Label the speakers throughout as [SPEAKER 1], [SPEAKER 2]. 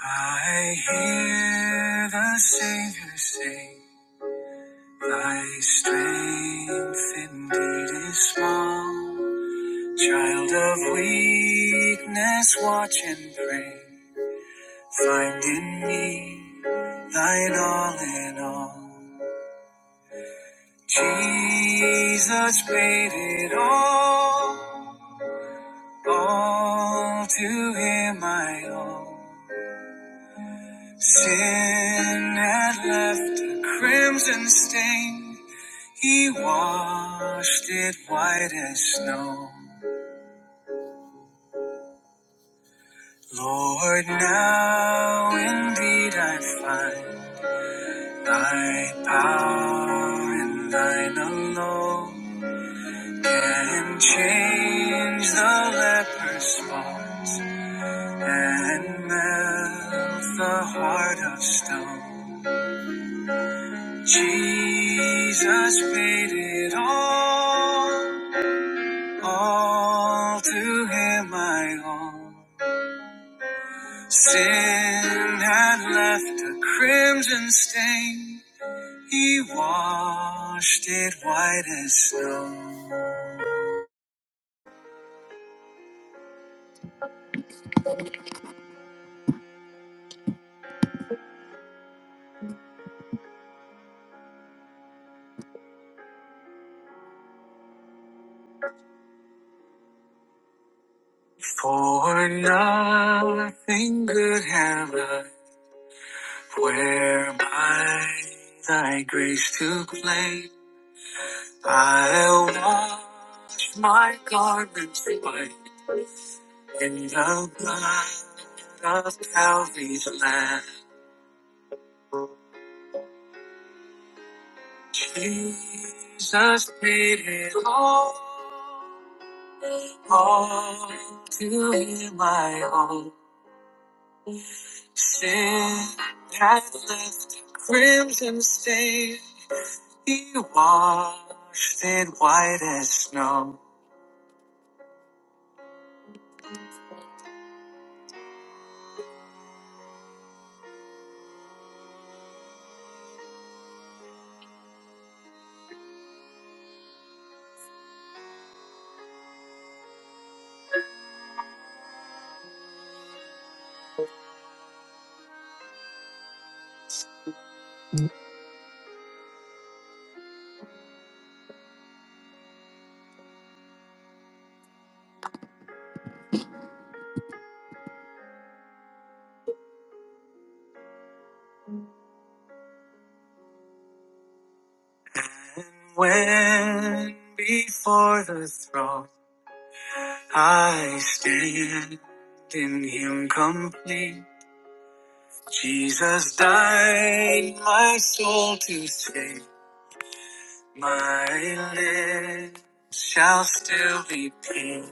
[SPEAKER 1] I hear the Savior say, Thy strength indeed is small. Child of weakness, watch and pray. Find in me thine all in all. Jesus paid it all. All to him I owe. Sin had left a crimson stain. He washed it white as snow. Lord, now indeed I find thy power in thine alone can change the leper's spots and melt the heart of stone. Jesus paid it all, all to him I owe. Sin had left a crimson stain. He washed it white as snow. For nothing good have I, whereby thy grace to claim. I'll wash my garments white in the blood of Calvary's Lamb. Jesus paid it all. all to hear my own sin had left a crimson stain. He washed it white as snow. And when before the throne I stand in Him complete, Jesus died my soul to save. My lips shall still be peace.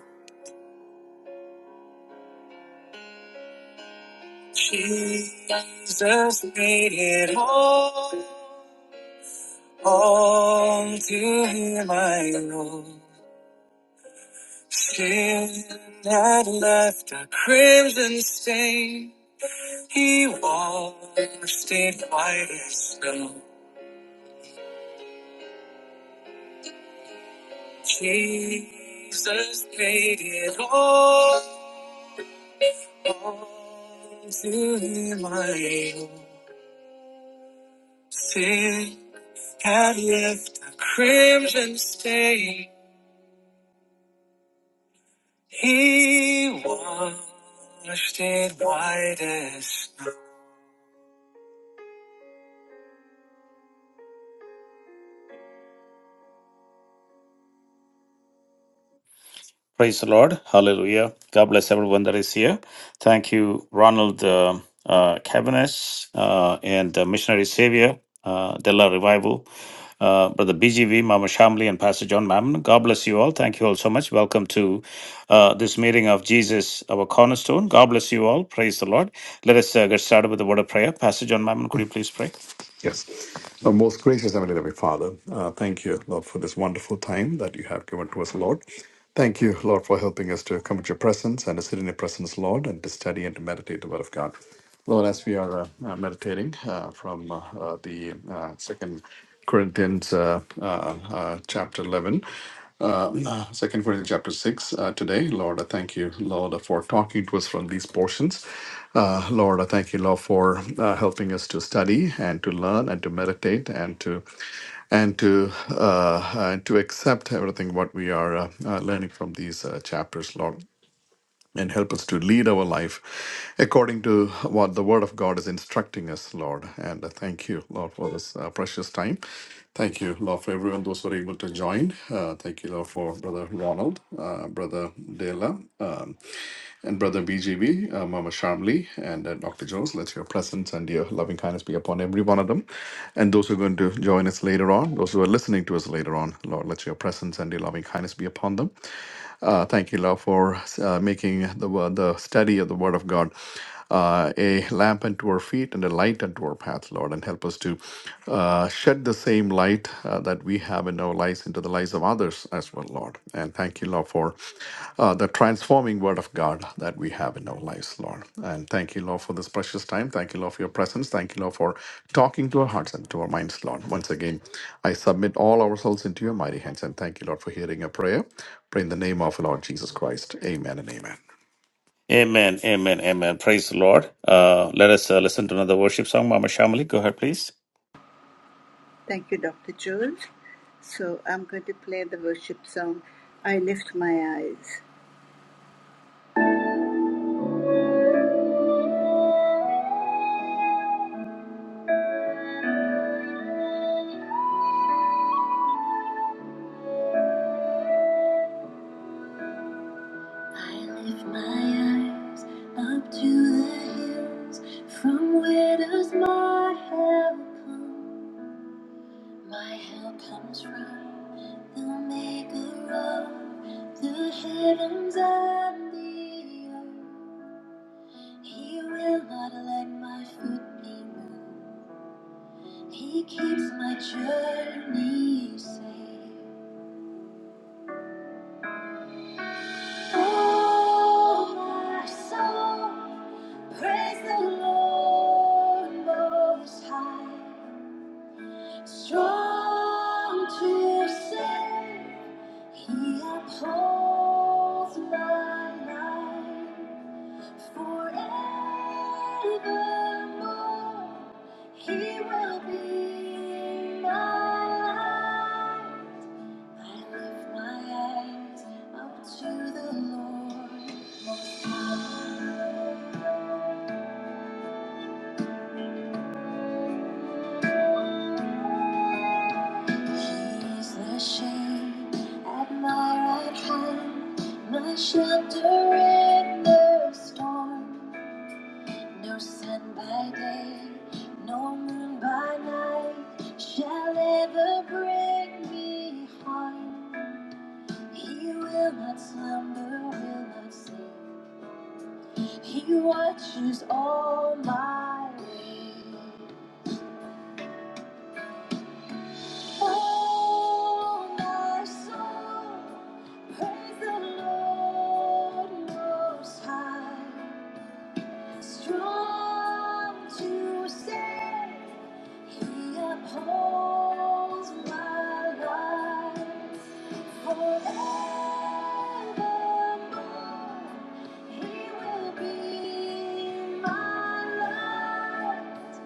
[SPEAKER 1] Jesus made it all, all to him I owe. Sin that left a crimson stain, he washed it white as snow. Jesus paid it all, all to him I owe. Sin had left a crimson stain. He washed it white as snow. Praise the Lord. Hallelujah. God bless everyone that is here. Thank you, Ronald uh, uh, Cabanas uh, and uh, Missionary Savior, uh, Della Revival, uh, Brother BGV, Mama Shamli, and Pastor John Mammon. God bless you all. Thank you all so much. Welcome to uh, this meeting of Jesus, our cornerstone. God bless you all. Praise the Lord. Let us uh, get started with the word of prayer. Pastor John Mammon, could you please pray?
[SPEAKER 2] Yes. Our most gracious Heavenly Heavenly Father, uh, thank you, Lord, for this wonderful time that you have given to us, Lord. Thank you, Lord, for helping us to come to your presence and to sit in your presence, Lord, and to study and to meditate the Word of God. Lord, as we are uh, uh, meditating uh, from uh, uh, the uh, second Corinthians uh, uh, uh, chapter 11. Um, uh, Second Corinthians chapter six uh, today, Lord, I thank you, Lord, for talking to us from these portions. Uh, Lord, I thank you, Lord, for uh, helping us to study and to learn and to meditate and to and to uh, and to accept everything what we are uh, uh, learning from these uh, chapters, Lord and help us to lead our life according to what the Word of God is instructing us, Lord. And uh, thank you, Lord, for this uh, precious time. Thank you, Lord, for everyone, those who are able to join. Uh, thank you, Lord, for Brother Ronald, uh, Brother Dela, um, and Brother BGB, uh, Mama Shamli, and uh, Dr. Jones. Let your presence and your loving kindness be upon every one of them. And those who are going to join us later on, those who are listening to us later on, Lord, let your presence and your loving kindness be upon them. Uh, thank you, Lord, for uh, making the, wo- the study of the Word of God uh, a lamp unto our feet and a light unto our path, Lord, and help us to uh, shed the same light uh, that we have in our lives into the lives of others as well, Lord. And thank you, Lord, for uh, the transforming Word of God that we have in our lives, Lord. And thank you, Lord, for this precious time. Thank you, Lord, for your presence. Thank you, Lord, for talking to our hearts and to our minds, Lord. Once again, I submit all ourselves into your mighty hands and thank you, Lord, for hearing a prayer. In the name of Lord Jesus Christ, amen and amen.
[SPEAKER 1] Amen, amen, amen. Praise the Lord. Uh, let us uh, listen to another worship song. Mama Shamali, go ahead, please.
[SPEAKER 3] Thank you, Dr. Jules. So I'm going to play the worship song, I Lift My Eyes. I lift my eyes up to the hills. From where does my help come? My help comes from the maker of the heavens and the earth. He will not let my foot be moved. He keeps my journey safe. Oh, my soul, praise the Lord Most High. Strong to save, He upholds my life forevermore. He will be my life. I lift my eyes up to the Lord He is the shade at my right hand, my shelter in the storm. No sun by day, no moon by night shall ever bring me harm. He will not slumber, will not sleep. He watches all my ways. Oh, my soul, praise the Lord Most High. Strong to save, He upholds my life forevermore. He will be my light.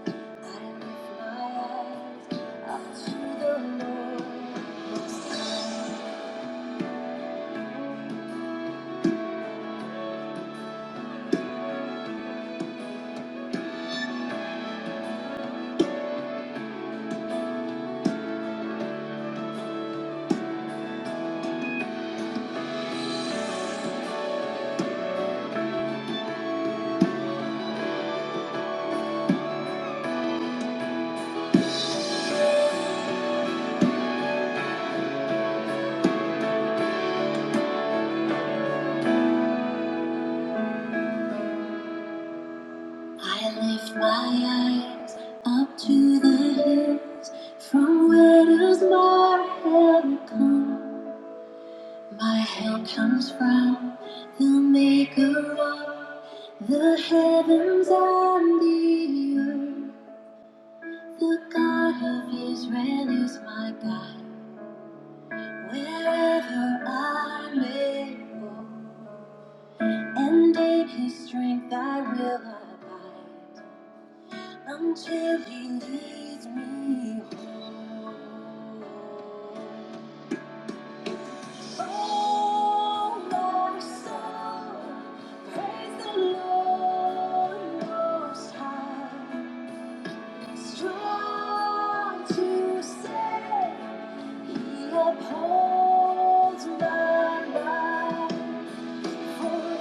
[SPEAKER 3] I lift my eyes up to the hills. From where does my help come? My help comes from the maker of the heavens and the earth. The God of Israel is my guide wherever I may go. And in his strength I will abide until he leads me home. Oh, my soul, praise the Lord most high. Strong to save, he upholds my life. Strong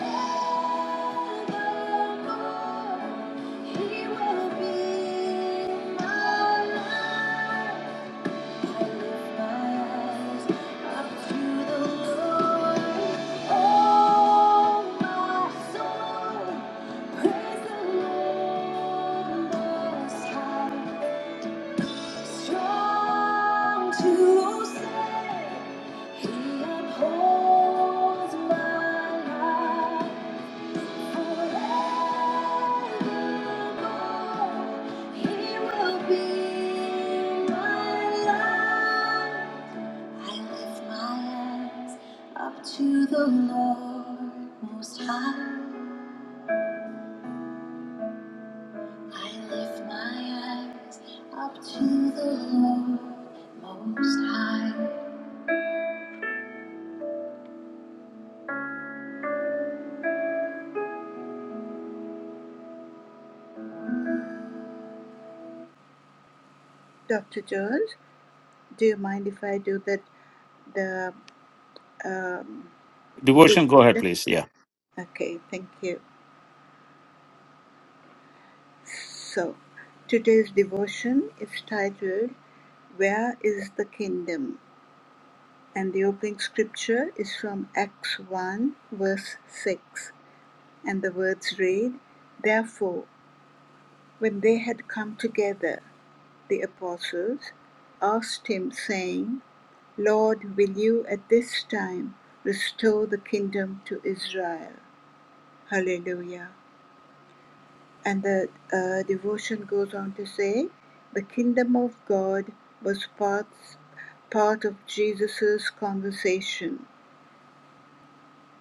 [SPEAKER 3] to say, He upholds my life. To the Lord Most High, I lift my eyes up to the Lord Most High. Dr. George, do you mind if I do that the um,
[SPEAKER 1] Devotion, go ahead,
[SPEAKER 3] devotion?
[SPEAKER 1] please.
[SPEAKER 3] Okay, thank you. So, today's devotion is titled Where is the Kingdom? And the opening scripture is from Acts 1, verse 6. And the words read Therefore, when they had come together, the apostles asked him, saying, Lord, will you at this time restore the kingdom to Israel? Hallelujah. And the uh, devotion goes on to say, the kingdom of God was part, part of Jesus' conversation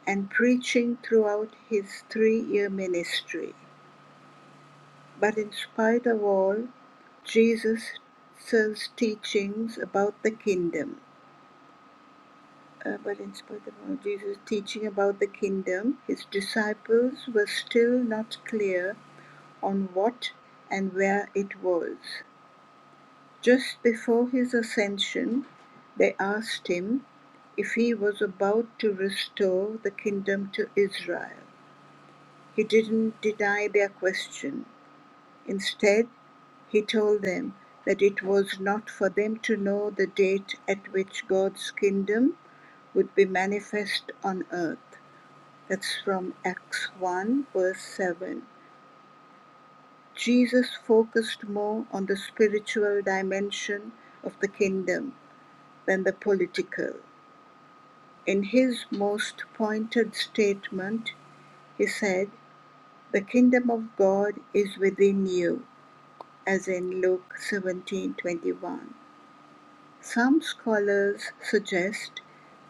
[SPEAKER 3] and preaching throughout his three year ministry. But in spite of all, Jesus' teachings about the kingdom, uh, but in spite of all Jesus' teaching about the kingdom, his disciples were still not clear on what and where it was. Just before his ascension, they asked him if he was about to restore the kingdom to Israel. He didn't deny their question. Instead, he told them that it was not for them to know the date at which God's kingdom would be manifest on earth. That's from Acts 1, verse 7. Jesus focused more on the spiritual dimension of the kingdom than the political. In his most pointed statement, he said, The kingdom of God is within you, as in Luke 17:21. Some scholars suggest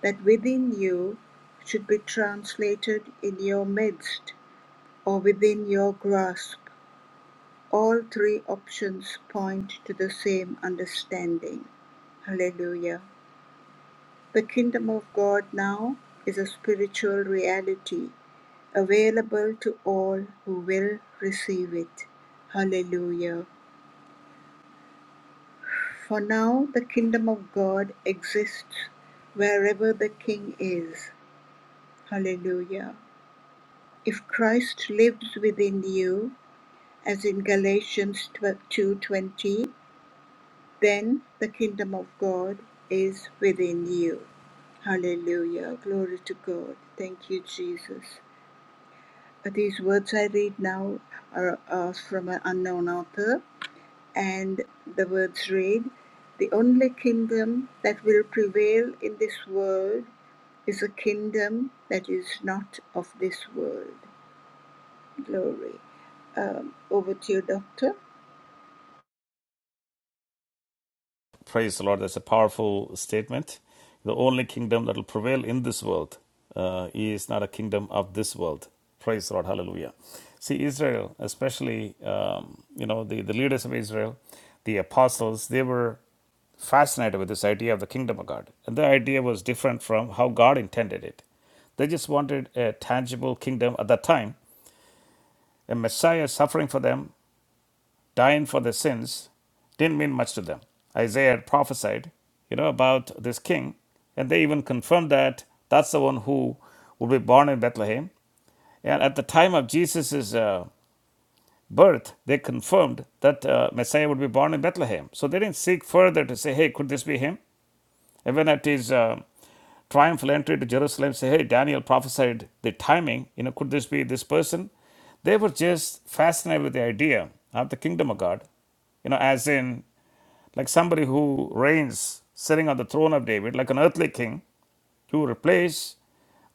[SPEAKER 3] that within you should be translated in your midst or within your grasp. All three options point to the same understanding. Hallelujah. The kingdom of God now is a spiritual reality available to all who will receive it. Hallelujah. For now, the kingdom of God exists wherever the king is. Hallelujah. If Christ lives within you, as in Galatians 2:20, then the kingdom of God is within you. Hallelujah. Glory to God. Thank you, Jesus. These words I read now are, are from an unknown author. And the words read The only kingdom that will prevail in this world is a kingdom that is not of this world. Glory. Um, over to you, Doctor.
[SPEAKER 1] Praise the Lord. That's a powerful statement. The only kingdom that will prevail in this world uh, is not a kingdom of this world. Praise the Lord. Hallelujah. See, Israel, especially, um, you know, the, the leaders of Israel, the apostles, they were fascinated with this idea of the kingdom of God. And the idea was different from how God intended it. They just wanted a tangible kingdom at that time, a Messiah suffering for them dying for their sins didn't mean much to them. Isaiah had prophesied, you know, about this king, and they even confirmed that that's the one who would be born in Bethlehem. And at the time of Jesus' uh, birth, they confirmed that uh, Messiah would be born in Bethlehem. So they didn't seek further to say, hey, could this be him? Even at his uh, triumphal entry to Jerusalem, say, hey, Daniel prophesied the timing. You know, could this be this person? They were just fascinated with the idea of the kingdom of God. You know, as in like somebody who reigns sitting on the throne of David, like an earthly king, to replace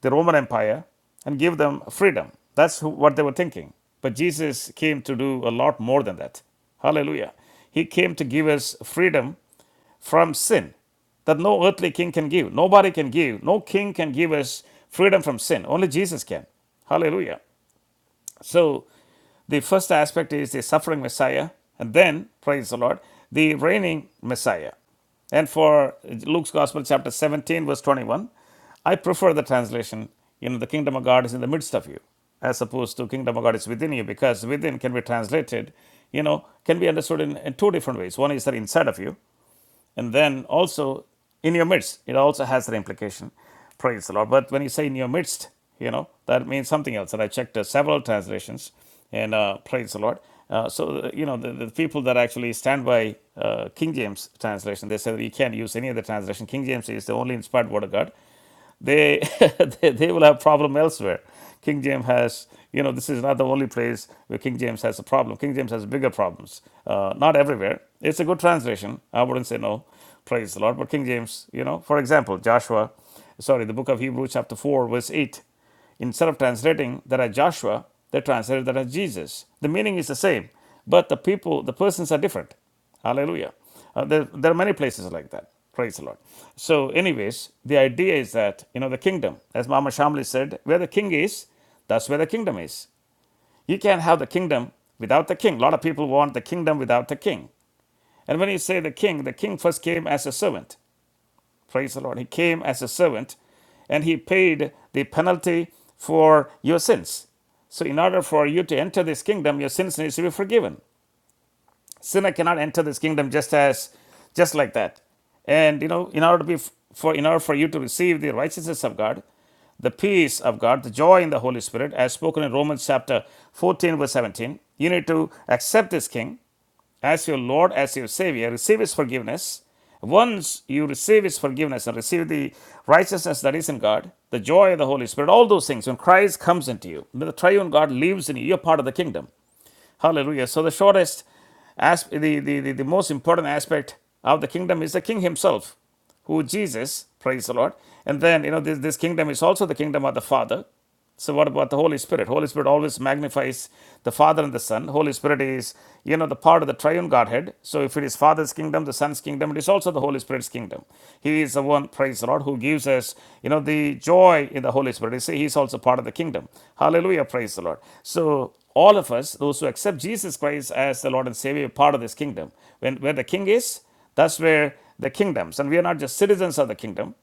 [SPEAKER 1] the Roman Empire and give them freedom. That's who, what they were thinking. But Jesus came to do a lot more than that. Hallelujah. He came to give us freedom from sin that no earthly king can give. Nobody can give. No king can give us freedom from sin. Only Jesus can. Hallelujah. So the first aspect is the suffering Messiah, and then, praise the Lord, the reigning Messiah. And for Luke's Gospel, chapter 17, verse 21, I prefer the translation, you know, the kingdom of God is in the midst of you, as opposed to kingdom of God is within you, because within can be translated, you know, can be understood in, in two different ways. One is that inside of you, and then also in your midst, it also has that implication. Praise the Lord. But when you say in your midst, you know, that means something else. And I checked uh, several translations and uh, praise the Lord. Uh, so, uh, you know, the, the people that actually stand by uh, King James translation, they say that you can't use any other translation. King James is the only inspired word of God they, they they will have problem elsewhere. King James has, you know, this is not the only place where King James has a problem. King James has bigger problems. Uh, not everywhere. It's a good translation. I wouldn't say no. Praise the Lord. But King James, you know, for example, Joshua, sorry, the book of Hebrews, chapter 4, verse 8. Instead of translating that as Joshua, they translated that as Jesus. The meaning is the same, but the people, the persons are different. Hallelujah. Uh, there, there are many places like that. Praise the Lord. So, anyways, the idea is that, you know, the kingdom, as Mama Shamli said, where the king is, that's where the kingdom is. You can't have the kingdom without the king. A lot of people want the kingdom without the king. And when you say the king, the king first came as a servant. Praise the Lord. He came as a servant and he paid the penalty for your sins. So, in order for you to enter this kingdom, your sins needs to be forgiven sinner cannot enter this kingdom just as just like that and you know in order to be for in order for you to receive the righteousness of god the peace of god the joy in the holy spirit as spoken in romans chapter 14 verse 17 you need to accept this king as your lord as your savior receive his forgiveness once you receive his forgiveness and receive the righteousness that is in god the joy of the holy spirit all those things when christ comes into you when the triune god lives in you you're part of the kingdom Hallelujah. So the shortest, as the, the, the, the most important aspect of the kingdom is the king himself, who Jesus, praise the Lord. And then, you know, this, this kingdom is also the kingdom of the Father. So what about the Holy Spirit? Holy Spirit always magnifies the Father and the Son. Holy Spirit is, you know, the part of the triune Godhead. So if it is Father's kingdom, the Son's kingdom, it is also the Holy Spirit's kingdom. He is the one, praise the Lord, who gives us, you know, the joy in the Holy Spirit. You see, he is also part of the kingdom. Hallelujah, praise the Lord. So all of us, those who accept Jesus Christ as the Lord and Savior, part of this kingdom. When where the king is, that's where the kingdoms. And we are not just citizens of the kingdom,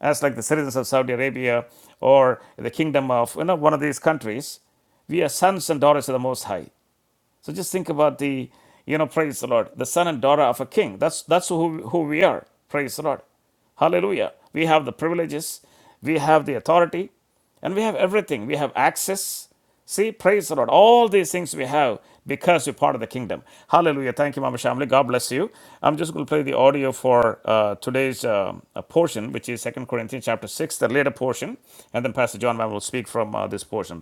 [SPEAKER 1] as like the citizens of Saudi Arabia or the kingdom of you know, one of these countries. We are sons and daughters of the Most High. So just think about the, you know, praise the Lord, the son and daughter of a king. That's that's who who we are. Praise the Lord, Hallelujah. We have the privileges, we have the authority, and we have everything. We have access. See, praise the Lord. All these things we have because we're part of the kingdom. Hallelujah. Thank you, Mama Shamli. God bless you. I'm just going to play the audio for uh, today's um, uh, portion, which is Second Corinthians chapter 6, the later portion. And then Pastor John Mammon will speak from uh, this portion.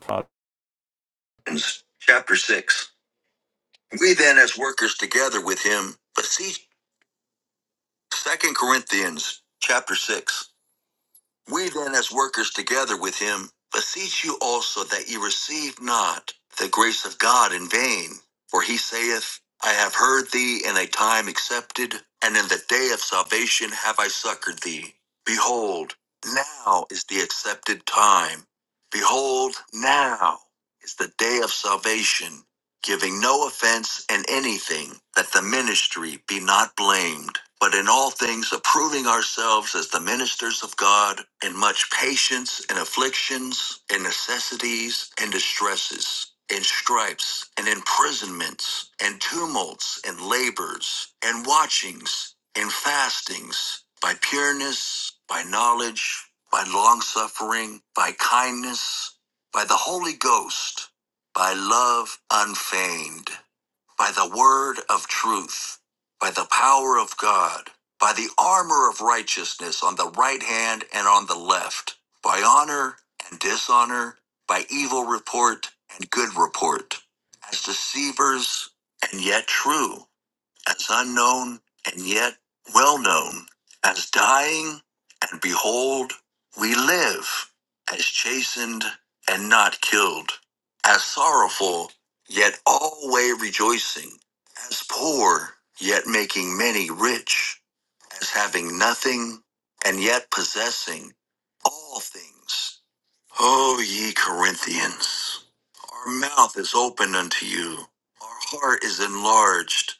[SPEAKER 1] Chapter 6. We then, as workers together with him, beseech. Second Corinthians chapter six. We then, as workers together with him, beseech you also that ye receive not the grace of God in vain. For he saith, I have heard thee in a time accepted, and in the day of salvation have I succored thee. Behold, now is the accepted time. Behold, now is the day of salvation giving no offense in anything, that the ministry be not blamed, but in all things approving ourselves as the ministers of God, in much patience in afflictions, in necessities and distresses, in stripes and imprisonments, and tumults and labors, and watchings, and fastings, by pureness, by knowledge, by longsuffering, by kindness, by the Holy Ghost by love unfeigned, by the word of truth, by the power of God, by the armor of righteousness on the right hand and on the left, by honor and dishonor, by evil report and good report, as deceivers and yet true, as unknown and yet well known, as dying, and behold, we live, as chastened and not killed, as sorrowful, yet alway rejoicing, as poor, yet making many rich, as having nothing, and yet possessing all things. O ye Corinthians, our mouth is open unto you, our heart is enlarged.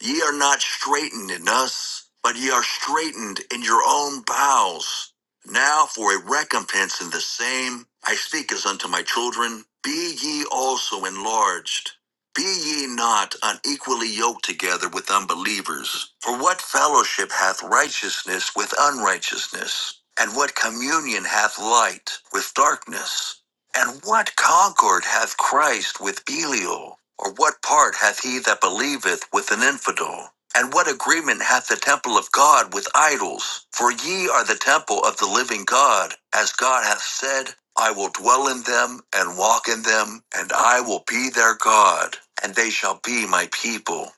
[SPEAKER 1] Ye are not straitened in us, but ye are straitened in your own bowels. Now for a recompense in the same, I speak as unto my children, be ye also enlarged. Be ye not unequally yoked together with unbelievers. For what fellowship hath righteousness with unrighteousness? And what communion hath light with darkness? And what concord hath Christ with Belial? Or what part hath he that believeth with an infidel? And what agreement hath the temple of God with idols? For ye are the temple of the living God, as God hath said, I will dwell in them and walk in them, and I will be their God, and they shall be my people.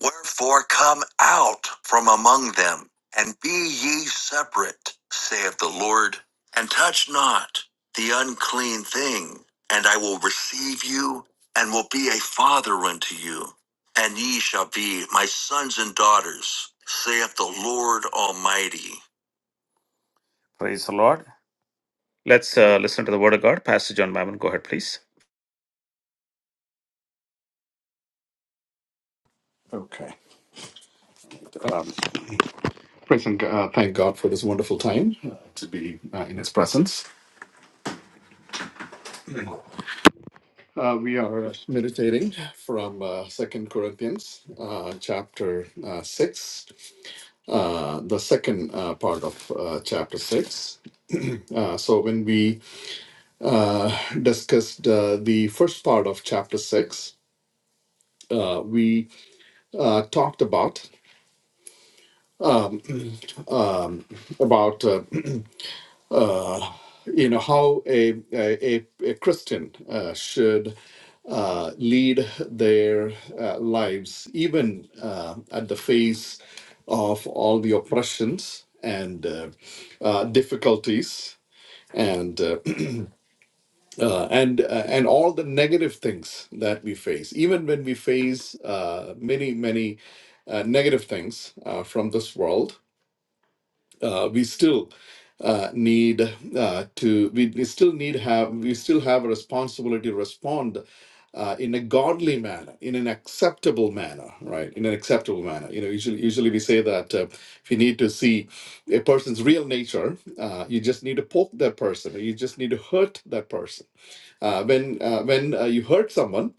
[SPEAKER 1] Wherefore come out from among them, and be ye separate, saith the Lord, and touch not the unclean thing, and I will receive you, and will be a father unto you, and ye shall be my sons and daughters, saith the Lord Almighty. Praise the Lord. Let's uh, listen to the word of God. Pastor John Mammon, go ahead, please.
[SPEAKER 2] Okay. Um, praise and uh, thank God for this wonderful time uh, to be uh, in His presence. Uh, we are uh, meditating from uh, 2 Corinthians uh, chapter uh, 6, uh, the second uh, part of uh, chapter 6. Uh, so, when we uh, discussed uh, the first part of chapter 6, uh, we uh, talked about um, um, about uh, uh, you know how a a, a Christian uh, should uh, lead their uh, lives, even uh, at the face of all the oppressions and uh, uh, difficulties and uh, uh, and uh, and all the negative things that we face even when we face uh, many many uh, negative things uh, from this world uh, we still uh, need uh, to we, we still need have we still have a responsibility to respond uh, in a godly manner in an acceptable manner right in an acceptable manner you know usually usually we say that uh, if you need to see a person's real nature uh, you just need to poke that person or you just need to hurt that person uh, when uh, when uh, you hurt someone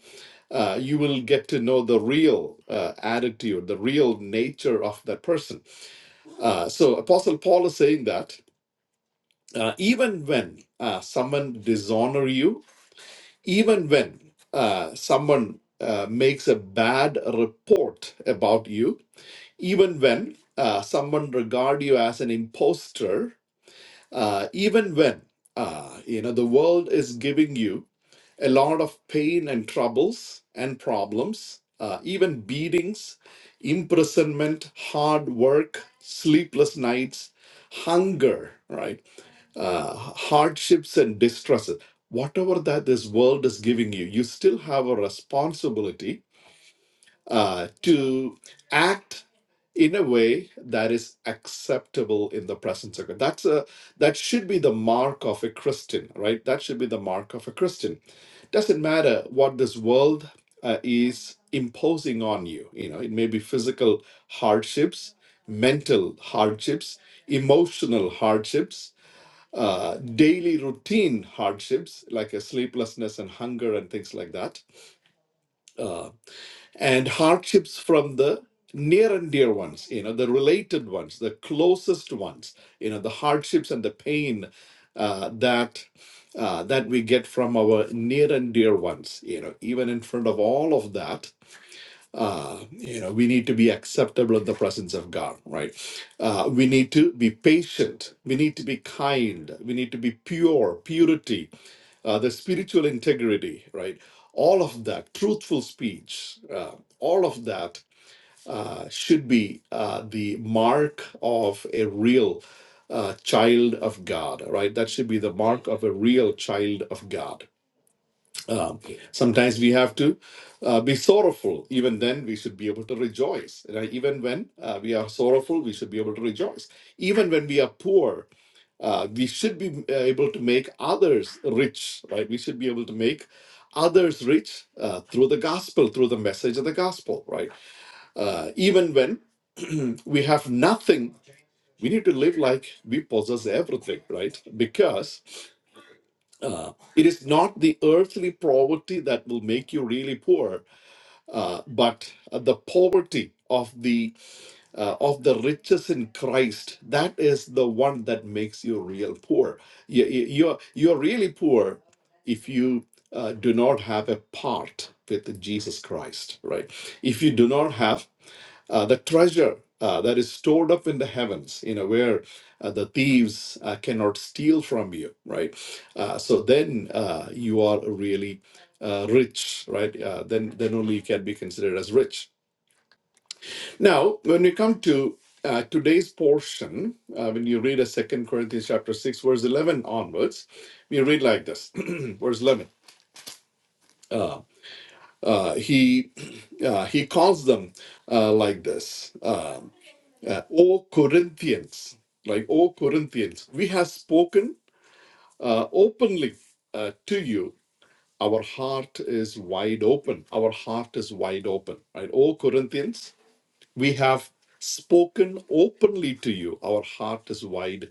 [SPEAKER 2] uh, you will get to know the real uh, attitude, the real nature of that person. Uh, so Apostle Paul is saying that uh, even when uh, someone dishonor you, even when uh, someone uh, makes a bad report about you, even when uh, someone regard you as an imposter, uh, even when uh, you know the world is giving you a lot of pain and troubles and problems, uh, even beatings, imprisonment, hard work, sleepless nights, hunger, right? Uh, hardships and distresses. Whatever that this world is giving you, you still have a responsibility uh, to act in a way that is acceptable in the presence of God. That's a that should be the mark of a Christian, right? That should be the mark of a Christian. Doesn't matter what this world uh, is imposing on you. You know, it may be physical hardships, mental hardships, emotional hardships. Uh, daily routine hardships like a sleeplessness and hunger and things like that Uh, and hardships from the near and dear ones, you know, the related ones, the closest ones, you know, the hardships and the pain uh, that uh, that we get from our near and dear ones, you know, even in front of all of that, uh, you know we need to be acceptable in the presence of god right uh, we need to be patient we need to be kind we need to be pure purity uh, the spiritual integrity right all of that truthful speech uh, all of that uh, should be uh, the mark of a real uh, child of god right that should be the mark of a real child of god Okay. Sometimes we have to uh, be sorrowful. Even then, we should be able to rejoice. Right? Even when uh, we are sorrowful, we should be able to rejoice. Even when we are poor, uh, we should be uh, able to make others rich. Right? We should be able to make others rich uh, through the gospel, through the message of the gospel. Right? Uh, even when we have nothing, we need to live like we possess everything. Right? Because uh, it is not the earthly poverty that will make you really poor Uh, but uh, the poverty of the uh, of the riches in Christ that is the one that makes you real poor. You, you- you're you're really poor if you uh, do not have a part with Jesus Christ, right? If you do not have uh, the treasure uh, that is stored up in the heavens, you know, where uh, the thieves uh, cannot steal from you, right? Uh, so then uh, you are really uh, rich, right? Uh, then, then only you can be considered as rich. Now, when we come to uh, today's portion, uh, when you read a Second Corinthians chapter six, verse eleven onwards, we read like this, verse eleven. Uh, he uh, he calls them uh, like this. Um, uh, O Corinthians, like O Corinthians, we have spoken uh, openly uh, to you. Our heart is wide open. Our heart is wide open, right? O Corinthians, we have spoken openly to you. Our heart is wide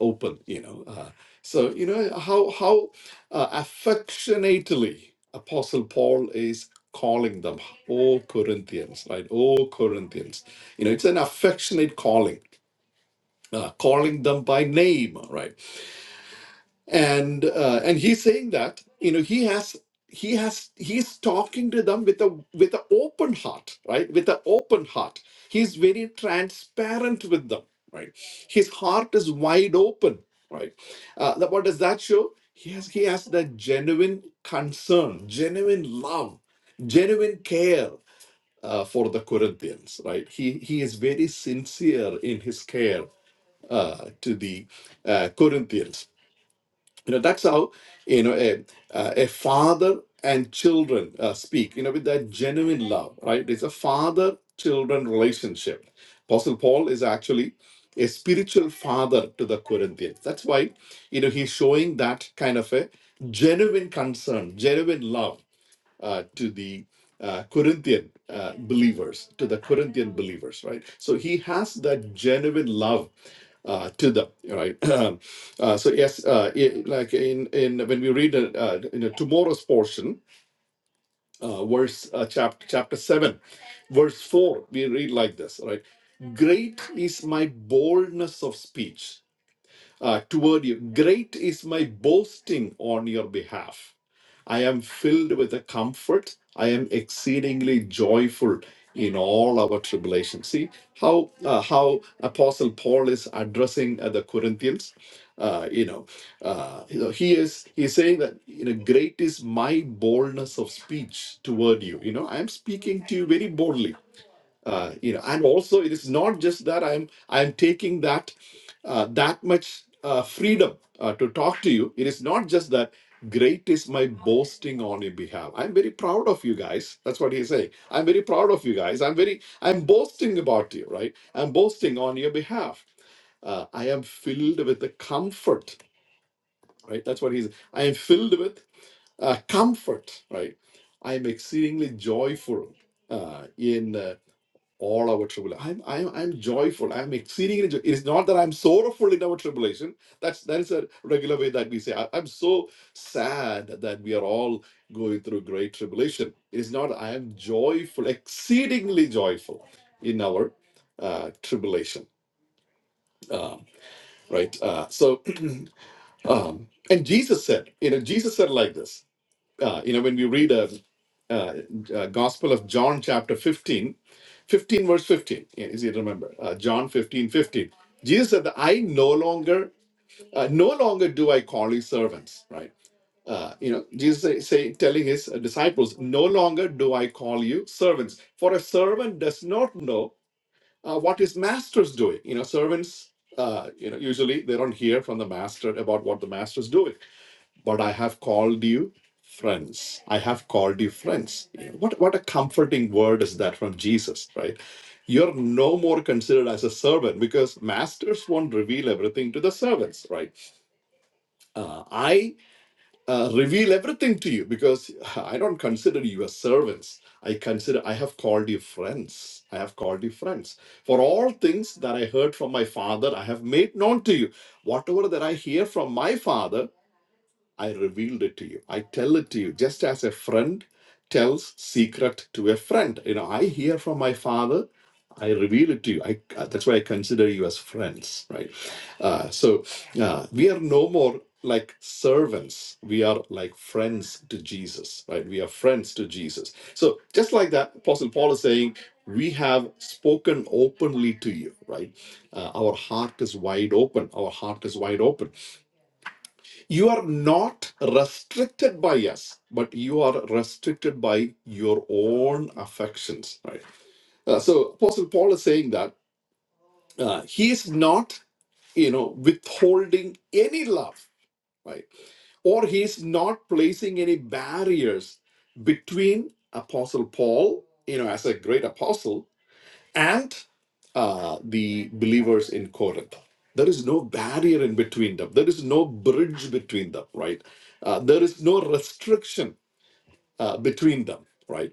[SPEAKER 2] open. You know, uh, so you know how how uh, affectionately Apostle Paul is calling them, O Corinthians, right? O Corinthians. You know, it's an affectionate calling uh, calling them by name right and uh, and he's saying that you know he has he has he's talking to them with a with an open heart right with an open heart he's very transparent with them right his heart is wide open right uh, that- what does that show he has he has that genuine concern genuine love genuine care uh, for the corinthians right he he is very sincere in his care uh, to the uh, Corinthians. You know, that's how, you know, a, uh, a father and children uh, speak, you know, with that genuine love, right? It's a father children relationship. Apostle Paul is actually a spiritual father to the Corinthians. That's why, you know, he's showing that kind of a genuine concern, genuine love uh, to the uh, Corinthian uh, believers, to the Corinthian believers, right? So he has that genuine love uh, to them, right? uh, so yes, uh, i- like in in when we read uh, uh, in a tomorrow's portion, uh, verse uh, chapter chapter seven, verse four, we read like this, right? Great is my boldness of speech uh, toward you. Great is my boasting on your behalf. I am filled with a comfort. I am exceedingly joyful in all our tribulation. See how uh, how Apostle Paul is addressing uh, the Corinthians. Uh, you know, uh, you know, he is he's saying that you know, great is my boldness of speech toward you. You know, I am speaking to you very boldly uh, you know and also it is not just that i'm i'm taking that uh, that much uh, freedom uh, to talk to you it is not just that great is my boasting on your behalf i'm very proud of you guys that's what he's saying i'm very proud of you guys i'm very i'm boasting about you right i'm boasting on your behalf uh, i am filled with the comfort right that's what he's i am filled with uh, comfort right i am exceedingly joyful uh, in uh, all our tribulation. I'm, I'm, I'm joyful. I'm exceedingly joyful. It is not that I'm sorrowful in our tribulation. That's that is a regular way that we say. I, am so sad that we are all going through great tribulation. It is not. I am joyful, exceedingly joyful in our uh, tribulation. Um, right. Uh, so, um, and Jesus said, you know, Jesus said like this uh, you know when we read a, uh, uh, gospel of john chapter 15, 15, verse 15 yeah, easy to remember uh, john 15, 15? jesus said that i no longer uh, no longer do i call you servants right uh, you know jesus say, say telling his uh, disciples no longer do i call you servants for a servant does not know uh, what his master's doing you know servants uh, you know usually they don't hear from the master about what the master's doing but I have called you friends. I have called you friends. What what a comforting word is that from Jesus, right? You're no more considered as a servant because masters won't reveal everything to the servants, right? Uh, I uh, reveal everything to you because I don't consider you as servants. I consider I have called you friends. I have called you friends. For all things that I heard from my father, I have made known to you. Whatever that I hear from my father, I revealed it to you. I tell it to you, just as a friend tells secret to a friend. You know, I hear from my father. I reveal it to you. I, uh, that's why I consider you as friends, right? Uh, so uh, we are no more like servants. We are like friends to Jesus, right? We are friends to Jesus. So just like that, Apostle Paul is saying, we have spoken openly to you, right? Uh, our heart is wide open. Our heart is wide open you are not restricted by us, but you are restricted by your own affections. Right. Uh, so Apostle Paul is saying that uh, he is not, you know, withholding any love. Right or he is not placing any barriers between apostle paul you know as a great apostle and uh, the believers in Corinth. There is no barrier in between them. There is no bridge between them, right? Uh, there is no restriction uh, between them, right?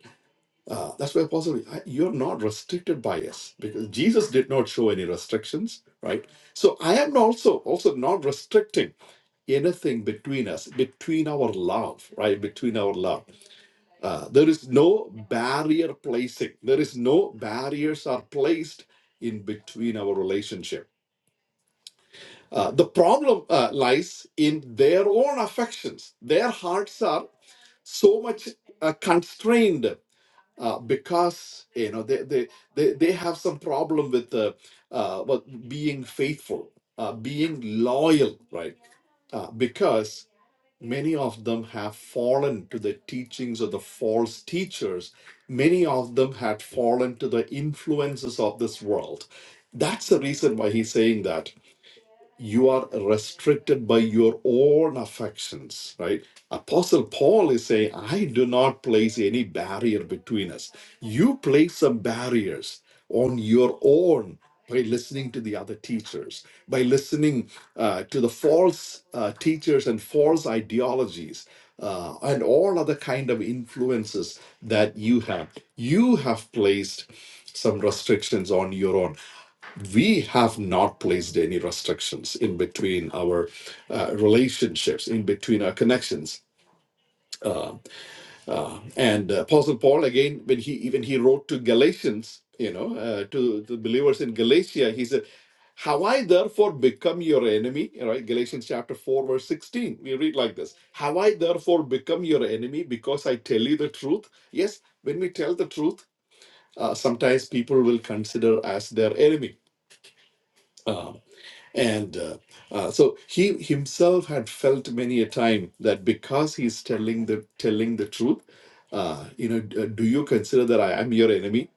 [SPEAKER 2] Uh, that's why Paul said, "I- You're not restricted by us because Jesus did not show any restrictions, right? So I am also also not restricting anything between us, between our love, right? Between our love. Uh, there is no barrier placing. There is no barriers are placed in between our relationship. Uh, the problem uh, lies in their own affections. Their hearts are so much uh, constrained uh, because you know they, they they they have some problem with uh, uh what being faithful uh being loyal right uh, because many of them have fallen to the teachings of the false teachers many of them had fallen to the influences of this world that's the reason why he's saying that you are restricted by your own affections, right? Apostle Paul is saying, I do not place any barrier between us. You place some barriers on your own by listening to the other teachers, by listening uh, to the false uh, teachers and false ideologies. uh, and all other kind of influences that you have you have placed some restrictions on your own we have not placed any restrictions in between our uh, relationships in between our connections and uh, apostle paul again when he even he wrote to galatians you know uh, to the believers in galatia he said have i therefore become your enemy right galatians chapter 4 verse 16 we read like this have i therefore become your enemy because i tell you the truth yes when we tell the truth uh, sometimes people will consider as their enemy Uh, And uh, uh, so he himself had felt many a time that because he's telling the telling the truth, uh, you know, d- uh, do you consider that I am your enemy?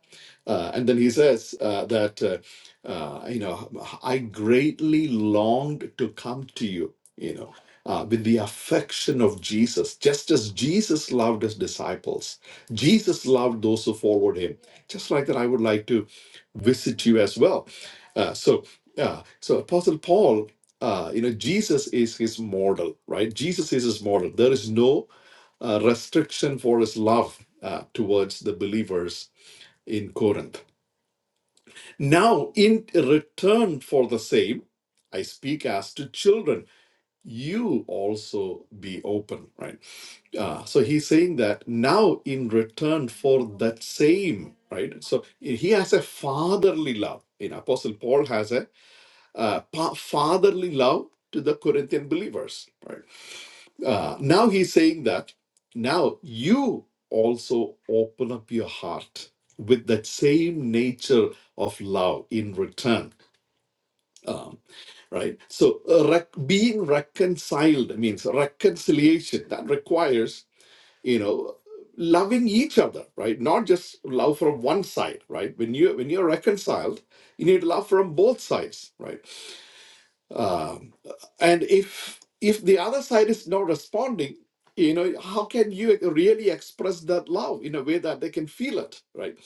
[SPEAKER 2] Uh, and then he says uh, that, uh, uh, you know, I greatly longed to come to you, you know, uh, with the affection of Jesus, just as Jesus loved his disciples. Jesus loved those who followed him. Just like that, I would like to visit you as well. Uh, so yeah. So Apostle Paul, uh, you know, Jesus is his model, right? Jesus is his model. There is no uh, restriction for his love uh, towards the believers in Corinth. Now, in return for the same, I speak as to children. You also be open, right? Uh, so he's saying that now in return for that same, right? So he has a fatherly love. In Apostle Paul has a uh, pa- fatherly love to the Corinthian believers. Right uh, now, he's saying that now you also open up your heart with that same nature of love in return. Um, right. So uh, rec- being reconciled means reconciliation that requires you know loving each other right not just love from one side right when you when you're reconciled you need love from both sides right Um, and if if the other side is not responding, you know, how can you really express that love in a way that they can feel it, right?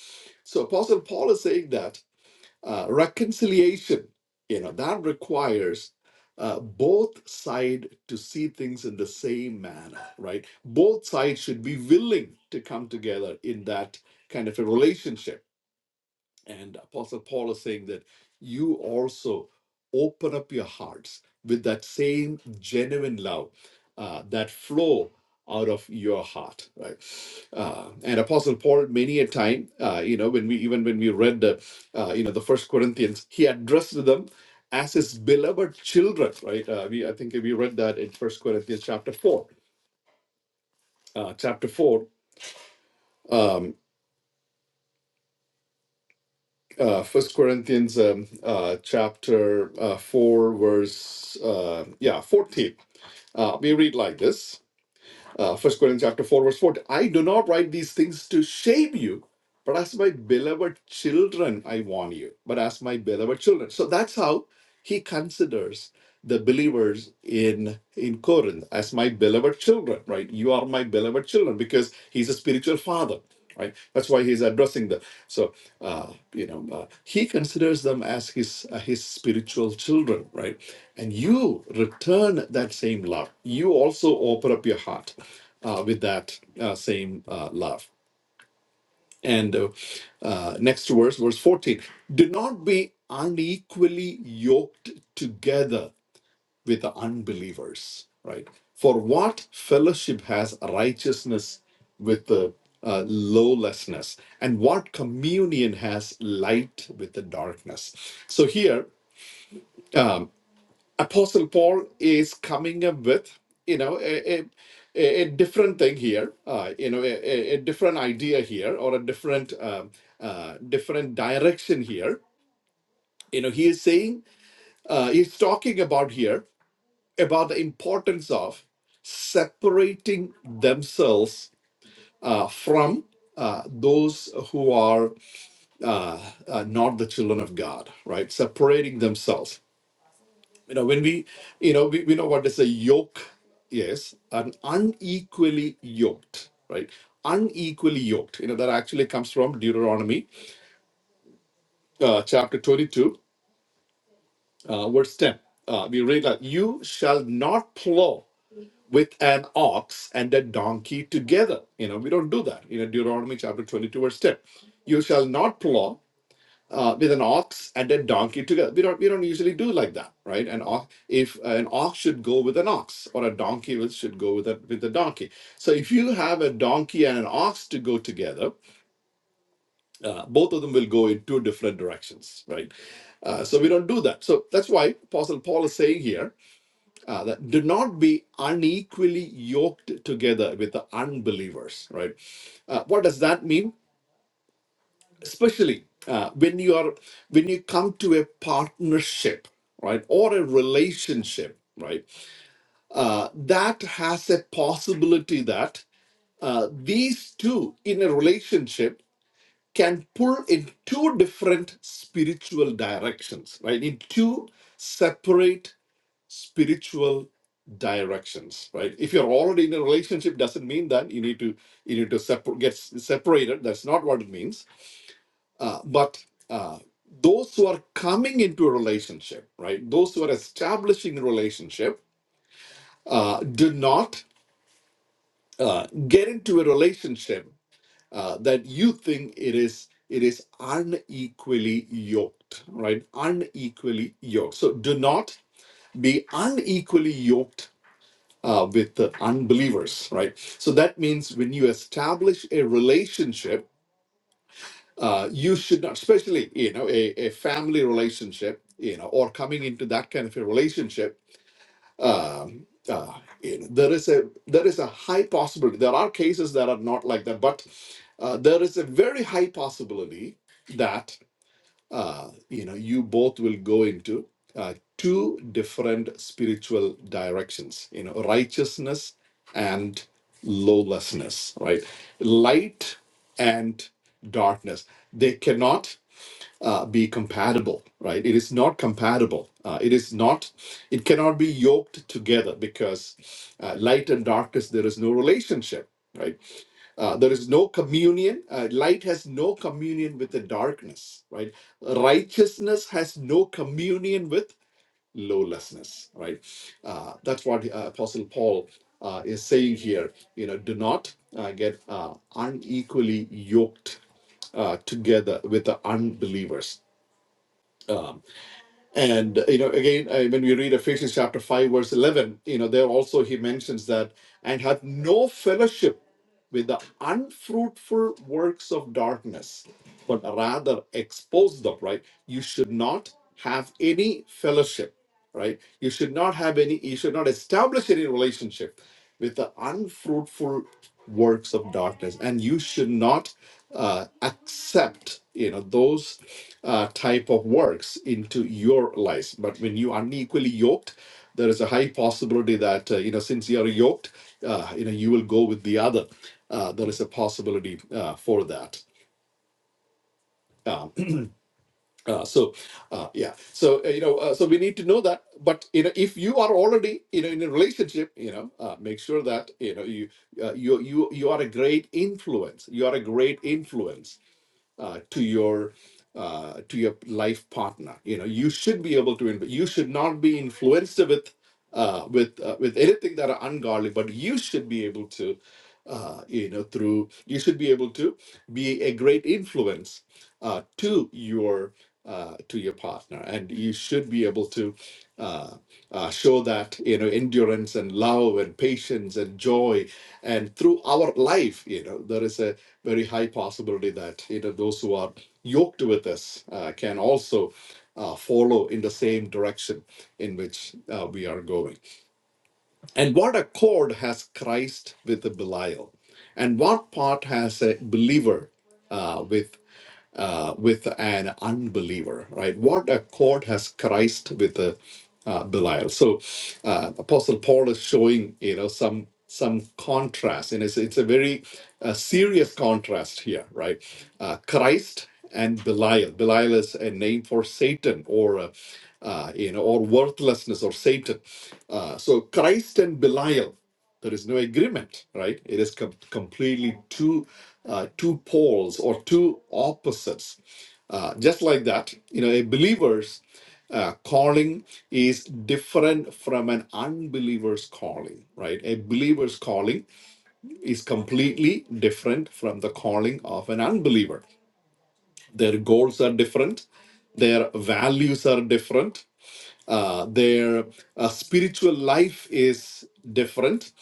[SPEAKER 2] So Apostle Paul is saying that uh, reconciliation, you know, that requires uh, both side to see things in the same manner, right? Both sides should be willing to come together in that kind of a relationship and Apostle Paul is saying that you also open up your hearts with that same genuine love uh, that flow out of your heart, right? Uh, and Apostle Paul, many a time, uh, you know, when we even when we read the, uh, you know, the First Corinthians, he addressed them as his beloved children, right? Uh, we I think we read that in First Corinthians chapter four, uh, chapter four. um, uh, First Corinthians um, uh, chapter uh, four, verse uh, yeah fourteen. Uh, we read like this: uh, First Corinthians chapter four, verse fourteen. I do not write these things to shame you, but as my beloved children, I warn you. But as my beloved children. So that's how he considers the believers in in Corinth as my beloved children, right? You are my beloved children because he's a spiritual father, right? That's why he's addressing them. So uh, you know uh, he considers them as his uh, his spiritual children, right? And you return that same love. You also open up your heart uh, with that uh, same uh, love. And uh, uh, next verse, verse 14. Do not be unequally yoked together with the unbelievers, right? For what fellowship has righteousness with the uh, lawlessness, and what communion has light with the darkness? So here, Apostle Paul is coming up with, you know, a, a, a a different thing here, uh, you know, a, a a different idea here, or a different um, uh, different direction here. You know, he is saying, uh, he's talking about here about the importance of separating themselves uh, from uh, those who are uh, not the children of God, right? Separating themselves. You know, when we, you know, we, we know what is a yoke, yes, an unequally yoked, right? Unequally yoked. You know, that actually comes from Deuteronomy uh, chapter 22, uh, verse 10. Uh, we read that you shall not plow with an ox and a donkey together. You know, we don't do that. You know, Deuteronomy chapter 22, verse 10. You shall not plow uh, with an ox and a donkey together. We don't we don't usually do like that, right? An ox if an ox should go with an ox, or a donkey will- should go with a with a donkey. So if you have a donkey and an ox to go together, uh, both of them will go in two different directions, right? Uh, so we don't do that. So that's why Apostle Paul is saying here uh, that do not be unequally yoked together with the unbelievers right uh, what does that mean especially uh, when you are when you come to a partnership right or a relationship right uh, that has a possibility that uh, these two in a relationship can pull in two different spiritual directions right in two separate spiritual directions right if you're already in a relationship doesn't mean that you need to you need to separ- get s- separated that's not what it means uh, but uh, those who are coming into a relationship right those who are establishing a relationship uh, do not uh, get into a relationship uh, that you think it is it is unequally yoked right unequally yoked so do not be unequally yoked uh, with the unbelievers, right? So that means when you establish a relationship, uh, you should not, especially you know, a, a family relationship, you know, or coming into that kind of a relationship. Um, uh, you know, there is a there is a high possibility. There are cases that are not like that, but uh, there is a very high possibility that uh, you know, you both will go into uh, two different spiritual directions, you know, righteousness and lawlessness, right? Light and darkness. They cannot uh, be compatible, right? It is not compatible. Uh, it is not, it cannot be yoked together because uh, light and darkness, there is no relationship, right? Uh, there is no communion. Uh, light has no communion with the darkness, right? Righteousness has no communion with lawlessness right uh, that's what uh, apostle paul uh, is saying here you know do not uh, get uh, unequally yoked uh, together with the unbelievers and you know again uh, when we read ephesians chapter 5 verse 11 you know there also he mentions that and hath no fellowship with the unfruitful works of darkness, but rather expose them, right? You should not have any fellowship, right? You should not have any, you should not establish any relationship with the unfruitful works of darkness. And you should not uh, accept, you know, those uh, type of works into your life. But when you unequally yoked, there is a high possibility that, uh, you know, since you are yoked, uh, you know you will go with the other uh, there is a possibility uh, for that um, uh, so uh, yeah so uh, you know uh, so we need to know that but you know if you are already you know in a relationship you know uh, make sure that you know you uh, you you you are a great influence you are a great influence uh, to your uh, to your life partner. You know, you should be able to. inv- You should not be influenced with uh, with uh, with anything that are ungodly, but you should be able to. Uh, you know, through you should be able to be a great influence uh, to your uh, to your partner, and you should be able to. uh, uh, show that you know endurance and love and patience and joy and through our life you know there is a very high possibility that you know those who are yoked with us uh, can also uh, follow in the same direction in which uh, we are going and what accord has christ with belial and what part has a believer uh, with uh, with an unbeliever, right? What a court has Christ with a uh, Belial. So uh, Apostle Paul is showing, you know, some some contrast, and it's it's a very uh, serious contrast here, right? Uh, Christ and Belial. Belial is a name for Satan, or uh, uh, you know, or worthlessness, or Satan. Uh, so Christ and Belial. There is no agreement, right? It is com- completely two uh, two poles or two opposites. Uh, just like that, you know, a believer's uh, calling is different from an unbeliever's calling, right? A believer's calling is completely different from the calling of an unbeliever. Their goals are different, their values are different, uh, their uh, spiritual life is different.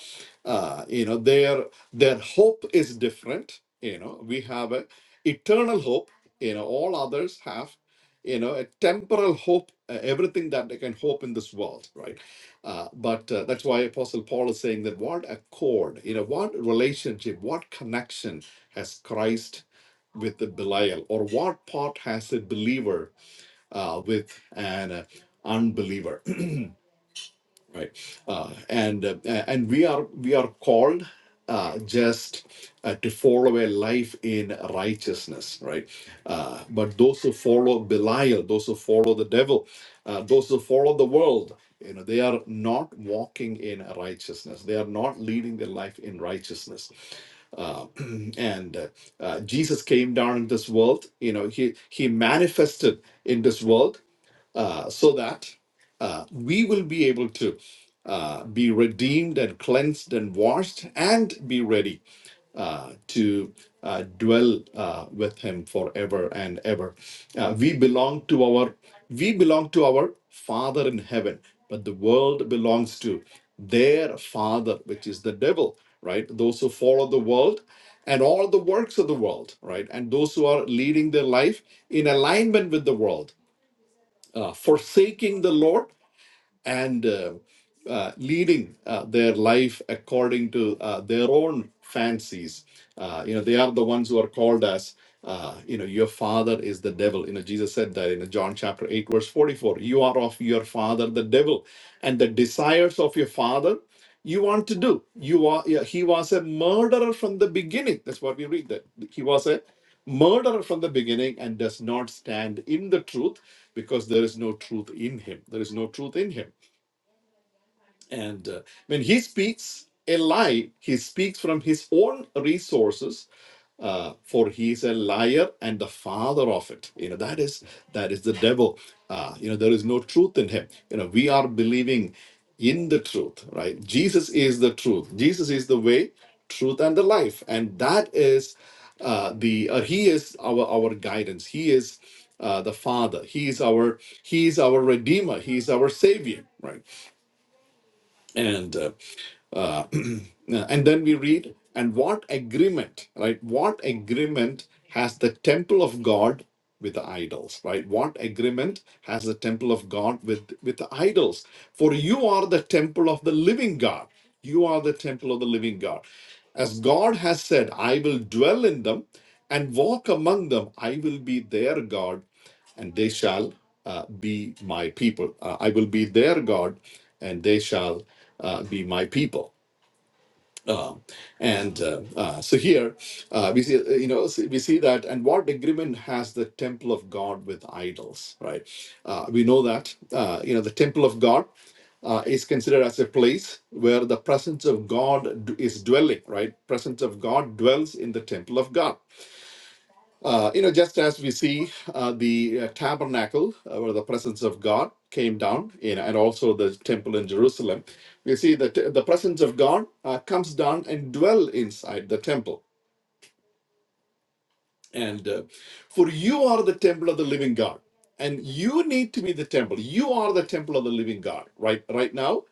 [SPEAKER 2] Uh, you know, their their hope is different. You know, we have a eternal hope. You know, all others have. You know, a temporal hope. Uh, everything that they can hope in this world, right? Uh, but uh, that's why Apostle Paul is saying that what accord, you know, what relationship, what connection has Christ with the Belial, or what part has a believer uh, with an uh, unbeliever, right? Uh, and uh, and we are we are called uh, just uh, to follow a life in righteousness, right? Uh, but those who follow Belial, those who follow the devil, uh, those who follow the world, you know, they are not walking in righteousness. They are not leading their life in righteousness. Uh, and uh, uh, Jesus came down in this world. You know, he he manifested in this world uh, so that uh, we will be able to uh, be redeemed and cleansed and washed and be ready uh, to uh, dwell uh, with him forever and ever. Uh, we belong to our we belong to our Father in heaven, but the world belongs to their father, which is the devil, right? Those who follow the world and all the works of the world, right? And those who are leading their life in alignment with the world, uh, forsaking the Lord and uh, uh, leading uh, their life according to uh, their own fancies. Uh, you know, they are the ones who are called as, uh, you know, your father is the devil. You know, Jesus said that in John chapter 8, verse 44 you are of your father, the devil, and the desires of your father you want to do. You are, yeah, he was a murderer from the beginning. That's what we read that he was a murderer from the beginning and does not stand in the truth because there is no truth in him. There is no truth in him. And uh, when he speaks a lie, he speaks from his own resources, uh, for he is a liar and the father of it. You know that is that is the devil. Uh, you know there is no truth in him. You know we are believing in the truth, right? Jesus is the truth. Jesus is the way, truth, and the life, and that is uh, the uh, he is our our guidance. He is. Uh, the Father. He is our He is our Redeemer. He is our Savior. Right and uh, uh, and then we read and what agreement right what agreement has the temple of god with the idols right what agreement has the temple of god with with the idols for you are the temple of the living god you are the temple of the living god as god has said i will dwell in them and walk among them i will be their god and they shall uh, be my people. Uh, I will be their God, and they shall uh, be my people. Um, and uh, uh, so here uh, we see, uh, you know, see- we see that, and what agreement has the temple of God with idols, right? Uh, we know that, uh, you know, the temple of God uh, is considered as a place where the presence of God d- is dwelling, right? Presence of God dwells in the temple of God uh, you know, just as we see uh, the uh, tabernacle uh, where the presence of God came down, you know, and also the temple in Jerusalem, we see that the presence of God uh, comes down and dwell inside the temple. And uh, for you are the temple of the living God, and you need to be the temple. You are the temple of the living God, right? Right now,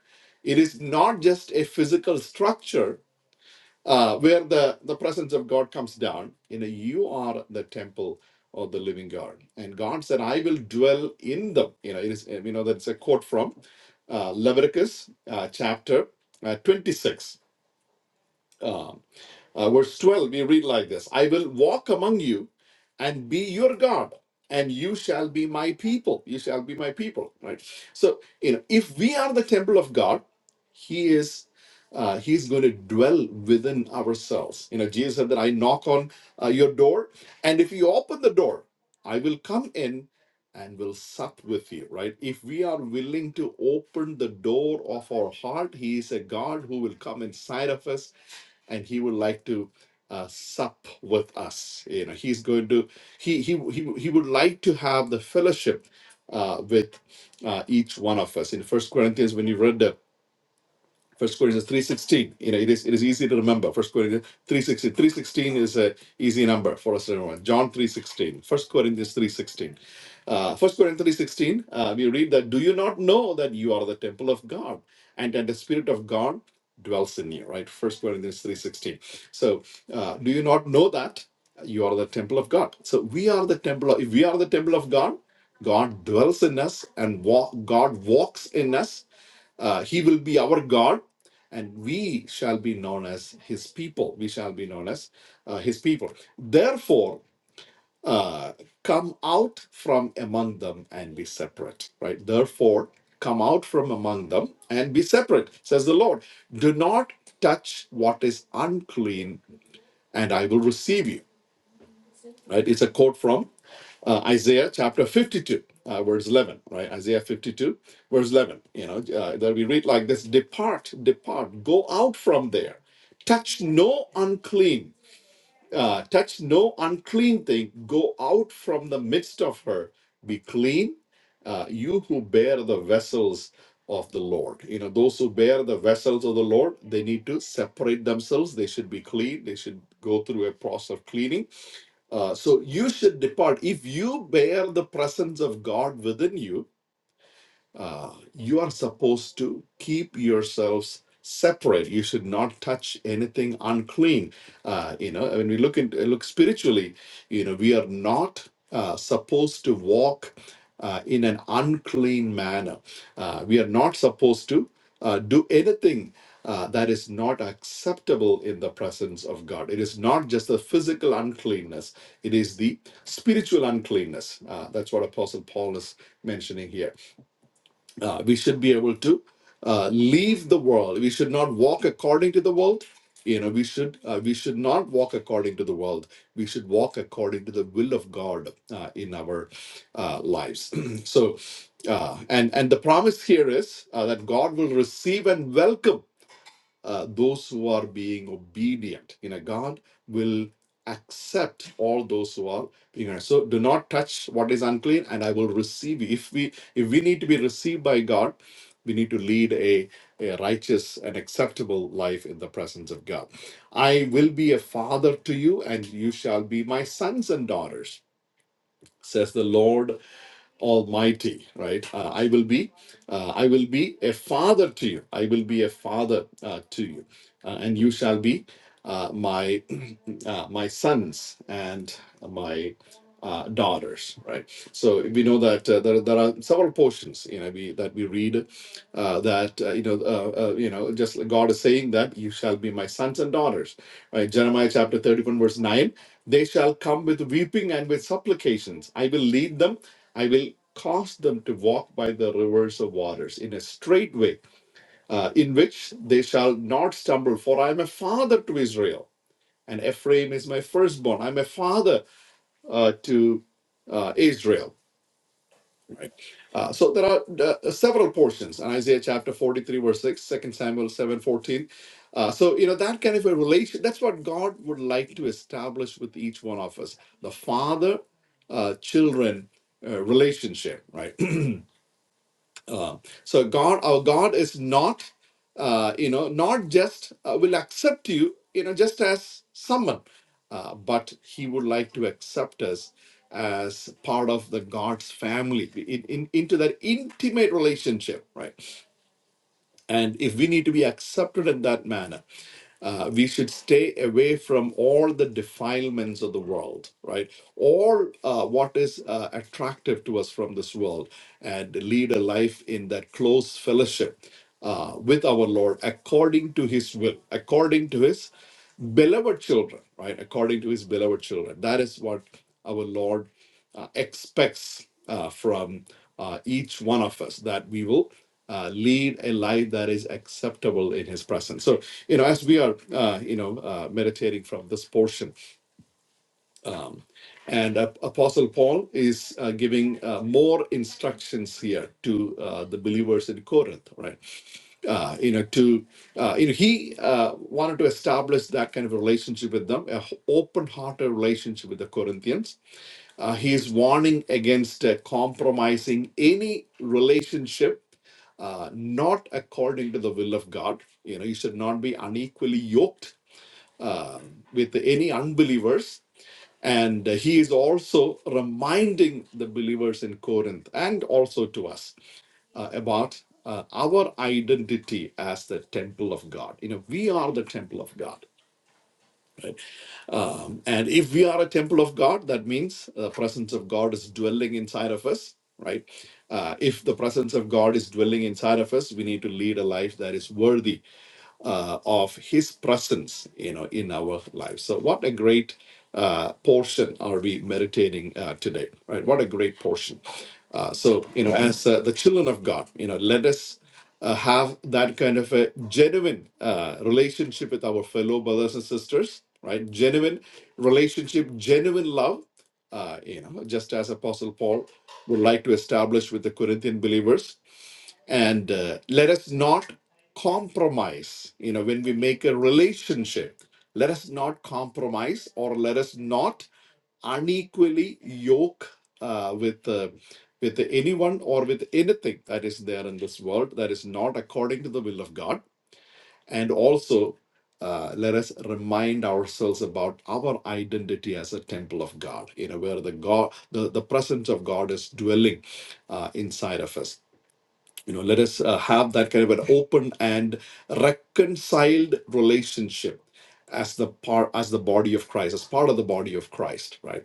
[SPEAKER 2] it is not just a physical structure uh, where the, the presence of God comes down. You know, you are the temple of the living God. And God said, I will dwell in them. You know, it is, you know, that's a quote from uh, Leviticus uh, chapter uh, 26. Uh, uh, verse 12, we read like this I will walk among you and be your God, and you shall be my people. You shall be my people, right? So, you know, if we are the temple of God, He is. Uh, he's going to dwell within ourselves. You know, Jesus said that I knock on uh, your door, and if you open the door, I will come in and will sup with you, right? If we are willing to open the door of our heart, He is a God who will come inside of us and he would like to uh, sup with us. You know, he's going to he he he, he would like to have the fellowship uh, with uh, each one of us. In First Corinthians, when you read the First Corinthians three sixteen. You know, it is it is easy to remember. First Corinthians three sixteen. Three sixteen is a easy number for us to remember. John three sixteen. First Corinthians three sixteen. Uh, First Corinthians three sixteen. Uh, we read that. Do you not know that you are the temple of God, and that the Spirit of God dwells in you? Right. First Corinthians three sixteen. So, uh, do you not know that you are the temple of God? So we are the temple. Of, if we are the temple of God, God dwells in us, and walk, God walks in us uh, he will be our God, and we shall be known as his people. We shall be known as uh, his people. Therefore, uh, come out from among them and be separate. Right? Therefore, come out from among them and be separate, says the Lord. Do not touch what is unclean, and I will receive you right? It's a quote from uh, Isaiah chapter 52, uh, verse 11, right? Isaiah 52, verse 11. You know, uh, that we read like this Depart, depart, go out from there, touch no unclean, uh, touch no unclean thing, go out from the midst of her, be clean, uh, you who bear the vessels of the Lord. You know, those who bear the vessels of the Lord, they need to separate themselves, they should be clean, they should go through a process of cleaning uh, so you should depart. If you bear the presence of God within you, uh, you are supposed to keep yourselves separate. You should not touch anything unclean. Uh, you know, when we look in, look spiritually, you know, we are not uh, supposed to walk uh, in an unclean manner. Uh, we are not supposed to uh, do anything. Uh, that is not acceptable in the presence of God. It is not just the physical uncleanness, it is the spiritual uncleanness. Uh, that's what Apostle Paul is mentioning here uh, we should be able to uh, leave the world. We should not walk according to the world. You know, we should uh, we should not walk according to the world. We should walk according to the will of God uh, in our uh, lives. so, uh, and and the promise here is uh, that God will receive and welcome uh, those who are being obedient in a God will accept all those who are being honest. so do not touch what is unclean and I will receive you if we if we need to be received by God we need to lead a, a righteous and acceptable life in the presence of God I will be a father to you and you shall be my sons and daughters says the Lord Almighty, right? Uh, I will be, uh, I will be a father to you. I will be a father uh, to you, uh, and you shall be uh, my uh, my sons and my uh, daughters, right? So we know that uh, there, there are several portions, you know, we, that we read uh, that uh, you know, uh, uh, you know, just like God is saying that you shall be my sons and daughters, right? Jeremiah chapter thirty-one, verse nine: They shall come with weeping and with supplications. I will lead them. I will cause them to walk by the rivers of waters in a straight way, uh, in which they shall not stumble. For I am a father to Israel, and Ephraim is my firstborn. I am a father uh, to uh, Israel. Right. Uh, so there are uh, several portions in Isaiah chapter 43, verse 6, 2 Samuel 7, 14. Uh, so, you know, that kind of a relation, that's what God would like to establish with each one of us the father uh, children uh, relationship, right? Uh, so God, our God is not, uh, you know, not just uh, will accept you, you know, just as someone, uh, but He would like to accept us as part of the God's family in, in, into that intimate relationship, right? And if we need to be accepted in that manner, uh, we should stay away from all the defilements of the world, right? All uh, what is uh, attractive to us from this world, and lead a life in that close fellowship uh, with our Lord according to His will, according to His beloved children, right? According to His beloved children. That is what our Lord uh, expects uh, from uh, each one of us that we will uh, lead a life that is acceptable in His presence. So, you know, as we are, uh, you know, uh, meditating from this portion, and uh, Apostle Paul is uh, giving uh, more instructions here to uh, the believers in Corinth, right? Uh, you know, to uh, you know, he uh, wanted to establish that kind of relationship with them, a h- open-hearted relationship with the Corinthians uh, he is warning against uh, compromising any relationship uh, not according to the will of God. You know, you should not be unequally yoked uh, with any unbelievers. And uh, he is also reminding the believers in Corinth and also to us uh, about uh, our identity as the temple of God. You know, we are the temple of God um, and if we are a temple of God, that means the presence of God is dwelling inside of us, right? Uh, if the presence of God is dwelling inside of us, we need to lead a life that is worthy uh, of His presence, you know, in our lives. So, what a great uh, portion are we meditating uh, today, right? What a great portion. Uh, so, you know, as uh, the children of God, you know, let us uh, have that kind of a genuine uh, relationship with our fellow brothers and sisters, right? Genuine relationship, genuine love. Uh, you know, just as Apostle Paul would like to establish with the Corinthian believers, and uh, let us not compromise you know when we make a relationship let us not compromise or let us not unequally yoke uh, with uh, with anyone or with anything that is there in this world that is not according to the will of god and also uh, let us remind ourselves about our identity as a temple of god you know where the god the, the presence of god is dwelling uh, inside of us you know let us uh, have that kind of an open and reconciled relationship as the part as the body of christ as part of the body of christ right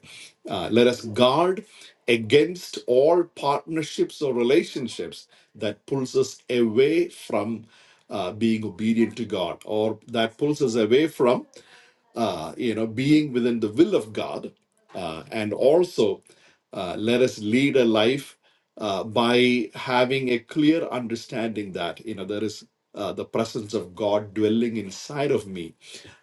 [SPEAKER 2] Uh, let us guard against all partnerships or relationships that pulls us away from uh, being obedient to god or that pulls us away from uh, you know, being within the will of God, uh, and also uh, let us lead a life uh, by having a clear understanding that you know there is uh, the presence of God dwelling inside of me.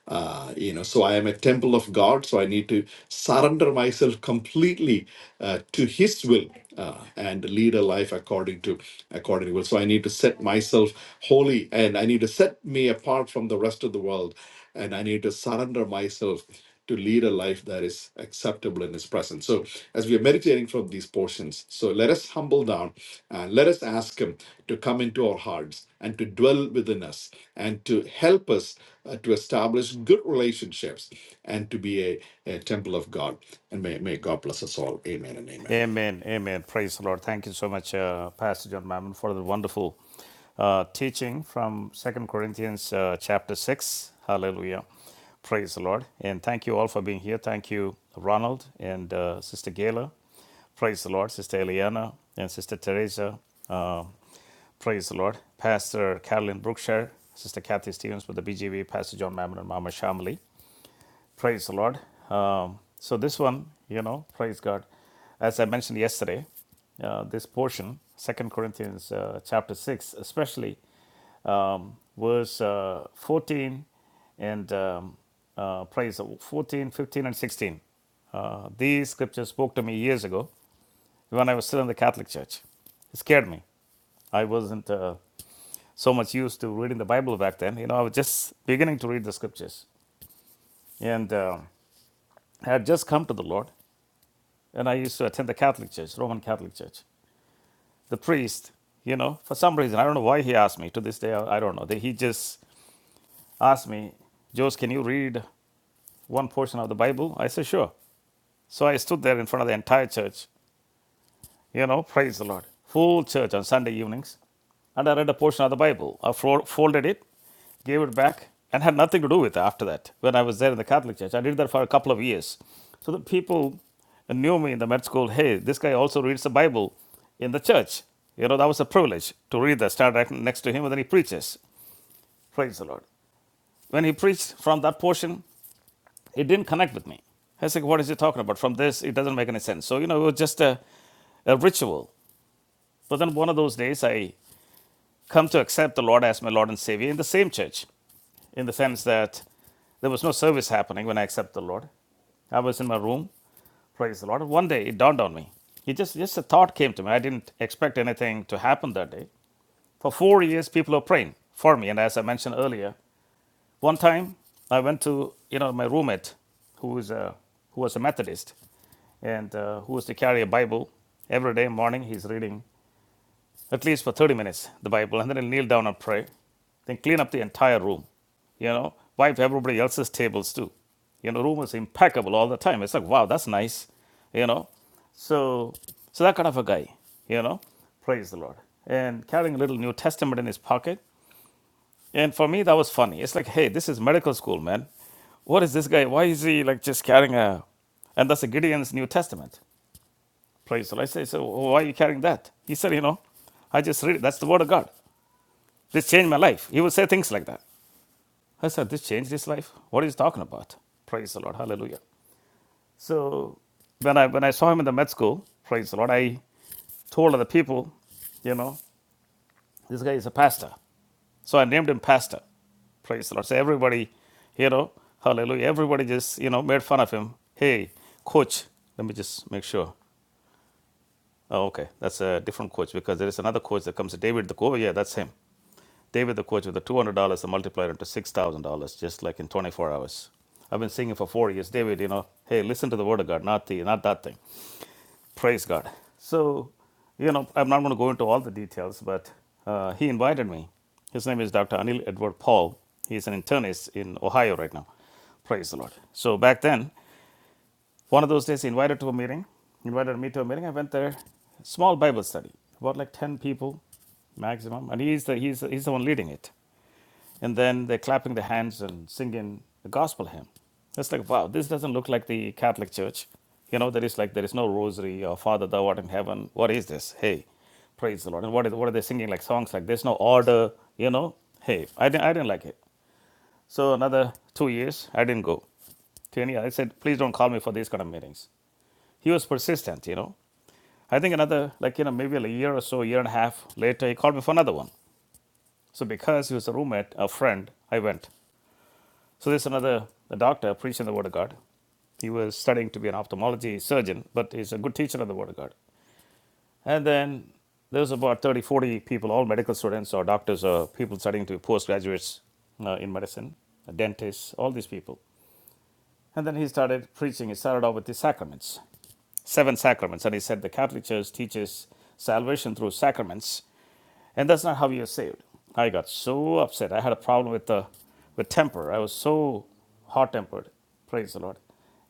[SPEAKER 2] Uh, you know, so I am a temple of God, so I need to surrender myself completely uh, to His will uh, and lead a life according to according to will. So I need to set myself holy, and I need to set me apart from the rest of the world and I need to surrender myself to lead a life that is acceptable in His presence. So, as we are meditating from these portions, so let us humble down and let us ask Him to come into our hearts and to dwell within us and to help us uh, to establish good relationships and to be a, a temple of God. And may, may God bless us all. Amen and amen.
[SPEAKER 1] Amen. Amen. Praise the Lord. Thank you so much, uh, Pastor John Mammon, for the wonderful uh, teaching from Second Corinthians uh, chapter 6. Hallelujah. Praise the Lord. And thank you all for being here. Thank you, Ronald and uh, Sister Gayla. Praise the Lord. Sister Eliana and Sister Teresa. Uh, praise the Lord. Pastor Carolyn Brookshire, Sister Kathy Stevens with the BGV, Pastor John Mammon and Mama Shamali. Praise the Lord. Um, so, this one, you know, praise God. As I mentioned yesterday, uh, this portion, Second Corinthians uh, chapter 6, especially verse uh, 14 and um, uh, praise 14, fifteen, and 16. Uh, these scriptures spoke to me years ago when I was still in the Catholic Church. It scared me. I wasn't uh, so much used to reading the Bible back then. You know, I was just beginning to read the scriptures and um I had just come to the Lord. and I used to attend the Catholic Church, Roman Catholic Church. The priest, you know, for some reason, I don't know why he asked me. To this day, I don't know. He just asked me, Jose, can you read one portion of the Bible? I said, sure. So I stood there in front of the entire church You know, praise the Lord. Full church on Sunday evenings. And I read a portion of the Bible. I fro- folded it, gave it back, and had nothing to do with it after that when I was there in the Catholic Church. I did that for a couple of years. So the people knew me in the med school hey, this guy also reads the Bible in the church. You know, that was a privilege to read that, stand right next to him, and then he preaches. Praise the Lord. When he preached from that portion, it didn't connect with me. I was like, what is he talking about? From this, it doesn't make any sense. So, you know, it was just a, a ritual. But then one of those days, I come to accept the Lord as my Lord and Savior in the same church, in the sense that there was no service happening when I accepted the Lord. I was in my room, praise the Lord. One day it dawned on me. It just just a thought came to me. I didn't expect anything to happen that day. For four years, people were praying for me, and as I mentioned earlier, one time I went to you know my roommate, who is a who was a Methodist, and uh, who was to carry a Bible every day morning. He's reading at least for 30 minutes, the Bible, and then I'll kneel down and pray. Then clean up the entire room, you know, wipe everybody else's tables too. You know, room is impeccable all the time. It's like, wow, that's nice, you know. So, so that kind of a guy, you know, praise the Lord. And carrying a little New Testament in his pocket. And for me, that was funny. It's like, hey, this is medical school, man. What is this guy? Why is he like just carrying a, and that's a Gideon's New Testament. Praise the Lord. I say, so why are you carrying that? He said, you know, I just read it. That's the word of God. This changed my life. He would say things like that. I said, This changed his life? What is he talking about? Praise the Lord. Hallelujah. So when I when I saw him in the med school, praise the Lord, I told other people, you know, this guy is a pastor. So I named him Pastor. Praise the Lord. So everybody, you know, hallelujah. Everybody just, you know, made fun of him. Hey, coach, let me just make sure. Oh, okay. That's a different coach because there is another coach that comes, David the coach. Yeah, that's him. David the coach with the $200 multiplied into $6,000 just like in 24 hours. I've been singing for four years. David, you know, hey, listen to the word of God, not the not that thing. Praise God. So, you know, I'm not going to go into all the details, but uh, he invited me. His name is Dr. Anil Edward Paul. He's an internist in Ohio right now. Praise the Lord. So back then, one of those days, he invited to a meeting. He invited me to a meeting. I went there. Small Bible study, about like ten people maximum, and he's the he's the, he's the one leading it and then they're clapping their hands and singing the gospel hymn. It's like, wow, this doesn't look like the Catholic Church. You know, there is like there is no rosary or Father Thou art in heaven. What is this? Hey, praise the Lord. And what is what are they singing like songs like there's no order. You know, hey, I didn't I didn't like it. So another two years, I didn't go to any. I said, please don't call me for these kind of meetings. He was persistent, you know. I think another, like you know, maybe a year or so, year and a half later, he called me for another one. So because he was a roommate, a friend, I went. So there's another a doctor preaching the word of God. He was studying to be an ophthalmology surgeon, but he's a good teacher of the word of God. And then there's about 30, 40 people, all medical students or doctors or people studying to be postgraduates uh, in medicine, dentists, all these people. And then he started preaching. He started off with the sacraments, seven sacraments. And he said the Catholic Church teaches salvation through sacraments and that's not how you're saved. I got so upset. I had a problem with the with temper. I was so hot tempered. Praise the Lord.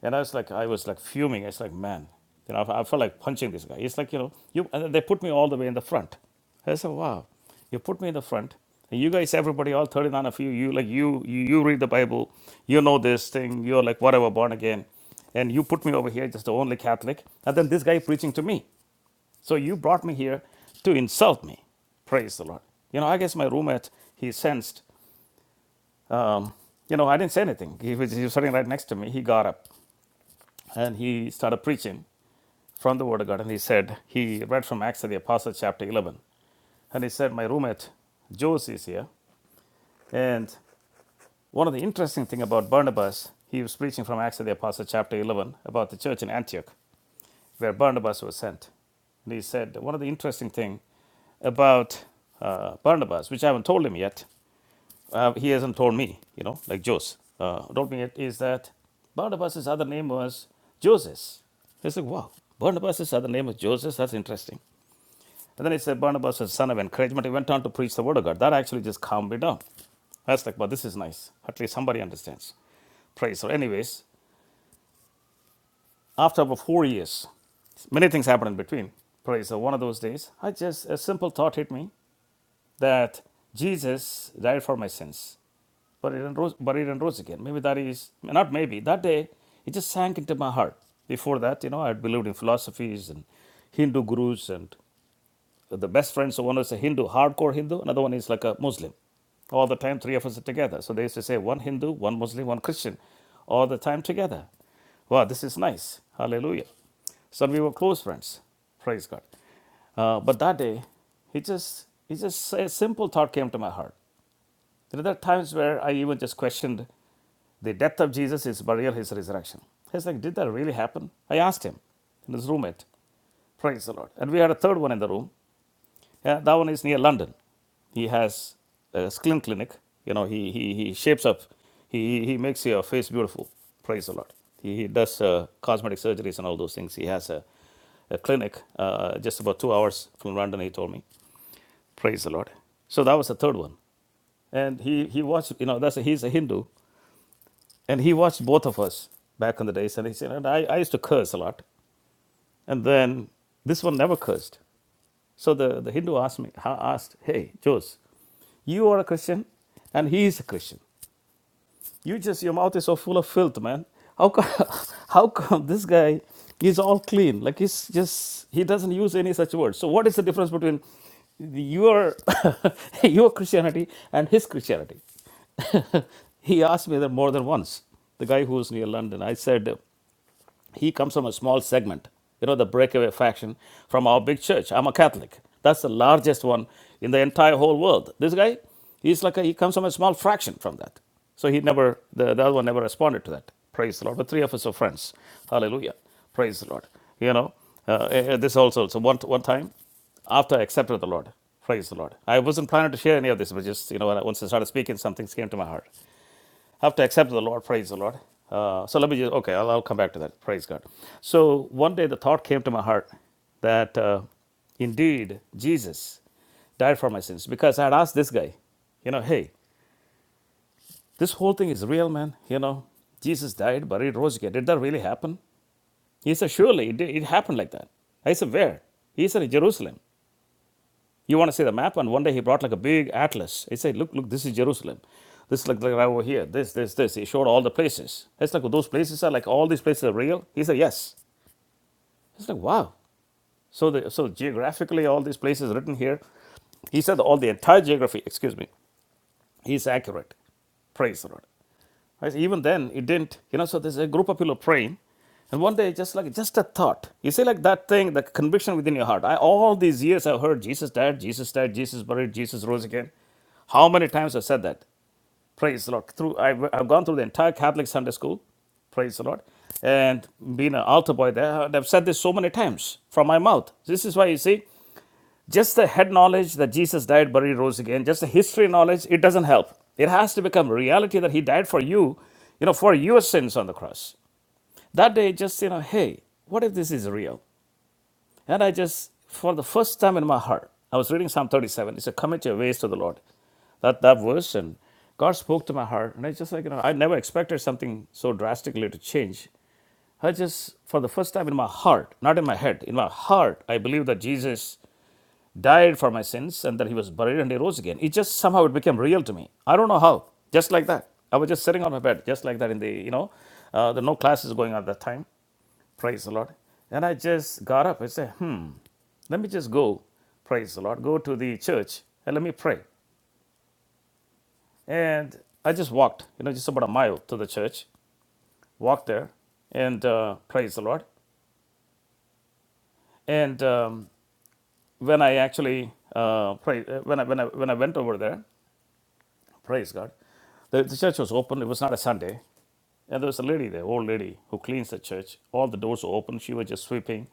[SPEAKER 1] And I was like, I was like fuming. It's like, man, you know, I felt like punching this guy. It's like, you know, you and they put me all the way in the front. I said, wow, you put me in the front. And you guys, everybody, all 39 of you, you like you, you, you read the Bible, you know this thing, you're like whatever, born again. And you put me over here, just the only Catholic. And then this guy preaching to me. So you brought me here to insult me. Praise the Lord. You know, I guess my roommate, he sensed, you know, I didn't say anything. He was, he was sitting right next to me. He got up and he started preaching from the Word of God. And he said, he read from Acts of the Apostles, chapter 11. And he said, my roommate, Jose, is here. And one of the interesting things about Barnabas, he was preaching from Acts of the Apostles, chapter 11, about the church in Antioch, where Barnabas was sent. And he said, one of the interesting things about uh, Barnabas, which I haven't told him yet, Uh, he hasn't told me, you know, like Jose uh, told me it is that Barnabas's other name was Joseph. I said, wow, Barnabas's other name was Joseph. That's interesting. And then he said Barnabas was son of encouragement. He went on to preach the word of God. That actually just calmed me down. I was like, wow, this is nice. At least somebody understands. Praise. So, anyways, after about four years, many things happened in between. Praise. So, one of those days, I just a simple thought hit me that Jesus died for my sins. buried in, Rose, buried in Rose again. Maybe that is, not maybe, that day it just sank into my heart. Before that, you know, I had believed in philosophies and Hindu gurus and the best friends. So one was a Hindu, hardcore Hindu, another one is like a Muslim. All the time, three of us are together. So they used to say one Hindu, one Muslim, one Christian, all the time together. Wow, this is nice. Hallelujah. So we were close friends. Praise God. Uh, but that day, it just, it just a simple thought came to my heart. There are times where I even just questioned the death of Jesus, his burial, his resurrection. He's like, did that really happen? I asked him and his roommate. Praise the Lord. And we had a third one in the room. Yeah, that one is near London. He has a skin clinic. You know, he, he, he shapes up. He, he makes your face beautiful. Praise the Lord. He, he does uh, cosmetic surgeries and all those things. He has a, a clinic uh, just about two hours from London, he told me. Praise the Lord. So that was the third one. And he, he watched, you know, that's a, he's a Hindu. And he watched both of us back in the days. And he said, and I, I used to curse a lot. And then this one never cursed. So the, the Hindu asked me, asked, hey, Jose, you are a Christian and he is a Christian. You just your mouth is so full of filth, man. How come? How come this guy is all clean? Like he's just he doesn't use any such words. So what is the difference between your your Christianity and his Christianity? he asked me that more than once. The guy who's near London, I said. He comes from a small segment, you know, the breakaway faction from our big church. I'm a Catholic. That's the largest one in the entire whole world. This guy, he's like a, he comes from a small fraction from that. So he never, the, the other one never responded to that. Praise the Lord. But three of us are friends. Hallelujah. Praise the Lord. You know, uh, uh, this also. So one, one time, after I accepted the Lord, praise the Lord. I wasn't planning to share any of this, but just, you know, once I started speaking, some things came to my heart have to accept the Lord. Praise the Lord. Uh, so let me just, okay, I'll, I'll come back to that. Praise God. So one day the thought came to my heart that uh, indeed Jesus died for my sins because I had asked this guy, you know, hey, this whole thing is real, man. You know, Jesus died, buried, rose again. Did that really happen? He said, surely it, did- it happened like that. I said, where? He said, in Jerusalem. You want to see the map? And one day he brought like a big atlas. He said, Look, look, this is Jerusalem. This is like, like right over here. This, this, this. He showed all the places. It's like, well, those places are like, all these places are real? He said, Yes. It's like, wow. So, the, so geographically, all these places written here, he said all the entire geography, excuse me, is accurate. Praise the Lord. I even then, it didn't, you know, so there's a group of people praying. And one day, just like, just a thought. You see, like that thing, the conviction within your heart. I, all these years I've heard Jesus died, Jesus died, Jesus buried, Jesus rose again. How many times I said that? Praise the Lord. Through, I've, I've gone through the entire Catholic Sunday school. Praise the Lord. And being an altar boy there, I've said this so many times from my mouth. This is why you see, just the head knowledge that Jesus died, buried, rose again, just the history knowledge, it doesn't help. It has to become reality that He died for you, you know, for your sins on the cross. That day, just, you know, hey, what if this is real? And I just, for the first time in my heart, I was reading Psalm 37. It's a commit your ways to the Lord. That, that verse, and God spoke to my heart. And I just like, you know, I never expected something so drastically to change. I just, for the first time in my heart, not in my head, in my heart, I believe that Jesus died for my sins, and that he was buried and he rose again. It just somehow it became real to me. I don't know how. Just like that. I was just sitting on my bed, just like that in the, you know, uh, there were no classes going on at that time. Praise the Lord. And I just got up and said, hmm, let me just go, praise the Lord, go to the church and let me pray. And I just walked, you know, just about a mile to the church, walked there and uh, praise the Lord. And um, when I actually uh, pray, uh, when I, when I when I went over there, Praise God. The, the church was open. It was not a Sunday. And there was a lady there, old lady, who cleans the church. All the doors were open. She was just sweeping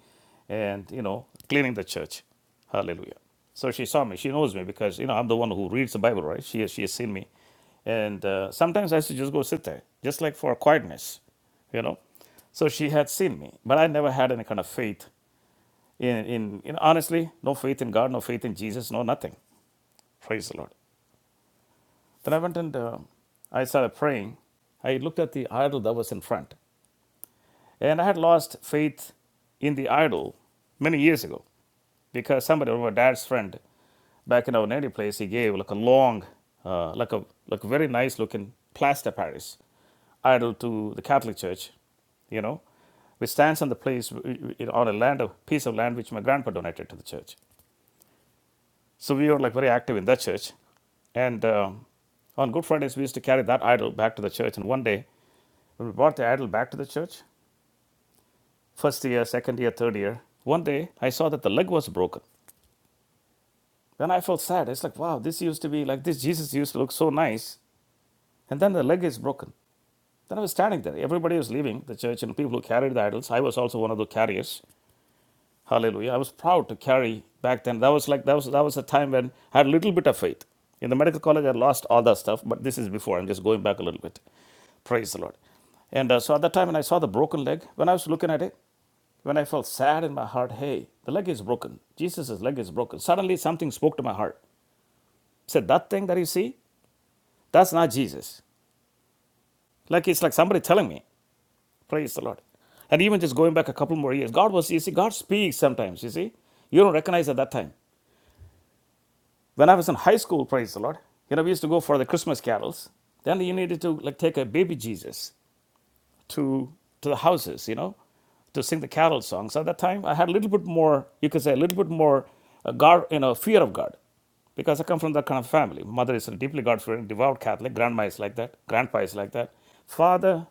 [SPEAKER 1] and, you know, cleaning the church. Hallelujah. So she saw me. She knows me because, you know, I'm the one who reads the Bible, right? She, has- she has seen me. And uh, sometimes I used to just go sit there, just like for quietness, you know. So she had seen me. But I never had any kind of faith in, in, in honestly, no faith in God, no faith in Jesus, no nothing. Praise the Lord. Then I went and uh, I started praying. I looked at the idol that was in front. And I had lost faith in the idol many years ago because somebody, my dad's friend, back in our native place, he gave like a long, uh, like a like very nice looking plaster Paris idol to the Catholic Church, you know, which stands on the place, you know, on a land, a piece of land which my grandpa donated to the church. So we were like very active in that church. And um, on Good Fridays, we used to carry that idol back to the church. And one day, when we brought the idol back to the church, first year, second year, third year, one day I saw that the leg was broken. Then I felt sad. It's like, wow, this used to be like this. Jesus used to look so nice. And then the leg is broken. Then I was standing there. Everybody was leaving the church and people who carried the idols. I was also one of the carriers. Hallelujah. I was proud to carry back then. That was like that was that was a time when I had a little bit of faith. In the medical college, I lost all that stuff, but this is before. I'm just going back a little bit. Praise the Lord. And uh, so at that time, when I saw the broken leg, when I was looking at it, when I felt sad in my heart, hey, the leg is broken. Jesus' leg is broken. Suddenly, something spoke to my heart. Said, that thing that you see, that's not Jesus. Like it's like somebody telling me. Praise the Lord. And even just going back a couple more years, God was, you see, God speaks sometimes, you see. You don't recognize at that time. When I was in high school, praise the Lord, you know, we used to go for the Christmas carols. Then you needed to like take a baby Jesus to to the houses, you know, to sing the carol songs. At that time, I had a little bit more, you could say, a little bit more uh, God, you know, fear of God, because I come from that kind of family. Mother is a deeply God-fearing, devout Catholic. Grandma is like that. Grandpa is like that. Father,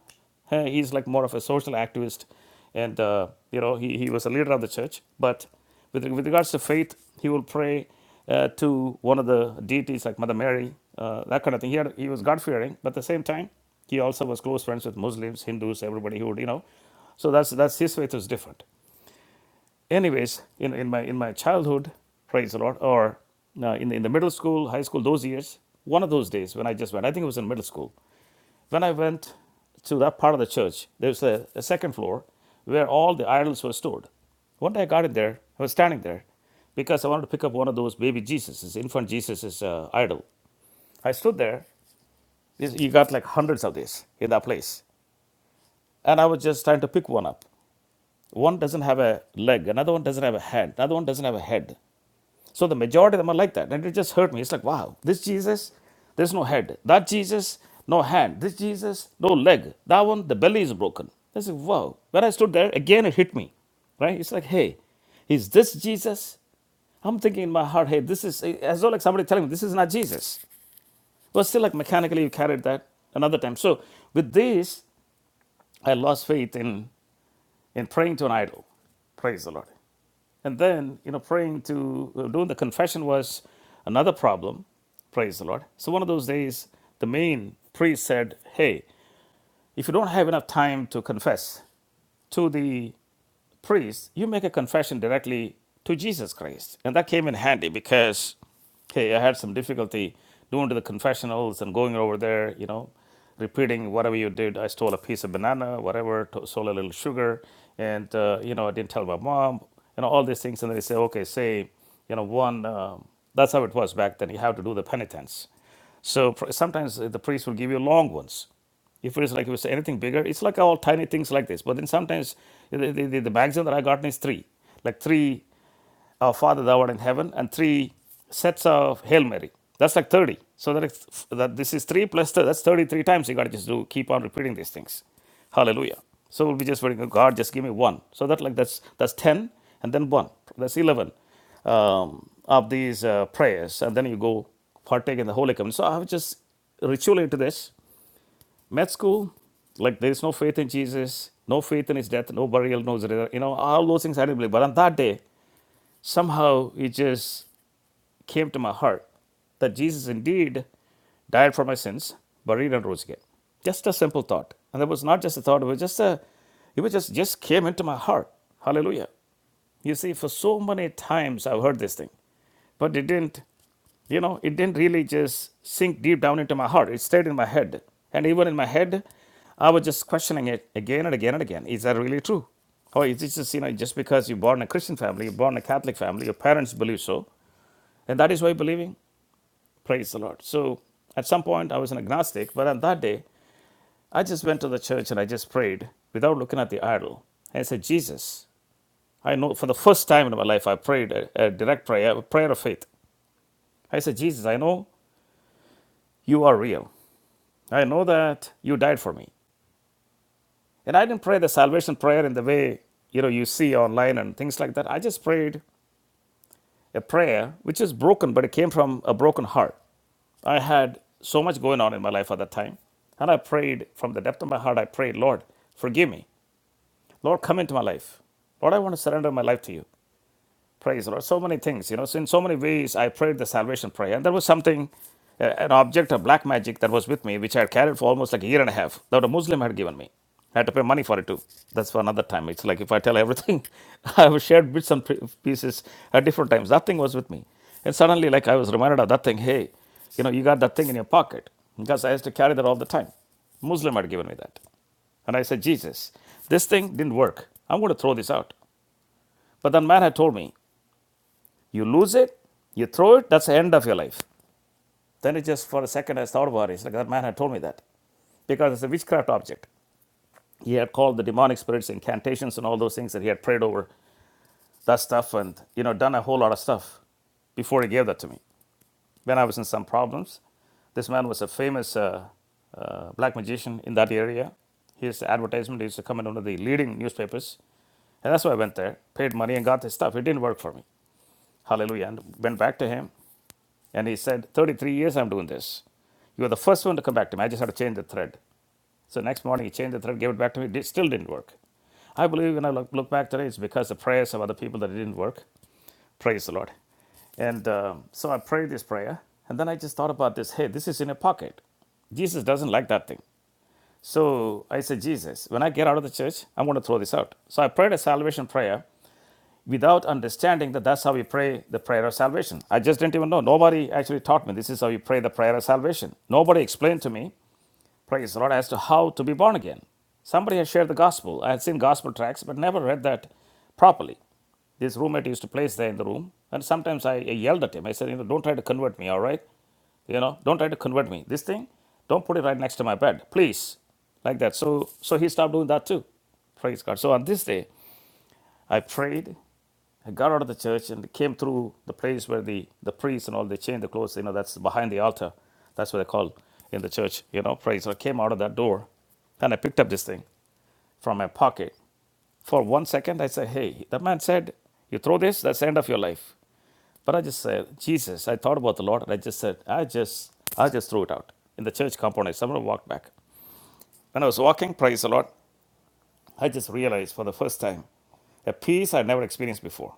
[SPEAKER 1] eh, he's like more of a social activist, and uh, you know, he, he was a leader of the church. But with, with regards to faith, he will pray uh, to one of the deities like Mother Mary, uh, that kind of thing. He, had, he was God fearing, but at the same time, he also was close friends with Muslims, Hindus, everybody who would, you know. So that's that's his faith is different. Anyways, in, in my in my childhood, praise the Lord, or uh, in in the middle school, high school, those years, one of those days when I just went, I think it was in middle school, when I went to that part of the church, there's a, a second floor where all the idols were stored. One day I got in there, I was standing there because I wanted to pick up one of those baby Jesuses, infant Jesus's uh, idol. I stood there. This- You got like hundreds of these in that place. And I was just trying to pick one up. One doesn't have a leg, another one doesn't have a hand, another one doesn't have a head. So the majority of them are like that. And it just hurt me. It's like, wow, this Jesus, there's no head. That Jesus, no hand. This Jesus, no leg. That one, the belly is broken. I said, wow. When I stood there, again it hit me. Right? It's like, hey, is this Jesus? I'm thinking in my heart, hey, this is as though like somebody telling me this is not Jesus. But still, like mechanically, you carried that another time. So with this, I lost faith in. In praying to an idol. Praise the Lord. And then, you know, praying to, uh, doing the confession was another problem. Praise the Lord. So one of those days, the main priest said, Hey, if you don't have enough time to confess, to the priest, you make a confession directly to Jesus Christ. And that came in handy because, hey, I had some difficulty doing to the confessionals and going over there, you know, repeating whatever you did. I stole a piece of banana, whatever, stole a little sugar, and, uh, you know, I didn't tell my mom, you know, all these things. And then they say, okay, say, you know, one, um, that's how it was back then. You have to do the penitence. So sometimes the priest will give you long ones if it's like if it's anything bigger, it's like all tiny things like this. But then sometimes the, the, the, the maximum that I gotten is three, like three uh, Father thou art in heaven and three sets of Hail Mary. That's like 30. So that, it's, that this is three plus thirty, that's 33 times. You got to just do keep on repeating these things. Hallelujah. So we'll be just praying, God, just give me one. So that like that's that's 10 and then one. That's 11 um, of these uh, prayers. And then you go partake in the Holy Communion. So I've just ritually into this med school, like there is no faith in Jesus, no faith in his death, no burial, no you know, all those things I didn't believe. But on that day, somehow it just came to my heart that Jesus indeed died for my sins, buried and rose again. Just a simple thought. And that was not just a thought, it was just a it was just just came into my heart. Hallelujah. You see, for so many times I've heard this thing. But it didn't, you know, it didn't really just sink deep down into my heart. It stayed in my head. And even in my head, I was just questioning it again and again and again. Is that really true? Or is it just, you know, just because you're born in a Christian family, you're born in a Catholic family, your parents believe so, and that is why believing, praise the Lord. So at some point, I was an agnostic, but on that day, I just went to the church and I just prayed without looking at the idol. And I said, Jesus, I know for the first time in my life, I prayed a, a direct prayer, a prayer of faith. I said, Jesus, I know you are real. I know that you died for me. And I didn't pray the salvation prayer in the way you know you see online and things like that. I just prayed a prayer which is broken, but it came from a broken heart. I had so much going on in my life at that time. And I prayed from the depth of my heart, I prayed, Lord, forgive me. Lord, come into my life. Lord, I want to surrender my life to you. Praise the Lord. So many things, you know. So in so many ways, I prayed the salvation prayer, and there was something, uh, an object of black magic that was with me, which I had carried for almost like a year and a half. That a Muslim had given me. I had to pay money for it too. That's for another time. It's like if I tell everything, I have shared bits and pre- pieces at different times. That thing was with me, and suddenly, like I was reminded of that thing. Hey, you know, you got that thing in your pocket because I used to carry that all the time. Muslim had given me that. And I said, Jesus, this thing didn't work. I'm going to throw this out. But that man had told me. You lose it, you throw it, that's the end of your life. Then it just for a second I thought about it. It's like that man had told me that. Because it's a witchcraft object. He had called the demonic spirits incantations and all those things that he had prayed over that stuff and you know done a whole lot of stuff before he gave that to me. When I was in some problems, this man was a famous uh, uh, black magician in that area. His advertisement used to come in one of the leading newspapers. And that's why I went there, paid money, and got his stuff. It didn't work for me. Hallelujah. And went back to him. And he said, 33 years I'm doing this. You were the first one to come back to me. I just had to change the thread. So next morning, he changed the thread, gave it back to me. It still didn't work. I believe when I look, look back today, it's because the prayers of other people that it didn't work. Praise the Lord. And um, so I prayed this prayer. And then I just thought about this hey, this is in a pocket. Jesus doesn't like that thing. So I said, Jesus, when I get out of the church, I'm going to throw this out. So I prayed a salvation prayer without understanding that that's how we pray the prayer of salvation. I just didn't even know. Nobody actually taught me this is how you pray the prayer of salvation. Nobody explained to me, praise the Lord, as to how to be born again. Somebody had shared the gospel. I had seen gospel tracts, but never read that properly. This roommate used to place there in the room, and sometimes I, I yelled at him. I said, you know, don't try to convert me, all right? You know, don't try to convert me. This thing, don't put it right next to my bed, please. Like that. So so he stopped doing that too. Praise God. So on this day, I prayed. I got out of the church and came through the place where the, the priests and all, they change the clothes. You know, that's behind the altar. That's what they call in the church, you know, praise. So I came out of that door and I picked up this thing from my pocket. For one second, I said, hey, the man said, you throw this, that's the end of your life. But I just said, Jesus, I thought about the Lord and I just said, I just, I just threw it out in the church compound. I somehow walked back. When I was walking, praise the Lord, I just realized for the first time a peace I never experienced before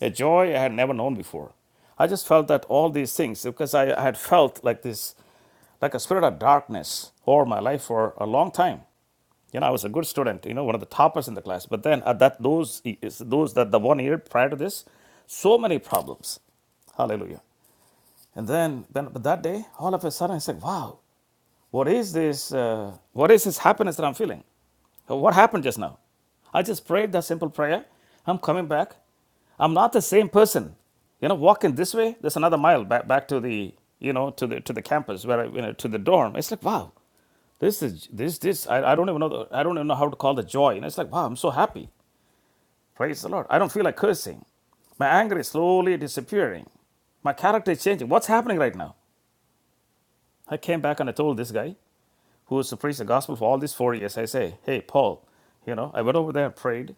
[SPEAKER 1] a joy I had never known before. I just felt that all these things, because I had felt like this, like a spirit of darkness over my life for a long time. You know, I was a good student, you know, one of the toppers in the class. But then at that those those that the one year prior to this, so many problems. Hallelujah. And then then but that day, all of a sudden I said, Wow, what is this? Uh, what is this happiness that I'm feeling? What happened just now? I just prayed that simple prayer. I'm coming back. I'm not the same person. You know, walking this way, there's another mile back back to the you know to the to the campus where I, you know to the dorm. It's like wow, this is this this I, I don't even know the, I don't even know how to call the joy. And it's like wow, I'm so happy. Praise the Lord. I don't feel like cursing. My anger is slowly disappearing. My character is changing. What's happening right now? I came back and I told this guy who was to the gospel for all these four years, I say, hey, Paul, you know, I went over there and prayed.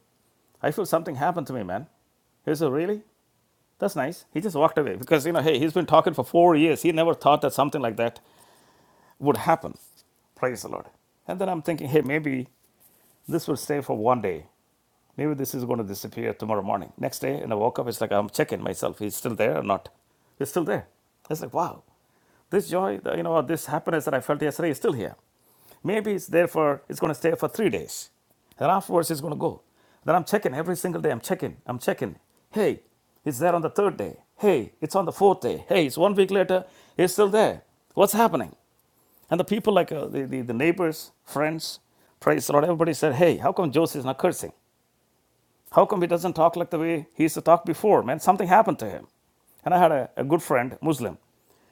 [SPEAKER 1] I feel something happened to me, man. He said, really? That's nice. He just walked away because, you know, hey, he's been talking for four years. He never thought that something like that would happen. Praise the Lord. And then I'm thinking, hey, maybe this will stay for one day. Maybe this is going to disappear tomorrow morning. Next day, and I woke up, it's like I'm checking myself. He's still there or not? He's still there. It's like, wow, this joy, you know, this happiness that I felt yesterday is still here. Maybe it's there for, it's going to stay for three days. And afterwards, it's going to go. Then I'm checking every single day. I'm checking. I'm checking. Hey, it's there on the third day. Hey, it's on the fourth day. Hey, it's one week later. It's still there. What's happening? And the people, like uh, the, the, the neighbors, friends, praise the Lord, everybody said, Hey, how come Joseph is not cursing? How come he doesn't talk like the way he used to talk before, man? Something happened to him. And I had a, a good friend, Muslim.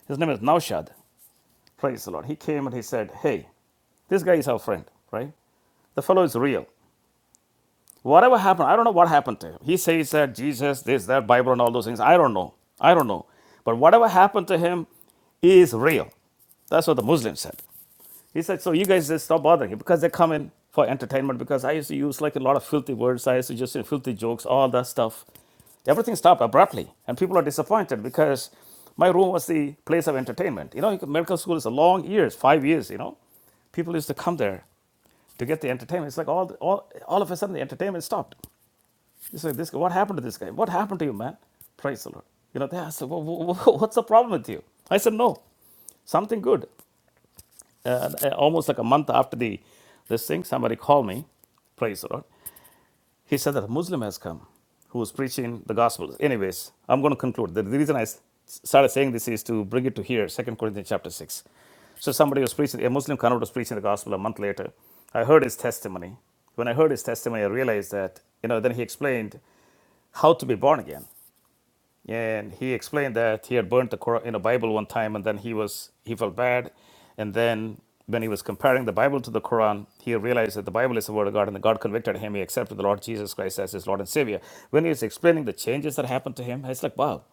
[SPEAKER 1] His name is Naushad. Praise the Lord. He came and he said, Hey, this guy is our friend, right? The fellow is real. Whatever happened, I don't know what happened to him. He says that Jesus, this, that, Bible, and all those things. I don't know. I don't know. But whatever happened to him is real. That's what the Muslim said. He said, So you guys just stop bothering him because they come in for entertainment. Because I used to use like a lot of filthy words, I used to just say filthy jokes, all that stuff. Everything stopped abruptly, and people are disappointed because my room was the place of entertainment. You know, medical school is a long years, five years, you know. People used to come there to get the entertainment. It's like all, all, all of a sudden the entertainment stopped. It's like, this, guy- what happened to this guy? What happened to you, man? Praise the Lord. You know, they asked, what's the problem with you? I said, no, something good uh, uh, almost like a month after the this thing, somebody called me, praise the Lord. He said that a Muslim has come who was preaching the gospel. Anyways, I'm going to conclude. The, the reason I started saying this is to bring it to here, Second Corinthians chapter 6. So somebody was preaching, a Muslim convert was preaching the gospel a month later. I heard his testimony. When I heard his testimony, I realized that, you know, then he explained how to be born again and he explained that he had burnt the Quran, you know, Bible one time, and then he was he felt bad, and then when he was comparing the Bible to the Quran, he realized that the Bible is the Word of God, and God convicted him. He accepted the Lord Jesus Christ as his Lord and Savior. When he was explaining the changes that happened to him, it's like, wow,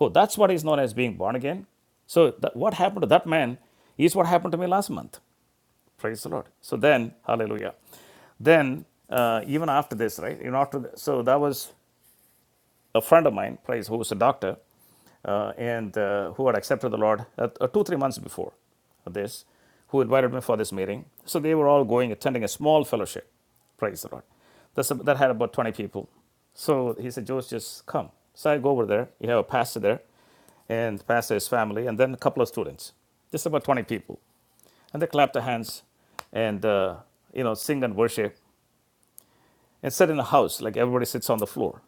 [SPEAKER 1] oh, that's what is known as being born again. So that, what happened to that man is what happened to me last month. Praise the Lord. So then, Hallelujah. Then uh, even after this, right? Even after th- so that was a friend of mine, praise, who was a doctor, uh, and uh, who had accepted the Lord at, uh, two, three months before this, who invited me for this meeting. So they were all going, attending a small fellowship, praise the Lord. That's a, that had about 20 people. So he said, Joseph, just come. So I go over there. You have a pastor there, and the pastor, his family, and then a couple of students, just about 20 people. And they clap their hands and, uh, you know, sing and worship instead in a house like everybody sits on the floor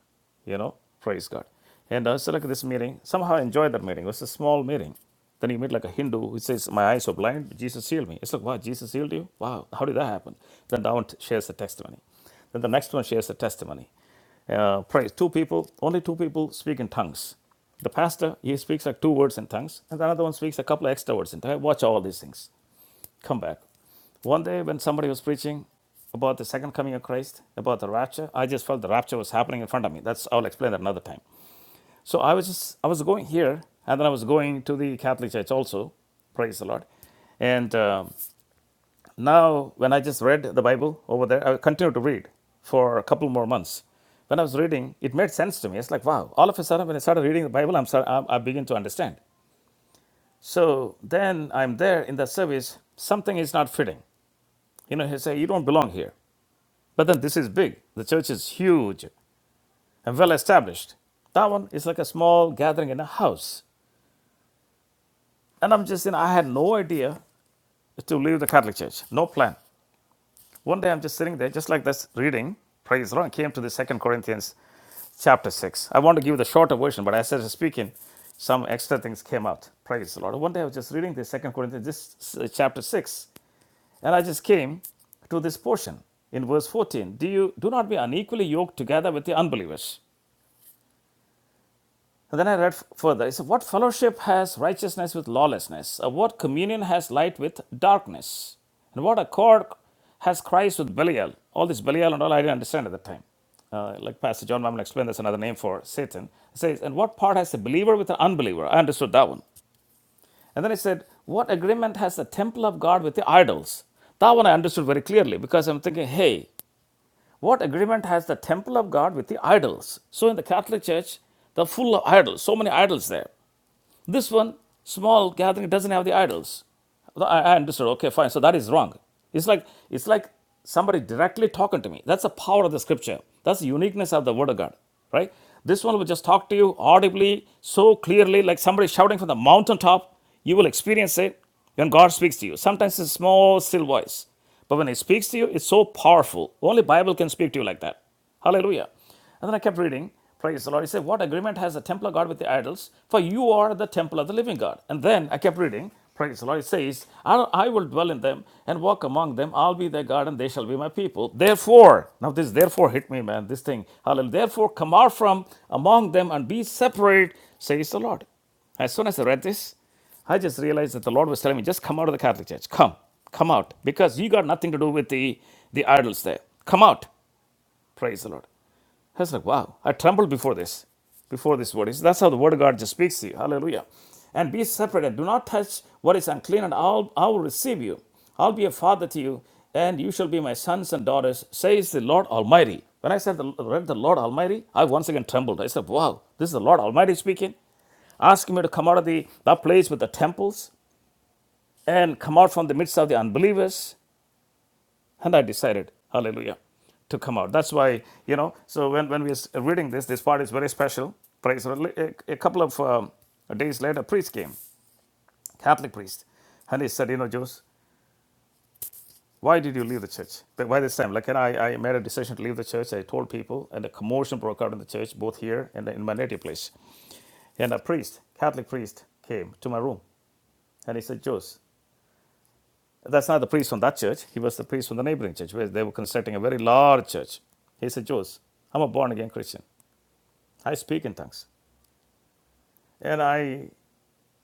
[SPEAKER 1] you know praise god and i said look at this meeting somehow i enjoyed that meeting it was a small meeting then you meet like a hindu who says my eyes are blind jesus healed me it's like wow jesus healed you wow how did that happen then that one shares the testimony then the next one shares the testimony uh, praise two people only two people speak in tongues the pastor he speaks like two words in tongues and the other one speaks a couple of extra words in tongues watch all these things come back. One day when somebody was preaching about the second coming of Christ, about the rapture, I just felt the rapture was happening in front of me. That's I'll explain that another time. So I was just I was going here, and then I was going to the Catholic Church also. Praise the Lord. And um, now when I just read the Bible over there, I continued to read for a couple more months. When I was reading, it made sense to me. It's like wow! All of a sudden, when I started reading the Bible, I'm, start, I'm I begin to understand. So then I'm there in the service. Something is not fitting. You know, he say you don't belong here. But then this is big. The church is huge and well established. That one is like a small gathering in a house. And I'm just, you know, I had no idea to leave the Catholic Church. No plan. One day I'm just sitting there, just like this, reading. Praise the Lord. I came to the Second Corinthians chapter six. I want to give the shorter version, but as I was speaking, some extra things came out. Praise the Lord. One day I was just reading the Second Corinthians, this uh, chapter six. And I just came to this portion in verse 14. Do you do not be unequally yoked together with the unbelievers? And then I read further. It said, What fellowship has righteousness with lawlessness? Or what communion has light with darkness? And what accord has Christ with Belial? All this Belial and all I didn't understand at the time. Uh, like Pastor John Mammon explained, that's another name for Satan. It says, And what part has the believer with the unbeliever? I understood that one. And then it said, What agreement has the temple of God with the idols? That one I understood very clearly because I'm thinking, hey, What agreement has the temple of God with the idols? So in the Catholic Church, they're full of idols, so many idols there. This one, small gathering, doesn't have the idols. I understood. Okay, fine. So that is wrong. It's like it's like somebody directly talking to me. That's the power of the scripture. That's the uniqueness of the word of God. Right? This one will just talk to you audibly, so clearly, like somebody shouting from the mountaintop. You will experience it when God speaks to you. Sometimes it's a small, still voice. But when He speaks to you, it's so powerful. Only Bible can speak to you like that. Hallelujah. And then I kept reading. Praise the Lord. He said, What agreement has the temple of God with the idols? For you are the temple of the living God. And then I kept reading. Praise the Lord. It says, I, will dwell in them and walk among them. I'll be their God and they shall be my people. Therefore, now this therefore hit me, man, this thing. Hallelujah. Therefore, come out from among them and be separate, says the Lord. As soon as I read this, I just realized that the Lord was telling me, just come out of the Catholic Church. Come, come out. Because you got nothing to do with the, the idols there. Come out. Praise the Lord. I was like, wow, I trembled before this, before this word. It's- That's how the word of God just speaks to you. Hallelujah. And be separate and do not touch what is unclean, and I'll, I will receive you. I'll be a father to you, and you shall be my sons and daughters, says the Lord Almighty. When I said the, read the Lord Almighty, I once again trembled. I said, wow, this is the Lord Almighty speaking asking me to come out of the that place with the temples and come out from the midst of the unbelievers. And I decided, hallelujah, to come out. That's why, you know, so when, when we are reading this, this part is very special. Praise A, a couple of um, days later, a priest came, Catholic priest, and he said, you know, Jose, why did you leave the church? But by this time, like, and I, I made a decision to leave the church. I told people, and a commotion broke out in the church, both here and in my native place. And a priest, Catholic priest, came to my room, and he said, Jose, That's not the priest from that church. He was the priest from the neighboring church where they were constructing a very large church. He said, Jew. I'm a born again Christian. I speak in tongues. And I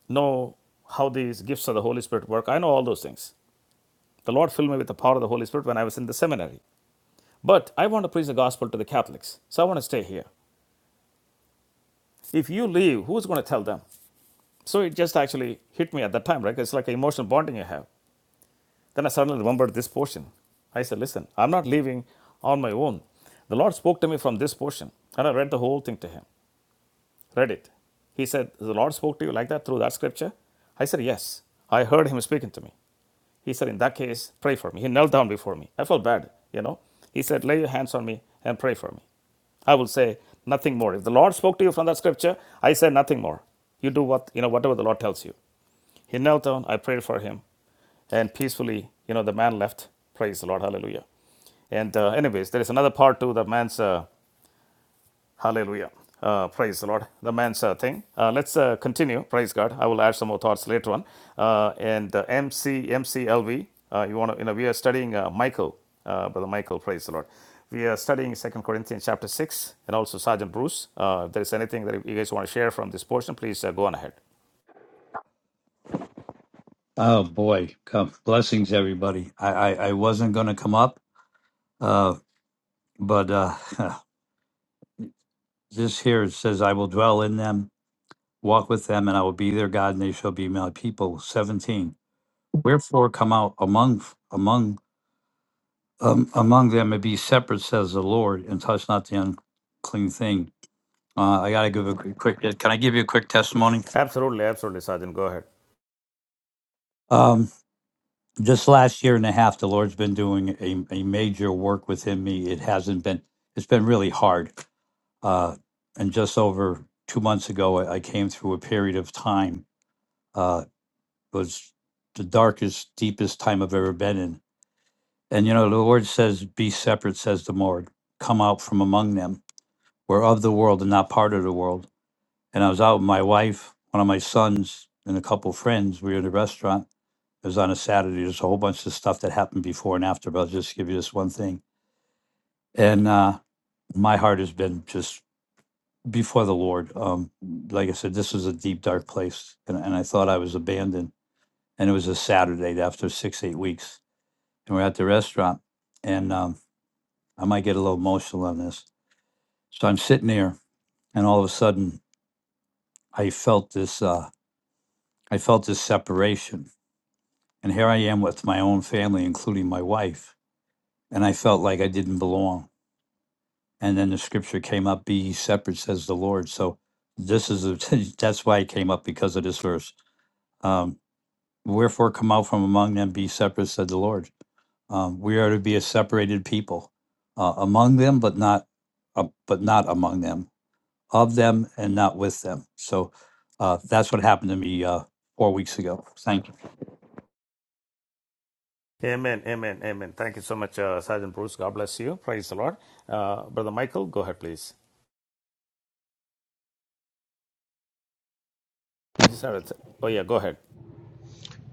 [SPEAKER 1] know how these gifts of the Holy Spirit work. I know all those things. The Lord filled me with the power of the Holy Spirit when I was in the seminary. But I want to preach the gospel to the Catholics. So I want to stay here. If you leave, who's going to tell them? So it just actually hit me at that time, right? It's like an emotional bonding you have. Then I suddenly remembered this portion. I said, Listen, I'm not leaving on my own. The Lord spoke to me from this portion, and I read the whole thing to him. Read it. He said, The Lord spoke to you like that through that scripture? I said, Yes. I heard him speaking to me. He said, In that case, pray for me. He knelt down before me. I felt bad, you know. He said, Lay your hands on me and pray for me. I will say nothing more. If the Lord spoke to you from that scripture, I say nothing more. You do what you know, whatever the Lord tells you. He knelt down, I prayed for him, and peacefully, you know, the man left. Praise the Lord, hallelujah. And, uh, anyways, there is another part to the man's uh, hallelujah. Uh, praise the Lord, the man's uh, thing. Uh, let's uh, continue. Praise God. I will add some more thoughts later on. Uh, and uh, MC, MCLV, uh, you want to, you know, we are studying uh, Michael uh, Brother Michael, praise the Lord. We are studying Second Corinthians chapter 6 and also Sergeant Bruce. Uh, if there is anything that you guys want to share from this portion, please uh, go on ahead.
[SPEAKER 4] Oh boy, come blessings, everybody. I I, I wasn't going to come up, uh, but uh, this here it says, "I will dwell in them, walk with them, and I will be their God, and they shall be my people." Seventeen. Wherefore, come out among among um, among them and be separate, says the Lord, and touch not the unclean thing. Uh, I got to give a quick. quick- Can I give you a quick testimony?
[SPEAKER 1] Absolutely, absolutely, Sergeant, go ahead.
[SPEAKER 4] Um, just last year and a half, the Lord's been doing a, a major work within me. It hasn't been. It's been really hard Uh, and just over two months ago, I I came through a period of time uh, was the darkest, deepest time I've ever been in. And you know, the Lord says, "Be separate," says the Lord. Come out from among them. We're of the world and not part of the world. And I was out with my wife, one of my sons, and a couple friends. We were in a restaurant. It was on a Saturday. There's a whole bunch of stuff that happened before and after, but I'll just give you this one thing. And uh, my heart has been just before the Lord. Um, like I said, this was a deep, dark place, and, and I thought I was abandoned. And it was a Saturday after six, eight weeks, and we're at the restaurant, and um, I might get a little emotional on this. So I'm sitting there, and all of a sudden, I felt this. Uh, I felt this separation, and here I am with my own family, including my wife, and I felt like I didn't belong. And then the scripture came up: "Be ye separate," says the Lord. So this is a, that's why it came up because of this verse. Um, Wherefore come out from among them, be separate, said the Lord. Um, we are to be a separated people, uh, among them, but not, uh, but not among them, of them and not with them. So uh, that's what happened to me uh, four weeks ago. Thank you.
[SPEAKER 1] Amen, amen, amen. Thank you so much, uh, Sergeant Bruce. God bless you. Praise the Lord. Uh, Brother Michael, go ahead, please. You just have it. Oh, yeah, go ahead.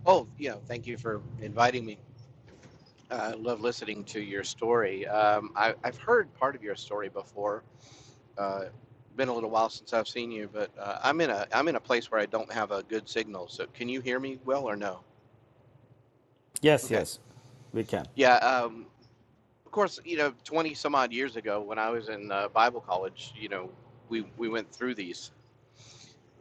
[SPEAKER 5] Oh, yeah. Thank you for inviting me. Uh, I love listening to your story. Um, I, I've heard part of your story before. Uh, been a little while since I've seen you, but uh, I'm in a I'm in a place where I don't have a good signal. So can you hear me well or no?
[SPEAKER 1] Yes,
[SPEAKER 5] Okay.
[SPEAKER 1] yes, we can.
[SPEAKER 5] Yeah. Um, of course, you know, 20 some odd years ago, when I was in uh, Bible college, you know, we we went through these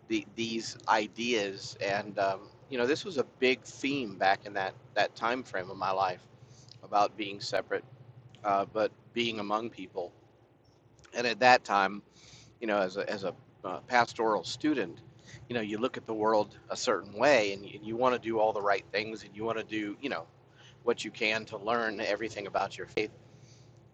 [SPEAKER 5] the, these ideas, and um, you know, this was a big theme back in that that time frame of my life about being separate uh, but being among people. And at that time, you know, as a, as a uh, pastoral student, you know, you look at the world a certain way and you, you want to do all the right things and you want to do, you know, what you can to learn everything about your faith.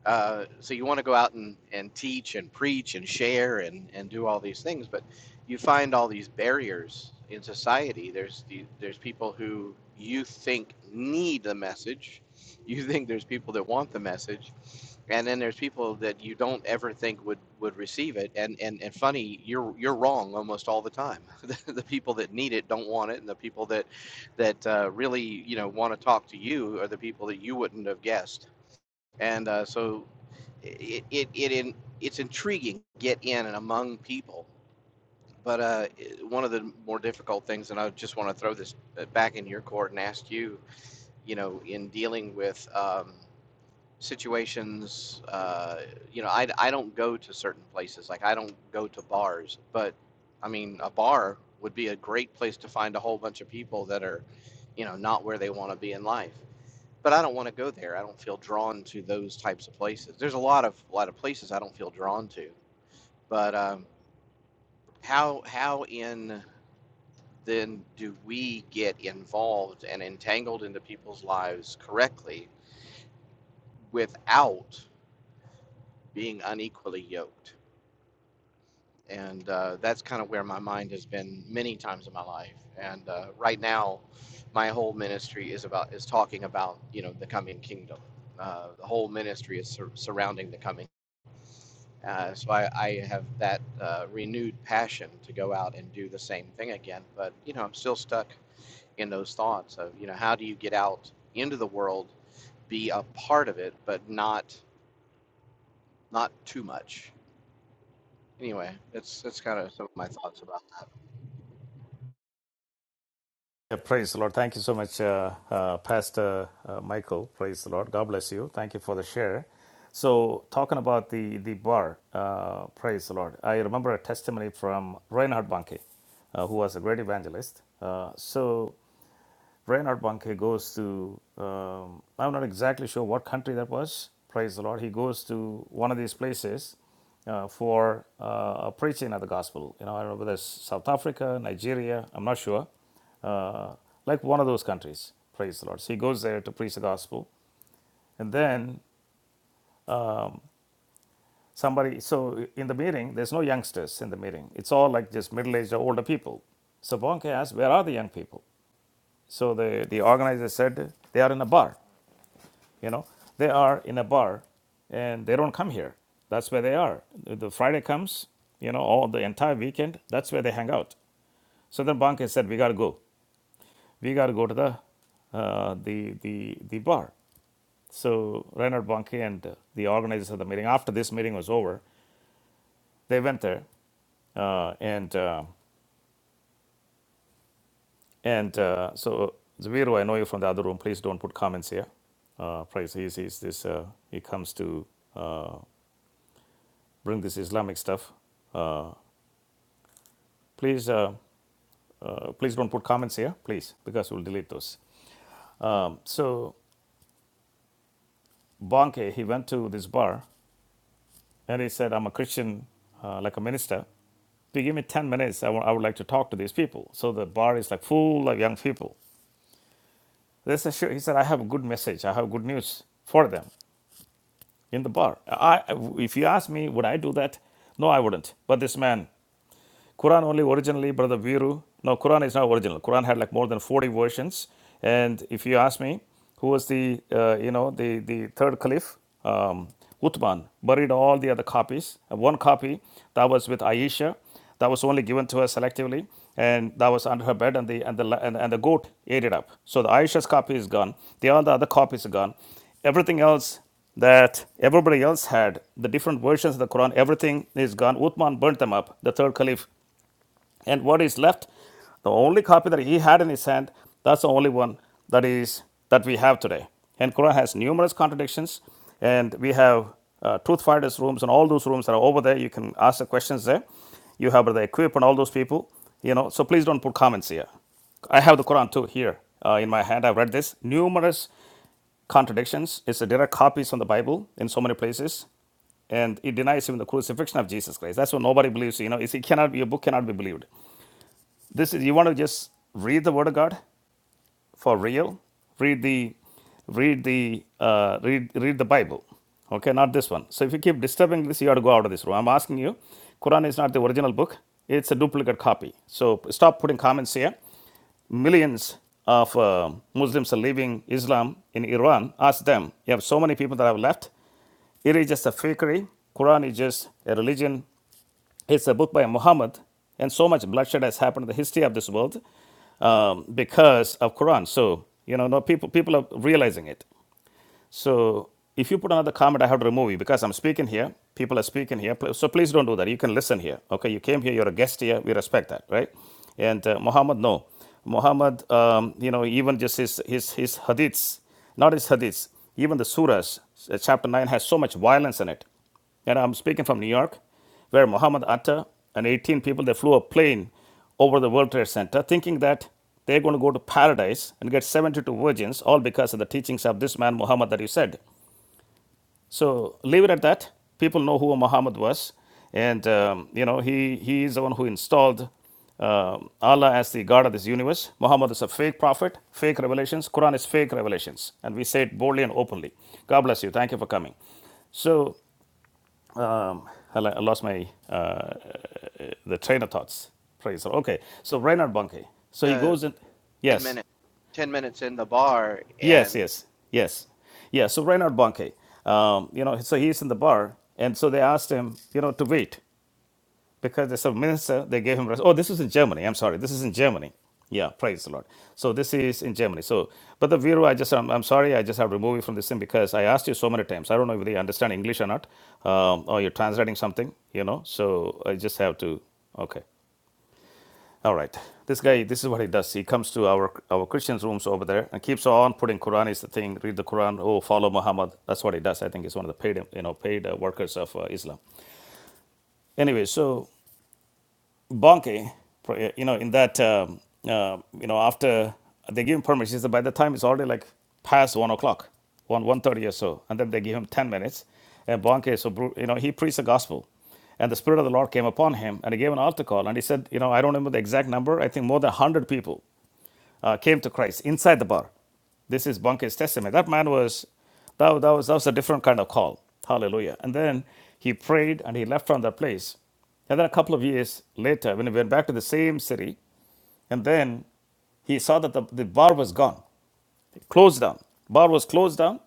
[SPEAKER 5] Uh, so you want to go out and, and teach and preach and share and, and do all these things, but you find all these barriers in society. There's the, there's people who you think need the message, you think there's people that want the message, and then there's people that you don't ever think would, would receive it. And, and and funny, you're you're wrong almost all the time. the, the people that need it don't want it, and the people that that uh, really you know want to talk to you are the people that you wouldn't have guessed and uh, so it it, it in, it's intriguing to get in and among people but uh, one of the more difficult things and i just want to throw this uh, back in your court and ask you you know in dealing with um, situations uh you know I, I don't go to certain places like i don't go to bars but i mean a bar would be a great place to find a whole bunch of people that are you know not where they want to be in life but i don't want to go there i don't feel drawn to those types of places there's a lot of a lot of places i don't feel drawn to but um, how how in then do we get involved and entangled into people's lives correctly without being unequally yoked and uh, that's kind of where my mind has been many times in my life. And uh, right now, my whole ministry is about is talking about you know the coming kingdom. Uh, the whole ministry is sur- surrounding the coming. Uh, so I, I have that uh, renewed passion to go out and do the same thing again. But you know, I'm still stuck in those thoughts of you know how do you get out into the world, be a part of it, but not not too much. Anyway, that's that's kind of some of my thoughts about
[SPEAKER 1] Yeah, praise the Lord. Thank you so much, uh, uh, Pastor uh, Michael. Praise the Lord. God bless you. Thank you for the share. So, talking about the, the bar, uh, praise the Lord. I remember a testimony from Reinhard Banke, uh, who was a great evangelist. Uh, so, Reinhard Bunke goes to, um, I'm not exactly sure what country that was, praise the Lord. He goes to one of these places uh, for uh, preaching of the gospel. You know, I don't know whether it's South Africa, Nigeria, I'm not sure. Uh, like one of those countries, praise the Lord. So he goes there to preach the gospel. And then somebody, so in the meeting, there's no youngsters in the meeting. It's all like just middle aged or older people. So Bonke asked, Where are the young people? So the, the organizer said, They are in a bar. You know, they are in a bar and they don't come here. That's where they are. The Friday comes, you know, all the entire weekend, that's where they hang out. So then Banke said, we got to go. We got to go to the, uh, the, the, the bar. So Reinhard Banke and uh, the organizers of the meeting, after this meeting was over, they went there. Uh, and uh, and uh, so, Zaviru, I know you from the other room. Please don't put comments here. Uh, please, he's, he's this, uh, he comes to uh, bring this Islamic stuff Uh, Please, uh, uh, please don't put comments here, please, because we'll delete those. So Bonke, he went to this bar and he said, "I'm a Christian, uh, like a minister. If you give me ten minutes, I I would like to talk to these people." So the bar is like full of young people. They said, "Sure." He said, "I have a good message. I have good news for them in the bar." I, if you ask me, would I do that? No, I wouldn't. But this man Quran only originally, Brother Viru, no, Quran is not original. Quran had like more than 40 versions. And if you ask me, who was the, uh, you know, the, the third caliph, um, Uthman, buried all the other copies. And one copy that was with Aisha, that was only given to her selectively, and that was under her bed, and the and the and, and the goat ate it up. So the Aisha's copy is gone. The all the other copies are gone. Everything else that everybody else had, the different versions of the Quran, everything is gone. Uthman burnt them up. The third caliph and what is left? The only copy that he had in his hand, that's the only one that is that we have today. And Quran has numerous contradictions, and we have uh, truth fighters rooms, and all those rooms are over there. You can ask the questions there. You have the equip and all those people, you know. So please don't put comments here. I have the Quran too here uh, in my hand. I've read this numerous contradictions. It's a direct copies from the Bible in so many places, and it denies even the crucifixion of Jesus Christ. That's why nobody believes. You know, it's, it cannot be, your book cannot be believed this is you want to just read the word of god for real read the read the uh, read read the bible okay not this one so if you keep disturbing this you have to go out of this room i'm asking you quran is not the original book it's a duplicate copy so stop putting comments here millions of uh, muslims are leaving islam in iran ask them you have so many people that have left it is just a fakery quran is just a religion it's a book by Muhammad, and so much bloodshed has happened in the history of this world um, because of Quran. So you know, no people people are realizing it. So if you put another comment, I have to remove you because I'm speaking here. People are speaking here, so please don't do that. You can listen here. Okay, you came here. You're a guest here. We respect that, right? And uh, Muhammad, no, Muhammad, um, you know, even just his his his hadiths, not his hadiths, even the surahs, uh, chapter nine has so much violence in it and I'm speaking from New York, where Muhammad Atta and 18 people, they flew a plane over the World Trade Center thinking that they're going to go to paradise and get 72 virgins, all because of the teachings of this man, Muhammad, that you said. So leave it at that. People know who Muhammad was. And, um, you know, he, he is the one who installed um, Allah as the God of this universe. Muhammad is a fake prophet, fake revelations. Quran is fake revelations. And we say it boldly and openly. God bless you. Thank you for coming. So, um, I lost my the train of thoughts. Praise the Lord. Okay, so Reinhard Bunke. So
[SPEAKER 5] that.
[SPEAKER 1] he
[SPEAKER 5] Uh,
[SPEAKER 1] goes in.
[SPEAKER 5] ten
[SPEAKER 1] Yes,
[SPEAKER 5] minutes ten minutes in the bar
[SPEAKER 1] yes,
[SPEAKER 5] and
[SPEAKER 1] yes, yes, yeah. So Reinhard Bunke. Um, you know, so he's in the bar, and so they asked him, you know, to wait because there's a minister. They gave him. Rest. Oh, this was in Germany. I'm sorry. This is in Germany. Yeah, praise the Lord. So this is in Germany. So, but the Viru, I just, I'm, I'm sorry, I just have removed you from this thing because I asked you so many times. I don't know if you understand English or not, um, or you're translating something, you know. So I just have to, okay. All right. This guy, this is what he does. He comes to our our Christians' rooms over there and keeps on putting Quran is the thing. Read the Quran. Oh, follow Muhammad. That's what he does. I think he's one of the paid you know paid uh, workers of uh, Islam. Anyway, so Bonke, uh, you know, in that um, uh, you know after they give him permission, he said, by the time it's already like past one o'clock, one one thirty or so, and then they give him ten minutes. And Bonke, so you know, he preached the gospel. And the Spirit of the Lord came upon him, and he gave an altar call. And he said, You know, I don't remember the exact number, I think more than 100 people uh, came to Christ inside the bar. This is Bunke's testimony. That man was that, that was that was a different kind of call. Hallelujah. And then he prayed and he left from that place. And then a couple of years later, when he went back to the same city, and then he saw that the, the bar was gone, it closed down. Bar was closed down,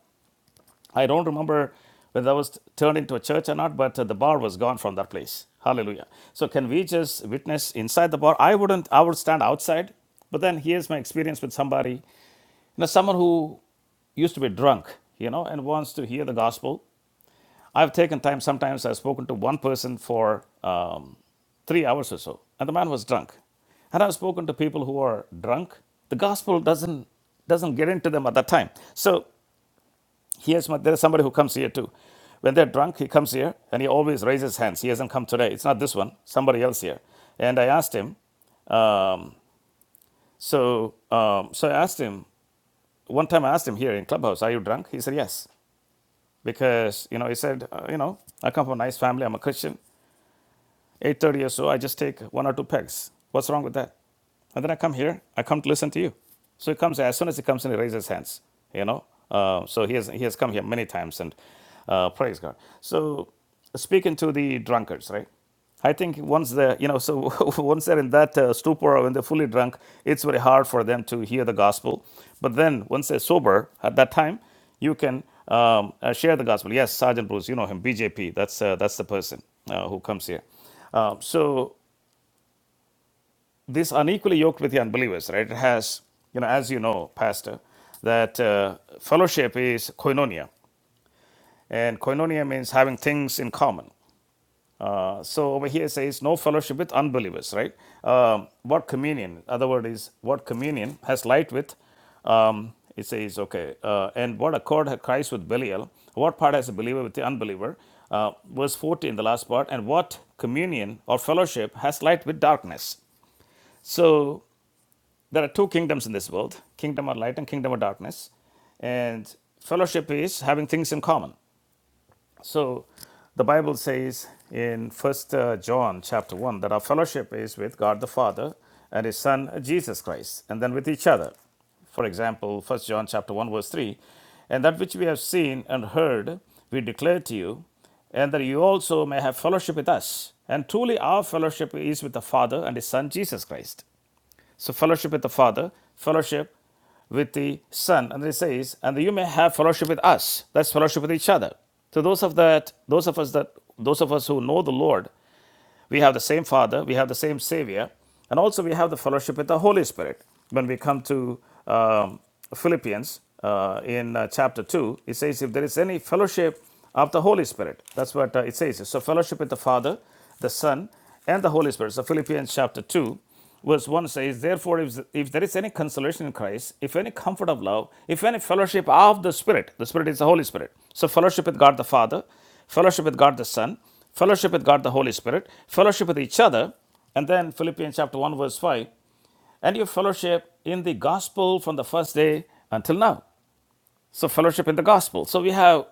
[SPEAKER 1] I don't remember whether that was turned into a church or not, but uh, the bar was gone from that place. Hallelujah. So can we just witness inside the bar? I wouldn't, I would stand outside. But then here's my experience with somebody, you know, someone who used to be drunk, you know, and wants to hear the gospel. I've taken time, sometimes I've spoken to one person for um, three hours or so, and the man was drunk. And I've spoken to people who are drunk. The gospel doesn't doesn't get into them at that time. So Here's my, there's somebody who comes here too. When they're drunk, he comes here and he always raises hands. He hasn't come today. It's not this one, somebody else here. And I asked him, um, so, um, so I asked him, one time I asked him here in Clubhouse, are you drunk? He said, yes. Because, you know, he said, uh, you know, I come from a nice family. I'm a Christian. 8.30 or so, I just take one or two pegs. What's wrong with that? And then I come here. I come to listen to you. So he comes as soon as he comes in, he raises his hands. You know. Uh, so he has he has come here many times and uh, praise God. So speaking to the drunkards, right? I think once they're you know so once they're in that uh, stupor or when they're fully drunk, it's very hard for them to hear the gospel. But then once they're sober, at that time, you can um, uh, share the gospel. Yes, Sergeant Bruce, you know him, BJP. That's uh, that's the person uh, who comes here. Uh, so this unequally yoked with the unbelievers, right? It has, you know, as you know, Pastor, that uh, fellowship is koinonia, and koinonia means having things in common. Uh, so over here it says no fellowship with unbelievers, right? Um, what communion? Other word is what communion has light with um, it says, okay, uh, and what accord had Christ with Belial? What part has a believer with the unbeliever? Uh, verse 14, the last part, and what communion or fellowship has light with darkness? So there are two kingdoms in this world kingdom of light and kingdom of darkness and fellowship is having things in common so the bible says in first uh, john chapter 1 that our fellowship is with god the father and his son jesus christ and then with each other for example first john chapter 1 verse 3 and that which we have seen and heard we declare to you and that you also may have fellowship with us and truly our fellowship is with the father and his son jesus christ so, fellowship with the Father, fellowship with the Son, and it says, and you may have fellowship with us. That's fellowship with each other. So, those of that, those of us that, those of us who know the Lord, we have the same Father, we have the same Savior, and also we have the fellowship with the Holy Spirit. When we come to um, Philippians uh, in uh, chapter two, it says, if there is any fellowship of the Holy Spirit, that's what uh, it says. So, fellowship with the Father, the Son, and the Holy Spirit. So Philippians chapter 2 Verse 1 says, Therefore, if, if there is any consolation in Christ, if any comfort of love, if any fellowship of the Spirit, the Spirit is the Holy Spirit. So, fellowship with God the Father, fellowship with God the Son, fellowship with God the Holy Spirit, fellowship with each other. And then Philippians chapter 1, verse 5, and your fellowship in the gospel from the first day until now. So, fellowship in the gospel. So, we have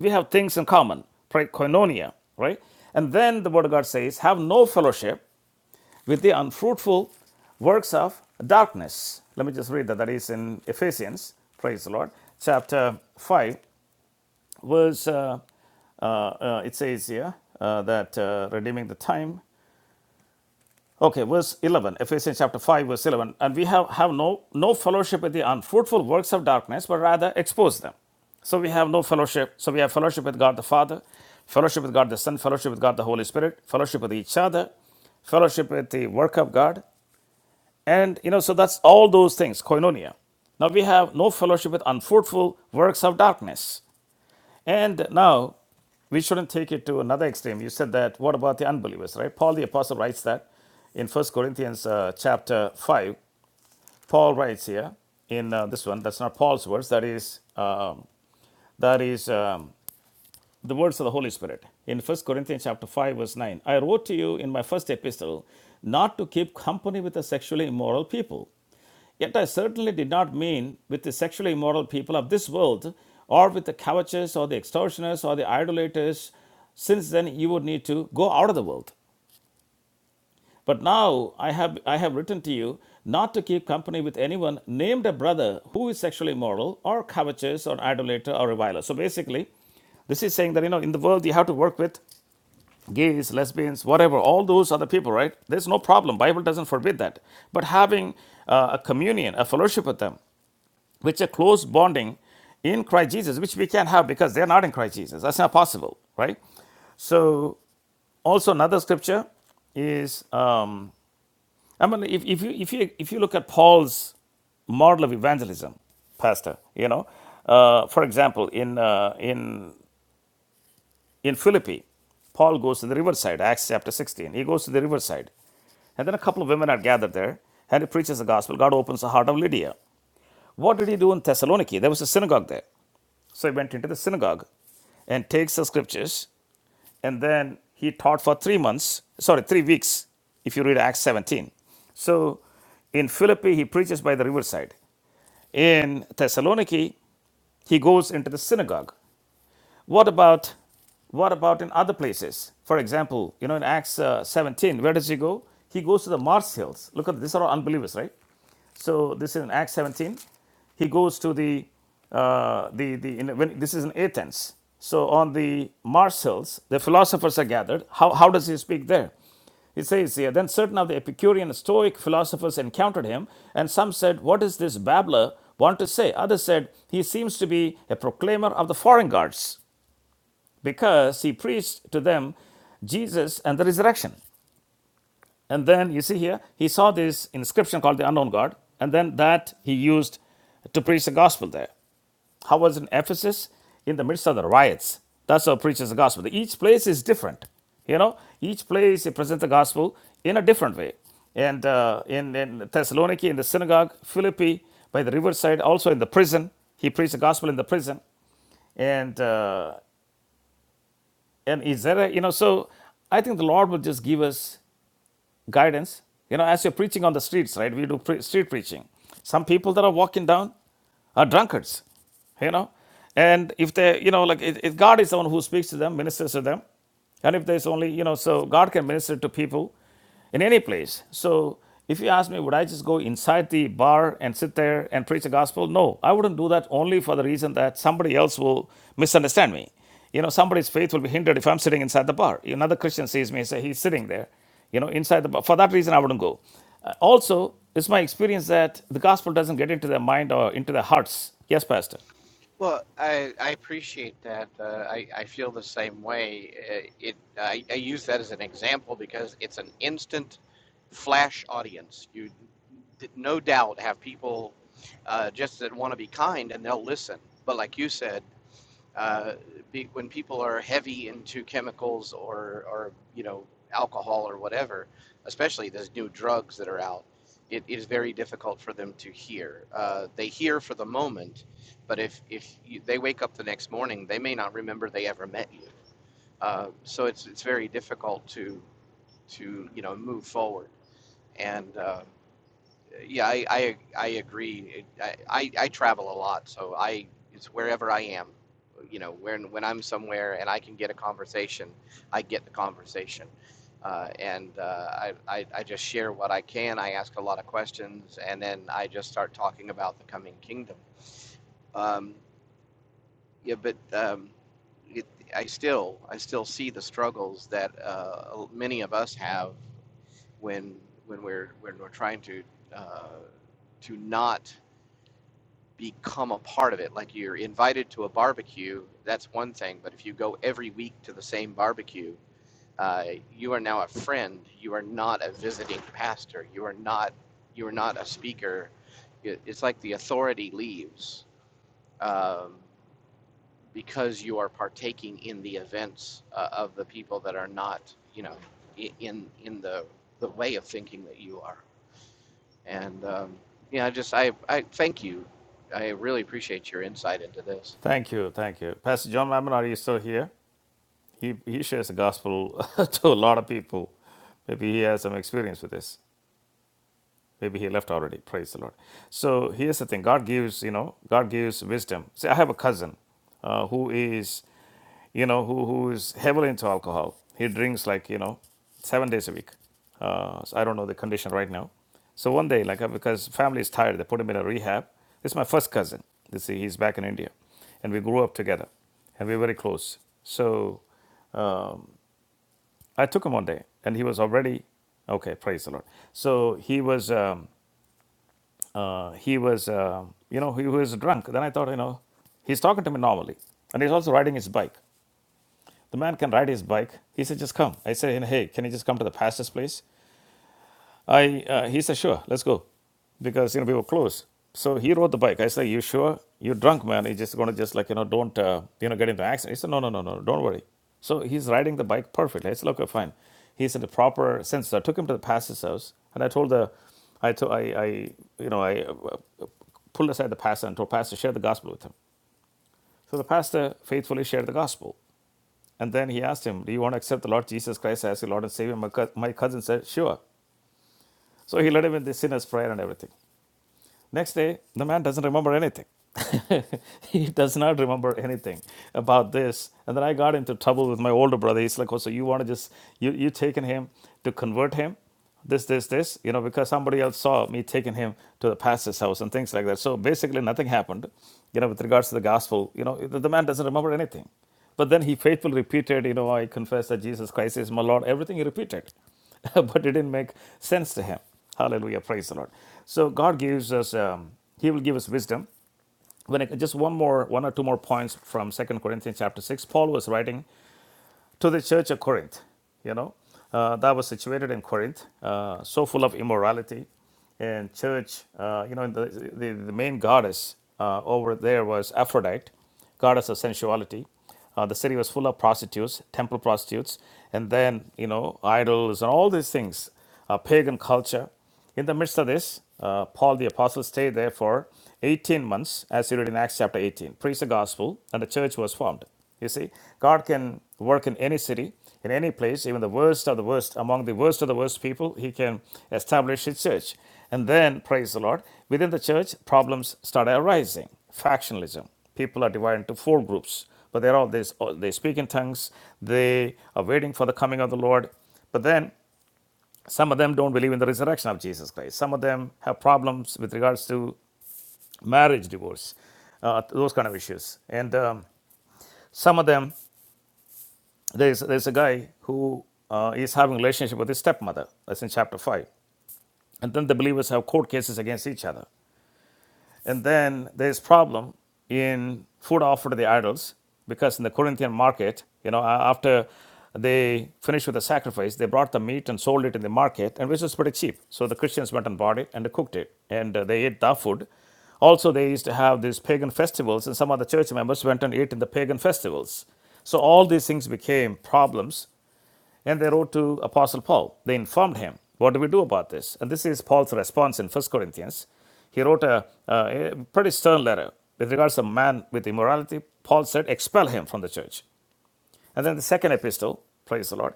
[SPEAKER 1] we have things in common, right? Koinonia, right? And then the Word of God says, have no fellowship with the unfruitful works of darkness. Let me just read that. That is in Ephesians, praise the Lord, chapter 5, verse, uh, uh, uh, it says here uh, that uh, redeeming the time. Okay, verse 11, Ephesians chapter 5, verse 11. And we have, have no, no fellowship with the unfruitful works of darkness, but rather expose them. So we have no fellowship. So we have fellowship with God the Father, fellowship with God the Son, fellowship with God the Holy Spirit, fellowship with each other, fellowship with the work of God, and you know, so that's all those things, koinonia. Now we have no fellowship with unfruitful works of darkness. And now we shouldn't take it to another extreme. You said that, what about the unbelievers, right? Paul the Apostle writes that in 1 Corinthians uh, chapter 5. Paul writes here in uh, this one, that's not Paul's words, that is, um, that is um, the words of the Holy Spirit. In 1 Corinthians chapter 5, verse 9, I wrote to you in my first epistle not to keep company with the sexually immoral people Yet I certainly did not mean with the sexually immoral people of this world, or with the covetous, or the extortioners, or the idolaters. Since then, you would need to go out of the world. But now I have, I have written to you not to keep company with anyone named a brother who is sexually immoral, or covetous, or idolater, or reviler. So basically, this is saying that you know in the world you have to work with gays, lesbians, whatever, all those other people, right? There's no problem. Bible doesn't forbid that. But having uh, a communion, a fellowship with them, which a close bonding in Christ Jesus, which we can't have because they're not in Christ Jesus. That's not possible, right? So also another scripture is um, I mean if, if you if you if you look at Paul's model of evangelism, Pastor, you know, uh, for example, in uh, in in Philippi, Paul goes to the riverside, Acts chapter sixteen. He goes to the riverside, and then a couple of women are gathered there, and he preaches the gospel. God opens the heart of Lydia. What did he do in Thessaloniki? There was a synagogue there. So he went into the synagogue and takes the scriptures, and then he taught for three months, sorry, three weeks, if you read Acts 17. So in Philippi, he preaches by the riverside. In Thessaloniki, he goes into the synagogue what about what about in other places? For example, you know, in Acts uh, 17, where does he go? He goes to the Mars Hills. Look at these are all unbelievers, right? So this is in Acts 17. He goes to the uh, the the in, when, this is in Athens. So on the Mars Hills, the philosophers are gathered. How how does he speak there? It says here, then certain of the Epicurean Stoic philosophers encountered him, and some said, What is this babbler want to say? Others said, He seems to be a proclaimer of the foreign gods because he preached to them Jesus and the resurrection. And then you see here, he saw this inscription called the unknown God, and then that he used to preach the gospel there. How was it in Ephesus? In the midst of the riots. That's how he preaches the gospel. Each place is different. You know, each place he presents the gospel in a different way. And uh, in, in Thessaloniki, in the synagogue, Philippi, by the riverside, also in the prison. He preached the gospel in the prison. And uh, And is there a, you know, so I think the Lord will just give us guidance. You know, as you're preaching on the streets, right? We do pre- street preaching. Some people that are walking down are drunkards, you know. And if they, you know, like if if God is the one who speaks to them, ministers to them, and if there's only, you know, so God can minister to people in any place. So if you ask me, would I just go inside the bar and sit there and preach the gospel? No, I wouldn't do that only for the reason that somebody else will misunderstand me. You know, somebody's faith will be hindered if I'm sitting inside the bar. Another Christian sees me and say, he's sitting there, you know, inside the bar. For that reason, I wouldn't go. Uh, also, it's my experience that the gospel doesn't get into their mind or into their hearts. Yes, Pastor.
[SPEAKER 5] well i i appreciate that uh, i i feel the same way Uh, it I, I use that as an example because it's an instant flash audience you no doubt have people uh, just that want to be kind and they'll listen but like you said uh, be, when people are heavy into chemicals or, or you know alcohol or whatever, especially those new drugs that are out, it, it is very difficult for them to hear. Uh, they hear for the moment, but if if you, they wake up the next morning, they may not remember they ever met you. Uh, so it's it's very difficult to to you know move forward. And uh, yeah, I, I, I agree. I, I, I travel a lot, so I it's wherever I am. You know, when when I'm somewhere and I can get a conversation, I get the conversation, uh, and uh, I, I I just share what I can. I ask a lot of questions, and then I just start talking about the coming kingdom. Um, yeah, but um, it, I still I still see the struggles that uh, many of us have when when we're when we're trying to uh, to not become a part of it. Like you're invited to a barbecue, that's one thing. But if you go every week to the same barbecue, uh, you are now a friend. You are not a visiting pastor. You are not. You are not a speaker. It's like the authority leaves um, because you are partaking in the events uh, of the people that are not, you know, in in the the way of thinking that you are. And um, yeah, I just I, I thank you. I really appreciate your insight into this.
[SPEAKER 1] Thank you, thank you. Pastor John Mammon, are you still here? He, he shares the gospel to a lot of people. Maybe he has some experience with this. Maybe he left already. Praise the Lord. So here's the thing God gives, you know, God gives wisdom. See, I have a cousin uh, who is you know, who, who is heavily into alcohol. He drinks like, you know, seven days a week. Uh, so I don't know the condition right now. So one day, like, uh, because family is tired, they put him in a rehab. This is my first cousin. This he's back in India, and we grew up together, and we were very close. So I took him one day, and he was already okay. Praise the Lord. So he was, um, uh, he was, um you know, he was drunk. Then I thought, you know, he's talking to me normally, and he's also riding his bike. The man can ride his bike. He said, just come. I said, hey, can you just come to the fastest place? I, uh, he said, sure, let's go. Because, you know, we were close. So he rode the bike. I said, you sure? You're drunk, man. You're just going to just like, you know, don't, uh, you know, get into an accident. He said, no, no, no, no, don't worry. So he's riding the bike perfectly. I said, okay, fine. He's in the proper sense. So I took him to the pastor's house and I told the, I, to, I, I you know, I uh, pulled aside the pastor and told pastor, share the gospel with him. So the pastor faithfully shared the gospel. And then he asked him, Do you want to accept the Lord Jesus Christ as your Lord and Savior? My, cou- my cousin said, Sure. So he led him in the sinner's prayer and everything. Next day, the man doesn't remember anything. he does not remember anything about this. And then I got into trouble with my older brother. He's like, Oh, so you want to just, you, you taken him to convert him? This, this, this, you know, because somebody else saw me taking him to the pastor's house and things like that. So basically, nothing happened, you know, with regards to the gospel. You know, the, the man doesn't remember anything. But then he faithfully repeated, you know, I confess that Jesus Christ is my Lord. Everything he repeated, but it didn't make sense to him. Hallelujah, praise the Lord. So God gives us, um, He will give us wisdom. When I, just one more, one or two more points from Second Corinthians chapter six, Paul was writing to the church of Corinth, you know, uh, that was situated in Corinth, uh, so full of immorality. And church, uh, you know, the, the, the main goddess uh, over there was Aphrodite, goddess of sensuality. Uh, the city was full of prostitutes, temple prostitutes, and then, you know, idols and all these things, uh, pagan culture. In the midst of this, uh, Paul the Apostle stayed there for 18 months, as you read in Acts chapter 18, preached the gospel, and the church was formed. You see, God can work in any city, in any place, even the worst of the worst, among the worst of the worst people, He can establish His church. And then, praise the Lord, within the church, problems start arising. Factionalism. People are divided into four groups, but they're all, this. they speak in tongues, they are waiting for the coming of the Lord. But then some of them don't believe in the resurrection of Jesus Christ. Some of them have problems with regards to marriage, divorce, uh, those kind of issues. And um, some of them, there's, there's a guy who uh, is having a relationship with his stepmother. That's in chapter 5. And then the believers have court cases against each other. And then there's problem in food offered to the idols because in the Corinthian market, you know, after they finished with the sacrifice, they brought the meat and sold it in the market, and which was pretty cheap. So the Christians went and bought it and cooked it, and uh, they ate that food. Also, they used to have these pagan festivals, and some of the church members went and ate in the pagan festivals. So all these things became problems and they wrote to Apostle Paul. They informed him, What do we do about this? And this is Paul's response in First Corinthians. He wrote a, a a pretty stern letter with regards to a man with immorality. Paul said, Expel him from the church. And then the second epistle, praise the Lord,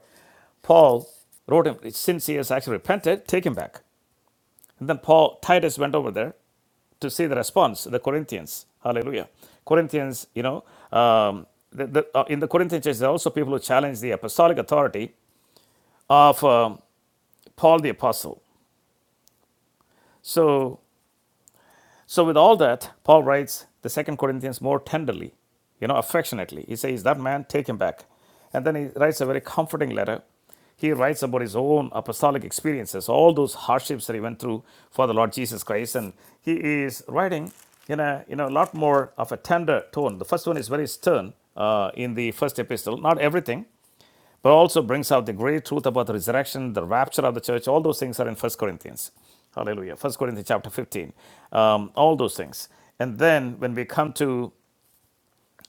[SPEAKER 1] Paul wrote him, Since he has actually repented, take him back. And then Paul, Titus went over there to see the response, the Corinthians. Hallelujah. Corinthians, you know, um, the, the, uh, in the Corinthian church, there are also people who challenge the apostolic authority of um, Paul the apostle. So so with all that, Paul writes the second Corinthians more tenderly, you know, affectionately. He says, That man, take him back. And then he writes a very comforting letter. He writes about his own apostolic experiences, all those hardships that he went through for the Lord Jesus Christ. And he is writing in a you know a lot more of a tender tone. The first one is very stern uh, in the first epistle. Not everything, Paul also brings out the great truth about the resurrection, the rapture of the church. All those things are in First Corinthians. Hallelujah. First Corinthians chapter 15. Um, all those things. And then when we come to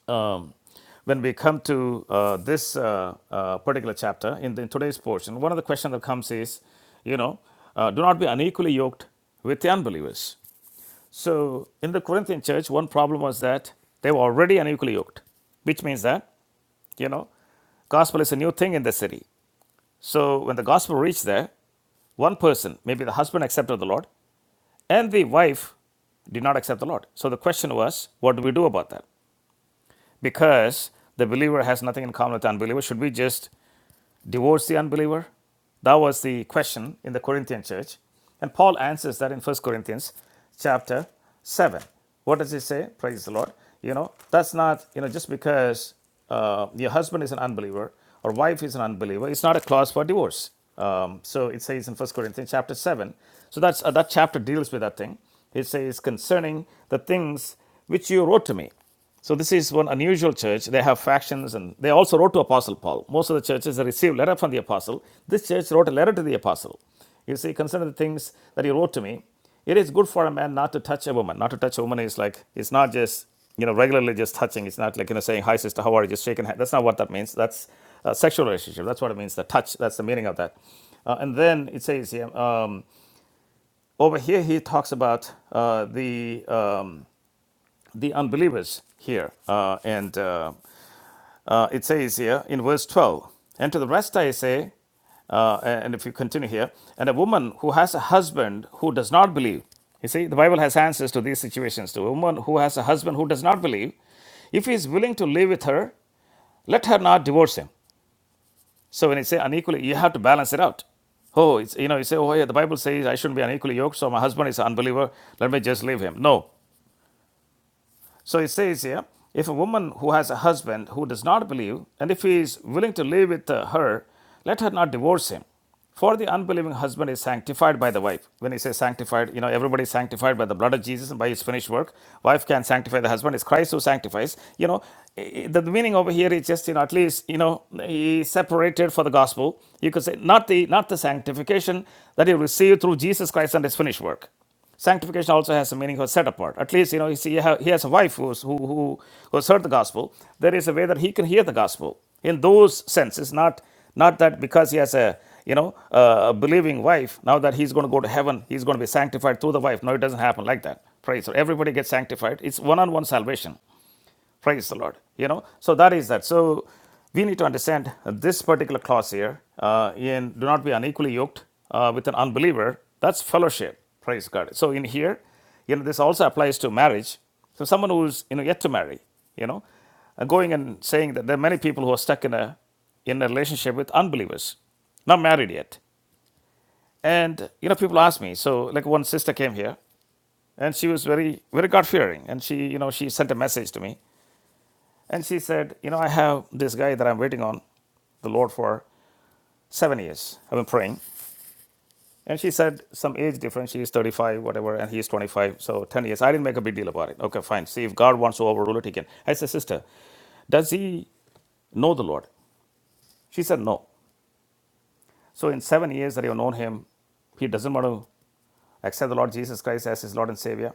[SPEAKER 1] um, when we come to uh, this uh, uh, particular chapter in, the, in today's portion, one of the questions that comes is, you know, uh, do not be unequally yoked with the unbelievers. So in the Corinthian church, one problem was that they were already unequally yoked, which means that, you know, gospel is a new thing in the city so when the gospel reached there, one person, maybe the husband accepted the Lord, and the wife did not accept the Lord. So the question was, what do we do about that? Because the believer has nothing in common with the unbeliever, should we just divorce the unbeliever? That was the question in the Corinthian church. And Paul answers that in First Corinthians chapter 7. What does he say? Praise the Lord. You know, that's not, you know, just because uh, your husband is an unbeliever or wife is an unbeliever, it's not a clause for divorce. Um, so it says in First Corinthians chapter 7. So that's uh, that chapter deals with that thing. It says concerning the things which you wrote to me. So this is one unusual church. They have factions and they also wrote to Apostle Paul. Most of the churches they received letter from the apostle. This church wrote a letter to the apostle. You see, concerning the things that he wrote to me, it is good for a man not to touch a woman. Not to touch a woman is like it's not just you know regularly just touching. It's not like you know saying hi sister, how are you? Just shaking hand. That's not what that means. That's a sexual relationship. That's what it means. The touch. That's the meaning of that. Uh, and then it says yeah, um, over here he talks about uh, the um, the unbelievers here, uh, and uh, uh, it says here in verse 12, and to the rest I say, uh, and if you continue here, and a woman who has a husband who does not believe, you see, the Bible has answers to these situations. To a woman who has a husband who does not believe, if he is willing to live with her, let her not divorce him. So when you say unequally, you have to balance it out. Oh, it's, you know, you say, oh, yeah, the Bible says I shouldn't be unequally yoked, so my husband is an unbeliever, let me just leave him. No, so it says here if a woman who has a husband who does not believe, and if he is willing to live with uh, her, let her not divorce him. For the unbelieving husband is sanctified by the wife. When he says sanctified, you know, everybody is sanctified by the blood of Jesus and by his finished work. Wife can sanctify the husband. It's Christ who sanctifies. You know, i- the meaning over here is just, you know, at least, you know, he is separated for the gospel. You could say not the not the sanctification that he received through Jesus Christ and his finished work. Sanctification also has a meaning of set apart. At least, you know, you see, he has a wife who's, who, who, who's heard the gospel. There is a way that he can hear the gospel in those senses, not, not that because he has a, you know, a believing wife, now that he's going to go to heaven, he's going to be sanctified through the wife. No, it doesn't happen like that. Praise. So everybody gets sanctified. It's one on one salvation. Praise the Lord. You know, so that is that. So we need to understand this particular clause here. Uh, in do not be unequally yoked uh, with an unbeliever. That's fellowship. Praise God. So in here, you know, this also applies to marriage. So someone who's you know yet to marry, you know, uh, going and saying that there are many people who are stuck in a in a relationship with unbelievers, not married yet. And you know, people ask me. So like one sister came here, and she was very very God fearing, and she you know she sent a message to me and she said, You know, I have this guy that I'm waiting on the Lord for seven years. I've been praying. And she said, Some age difference. She is 35, whatever, and he is 25. So 10 years. I didn't make a big deal about it. Okay, fine. See, if God wants to overrule it, he can. I said, Sister, does he know the Lord? She said, No. So in seven years that you've known him, he doesn't want to accept the Lord Jesus Christ as his Lord and Savior?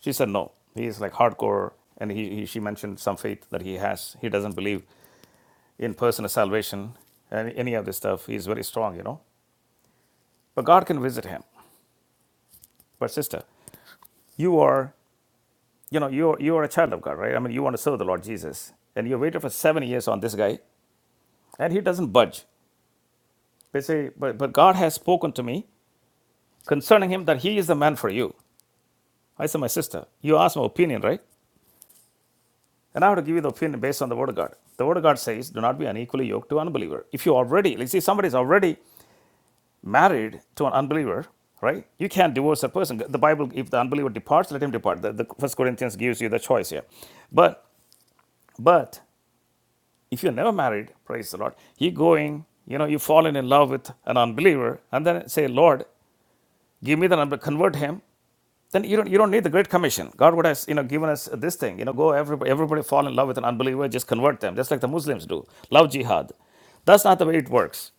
[SPEAKER 1] She said, No. He is like hardcore. And he, he, she mentioned some faith that he has. He doesn't believe in personal salvation and any of this stuff. He's very strong, you know. But God can visit him. But sister, you are, you know, you are, you are a child of God, right? I mean, you want to serve the Lord Jesus, and you waited for seven years on this guy, and he doesn't budge. They say, but, but God has spoken to me concerning him that he is the man for you. I said, my sister, you asked my opinion, right? And I have to give you the opinion based on the Word of God. The Word of God says, do not be unequally yoked to unbeliever. If you already, you see, somebody's already married to an unbeliever, right? You can't divorce a person. The Bible, if the unbeliever departs, let him depart. The, the First Corinthians gives you the choice here. But but if you're never married, praise the Lord, you going, you know, you've fallen in love with an unbeliever, and then say, Lord, give me the number, convert him, then you don't you don't need the great commission god would have you know given us this thing you know go everybody, everybody fall in love with an unbeliever just convert them just like the muslims do love jihad that's not the way it works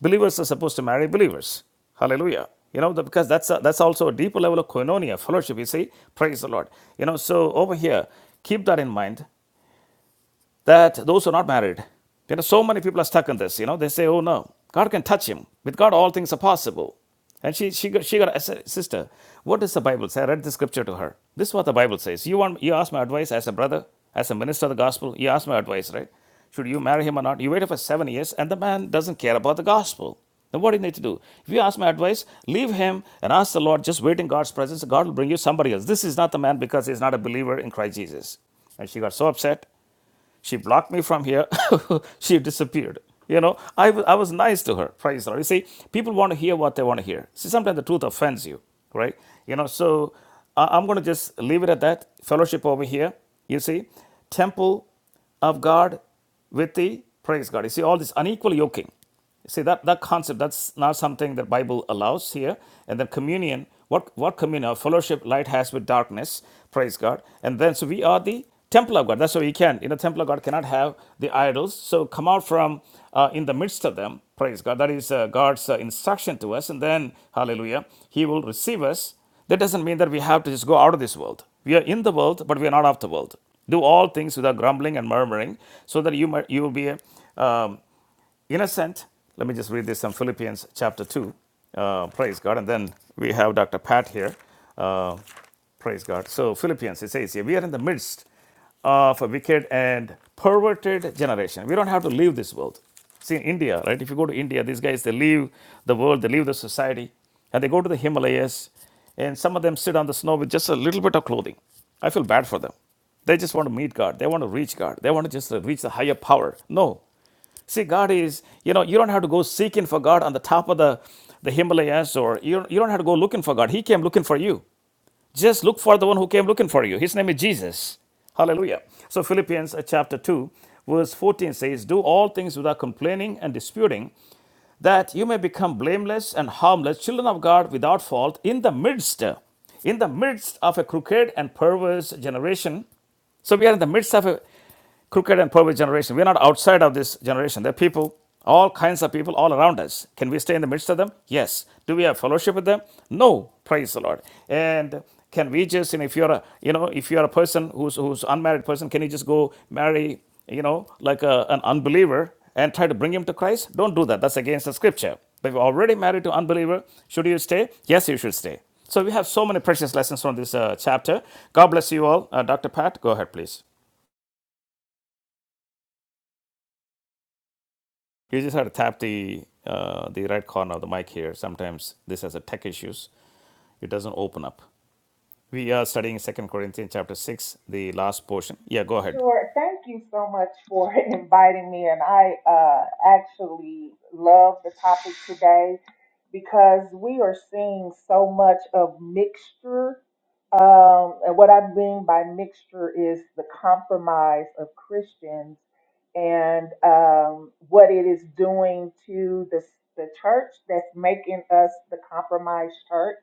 [SPEAKER 1] believers are supposed to marry believers hallelujah you know because that's a, that's also a deeper level of koinonia fellowship you see praise the lord you know so over here keep that in mind that those who are not married, you know, so many people are stuck in this. You know, they say, oh no, God can touch him. With God, all things are possible. And she, she, got, she got a si- sister. What does the Bible say? I read the scripture to her. This is what the Bible says. You want you ask my advice as a brother, as a minister of the gospel. You ask my advice, right? Should you marry him or not? You waited for seven years, and the man doesn't care about the gospel. Then what do you need to do? If you ask my advice, leave him and ask the Lord. Just wait in God's presence. God will bring you somebody else. This is not the man because he's not a believer in Christ Jesus. And she got so upset. She blocked me from here. she disappeared. You know, I I was nice to her. Praise the Lord. You see, people want to hear what they want to hear. See, sometimes the truth offends you, right? You know, so I- I'm going to just leave it at that. Fellowship over here. You see, temple of God with thee. Praise God. You see, all this unequal yoking. See that that concept that's not something that Bible allows here. And then communion, what what communion, fellowship light has with darkness, praise God. And then so we are the temple of God. That's why we can. You know, temple of God cannot have the idols. So come out from uh, in the midst of them, praise God. That is uh, God's uh, instruction to us. And then Hallelujah, He will receive us. That doesn't mean that we have to just go out of this world. We are in the world, but we are not of the world. Do all things without grumbling and murmuring, so that you might, you will be a, um, innocent. Let me just read this from Philippians chapter 2. Uh, praise God. And then we have Dr. Pat here. Uh, praise God. So, Philippians, it says here, we are in the midst of a wicked and perverted generation. We don't have to leave this world. See, in India, right? If you go to India, these guys, they leave the world, they leave the society, and they go to the Himalayas, and some of them sit on the snow with just a little bit of clothing. I feel bad for them. They just want to meet God. They want to reach God. They want to just uh, reach the higher power. No, See, God is, you know, you don't have to go seeking for God on the top of the, the Himalayas or you, you don't have to go looking for God. He came looking for you. Just look for the one who came looking for you. His name is Jesus. Hallelujah. So, Philippians uh, chapter 2, verse 14 says, Do all things without complaining and disputing, that you may become blameless and harmless, children of God without fault, in the midst, in the midst of a crooked and perverse generation so we are in the midst of a crooked and perverse generation. We are not outside of this generation. There are people, all kinds of people all around us. Can we stay in the midst of them? Yes. Do we have fellowship with them? No. Praise the Lord. And can we just, and if you're a, you know, if you're a person who's who's unmarried person, can you just go marry, you know, like a, an unbeliever and try to bring him to Christ? Don't do that. That's against the scripture. But if you're already married to an unbeliever, should you stay? Yes, you should stay. So we have so many precious lessons from this uh, chapter. God bless you all. Uh, Dr. Pat, go ahead, please. You just have to tap the uh, the right corner of the mic here. Sometimes this has a tech issues. It doesn't open up. We are studying Second Corinthians chapter 6, the last portion. Yeah, go ahead.
[SPEAKER 6] Sure. Thank you so much for inviting me. And I uh, actually love the topic today because we are seeing so much of mixture. Um, and what I mean by mixture is the compromise of Christians and um, what it is doing to the, the church that's making us the compromised church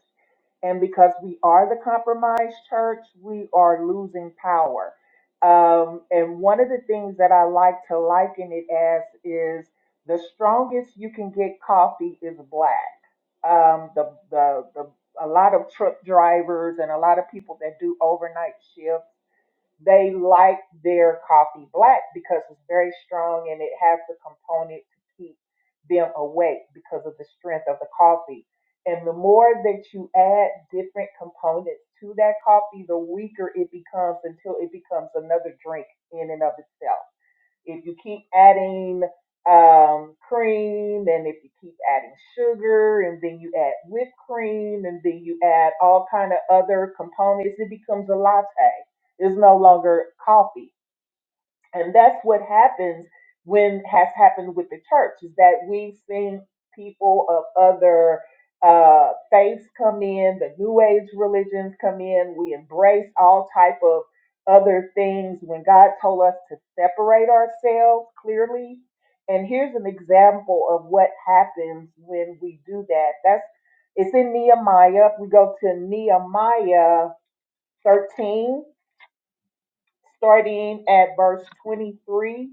[SPEAKER 6] and because we are the compromised church, we are losing power. Um, and one of the things that I like to liken it as is the strongest you can get coffee is black. Um, the, the, the, a lot of truck drivers and a lot of people that do overnight shifts they like their coffee black because it's very strong and it has the component to keep them awake because of the strength of the coffee. And the more that you add different components to that coffee, the weaker it becomes until it becomes another drink in and of itself. If you keep adding um, cream and if you keep adding sugar and then you add whipped cream and then you add all kind of other components, it becomes a latte. It's no longer coffee. And that's what happens when has happened with the church is that we've seen people of other uh, faiths come in, the New Age religions come in. We embrace all type of other things when God told us to separate ourselves clearly. And here's an example of what happens when we do that. That's it's in Nehemiah. We go to Nehemiah 13 starting at verse 23.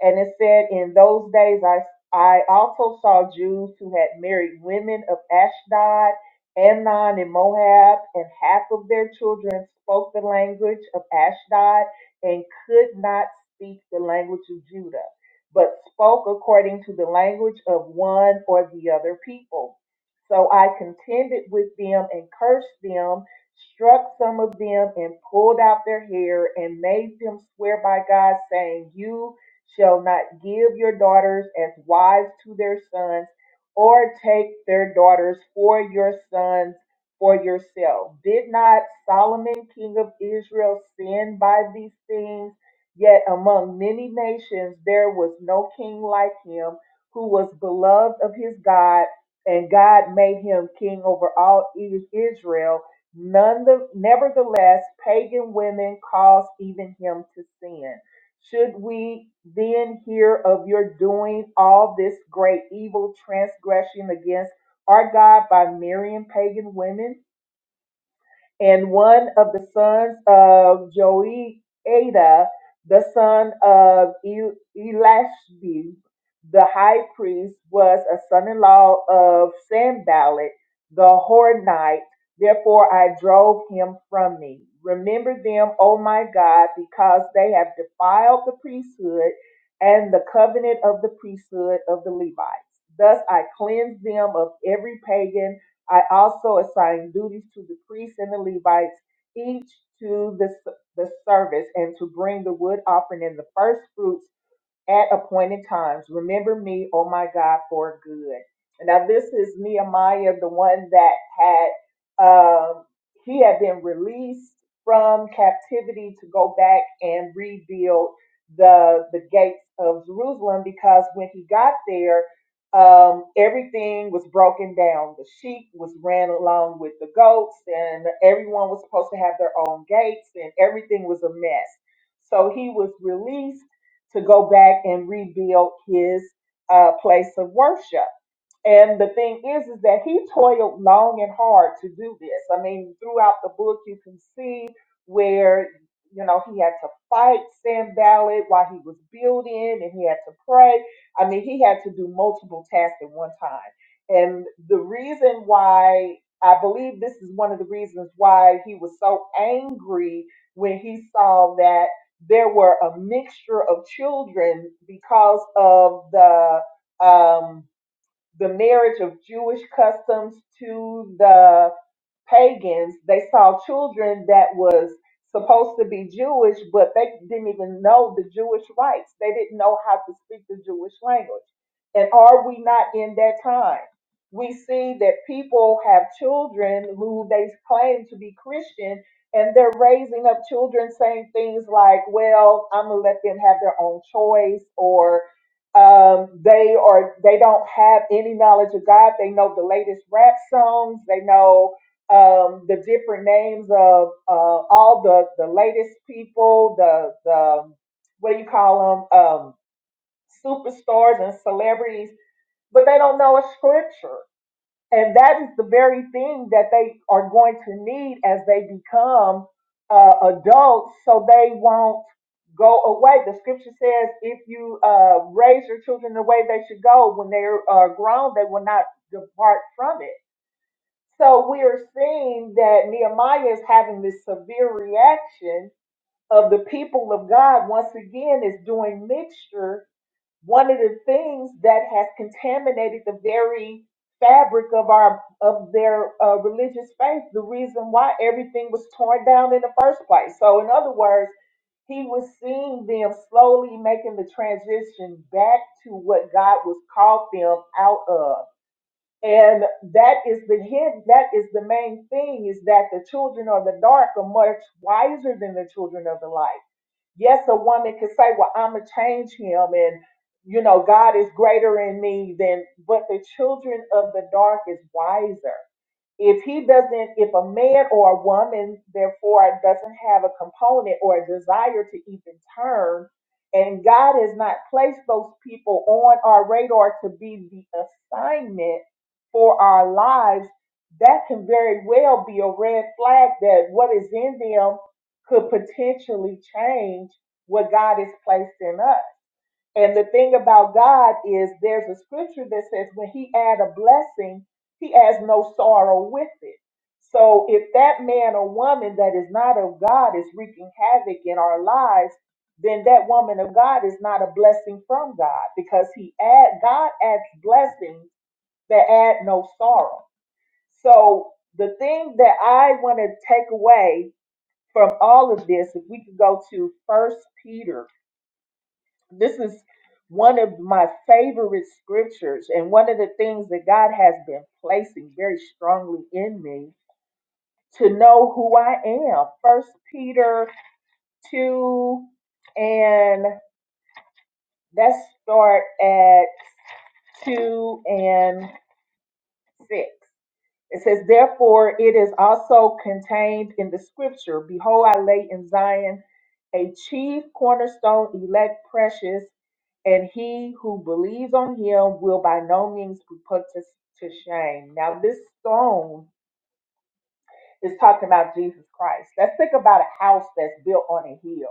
[SPEAKER 6] And it said, In those days I, I also saw Jews who had married women of Ashdod, Amnon, and Moab, and half of their children spoke the language of Ashdod and could not speak the language of Judah, but spoke according to the language of one or the other people. So I contended with them and cursed them struck some of them and pulled out their hair and made them swear by God, saying, You shall not give your daughters as wives to their sons, or take their daughters for your sons for yourself. Did not Solomon, king of Israel, sin by these things? Yet among many nations there was no king like him, who was beloved of his God, and God made him king over all Is- Israel None the, nevertheless, pagan women caused even him to sin. Should we then hear of your doing all this great evil transgression against our God by marrying pagan women? and one of the sons of Joiada, the son of El- Elishib, the high priest, was a son-in-law of Sanballat the Hornite. Therefore I drove him from me. Remember them, O my God, because they have defiled the priesthood and the covenant of the priesthood of the Levites. Thus I cleanse them of every pagan I also assign duties to the priests and the Levites, each to the, the service, and to bring the wood offering and the first fruits at appointed times. Remember me, oh my God, for good. Now this is Nehemiah, the one that had um, he had been released from captivity to go back and rebuild the the gates of Jerusalem because when he got there, um, everything was broken down. The sheep was ran along with the goats, and everyone was supposed to have their own gates, and everything was a mess. So he was released to go back and rebuild his uh, place of worship. And the thing is, is that he toiled long and hard to do this. I mean, throughout the book, you can see where, you know, he had to fight Sam Ballard while he was building and he had to pray. I mean, he had to do multiple tasks at one time. And the reason why I believe this is one of the reasons why he was so angry when he saw that there were a mixture of children because of the, um, the marriage of Jewish customs to the pagans, they saw children that was supposed to be Jewish, but they didn't even know the Jewish rights. They didn't know how to speak the Jewish language. And are we not in that time? We see that people have children who they claim to be Christian, and they're raising up children saying things like, well, I'm going to let them have their own choice, or. Um, they are they don't have any knowledge of God. They know the latest rap songs. They know um, the different names of uh, all the the latest people. The the um, what do you call them? Um, superstars and celebrities, but they don't know a scripture. And that is the very thing that they are going to need as they become uh, adults so they won't go away. The scripture says if you uh, raise your children the way they should go, when they are grown, they will not depart from it. So we are seeing that Nehemiah is having this severe reaction of the people of God once again is doing mixture one of the things that has contaminated the very fabric of our of their uh, religious faith the reason why everything was torn down in the first place so in other words he was seeing them slowly making the transition back to what god was called them out of and that is the hint that is the main thing is that the children of the dark are much wiser than the children of the light Yes, a woman could say, Well, I'm going to change him, and you know, God is greater in me than, but the children of the dark is wiser if he doesn't if a man or a woman therefore doesn't have a component or a desire to even turn and god has not placed those people on our radar to be the assignment for our lives that can very well be a red flag that what is in them could potentially change what god has placed in us and the thing about God is there's a scripture that says when he add a blessing, he adds no sorrow with it. So if that man or woman that is not of God is wreaking havoc in our lives, then that woman of God is not a blessing from God because he add God adds blessings that add no sorrow. So the thing that I want to take away from all of this, if we could go to First Peter this is one of my favorite scriptures, and one of the things that God has been placing very strongly in me to know who I am. First Peter 2 and let's start at 2 and 6. It says, Therefore, it is also contained in the scripture Behold, I lay in Zion a chief cornerstone, elect, precious And he who believes on him will by no means be put to, to shame. Now, this stone is talking about Jesus Christ. Let's think about a house that's built on a hill.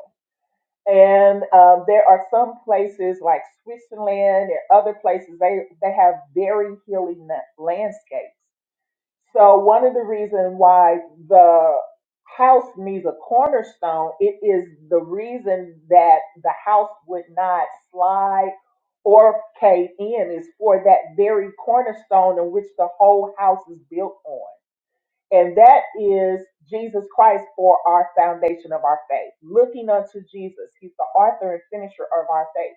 [SPEAKER 6] And um, there are some places like Switzerland and other places, they, they have very hilly na- landscapes. So one of the reasons why the house needs a cornerstone, it is the reason that the house would not slide or cave in is for that very cornerstone in which the whole house is built on. And that is Jesus Christ for our foundation of our faith. Looking unto Jesus, He's the author and finisher of our faith.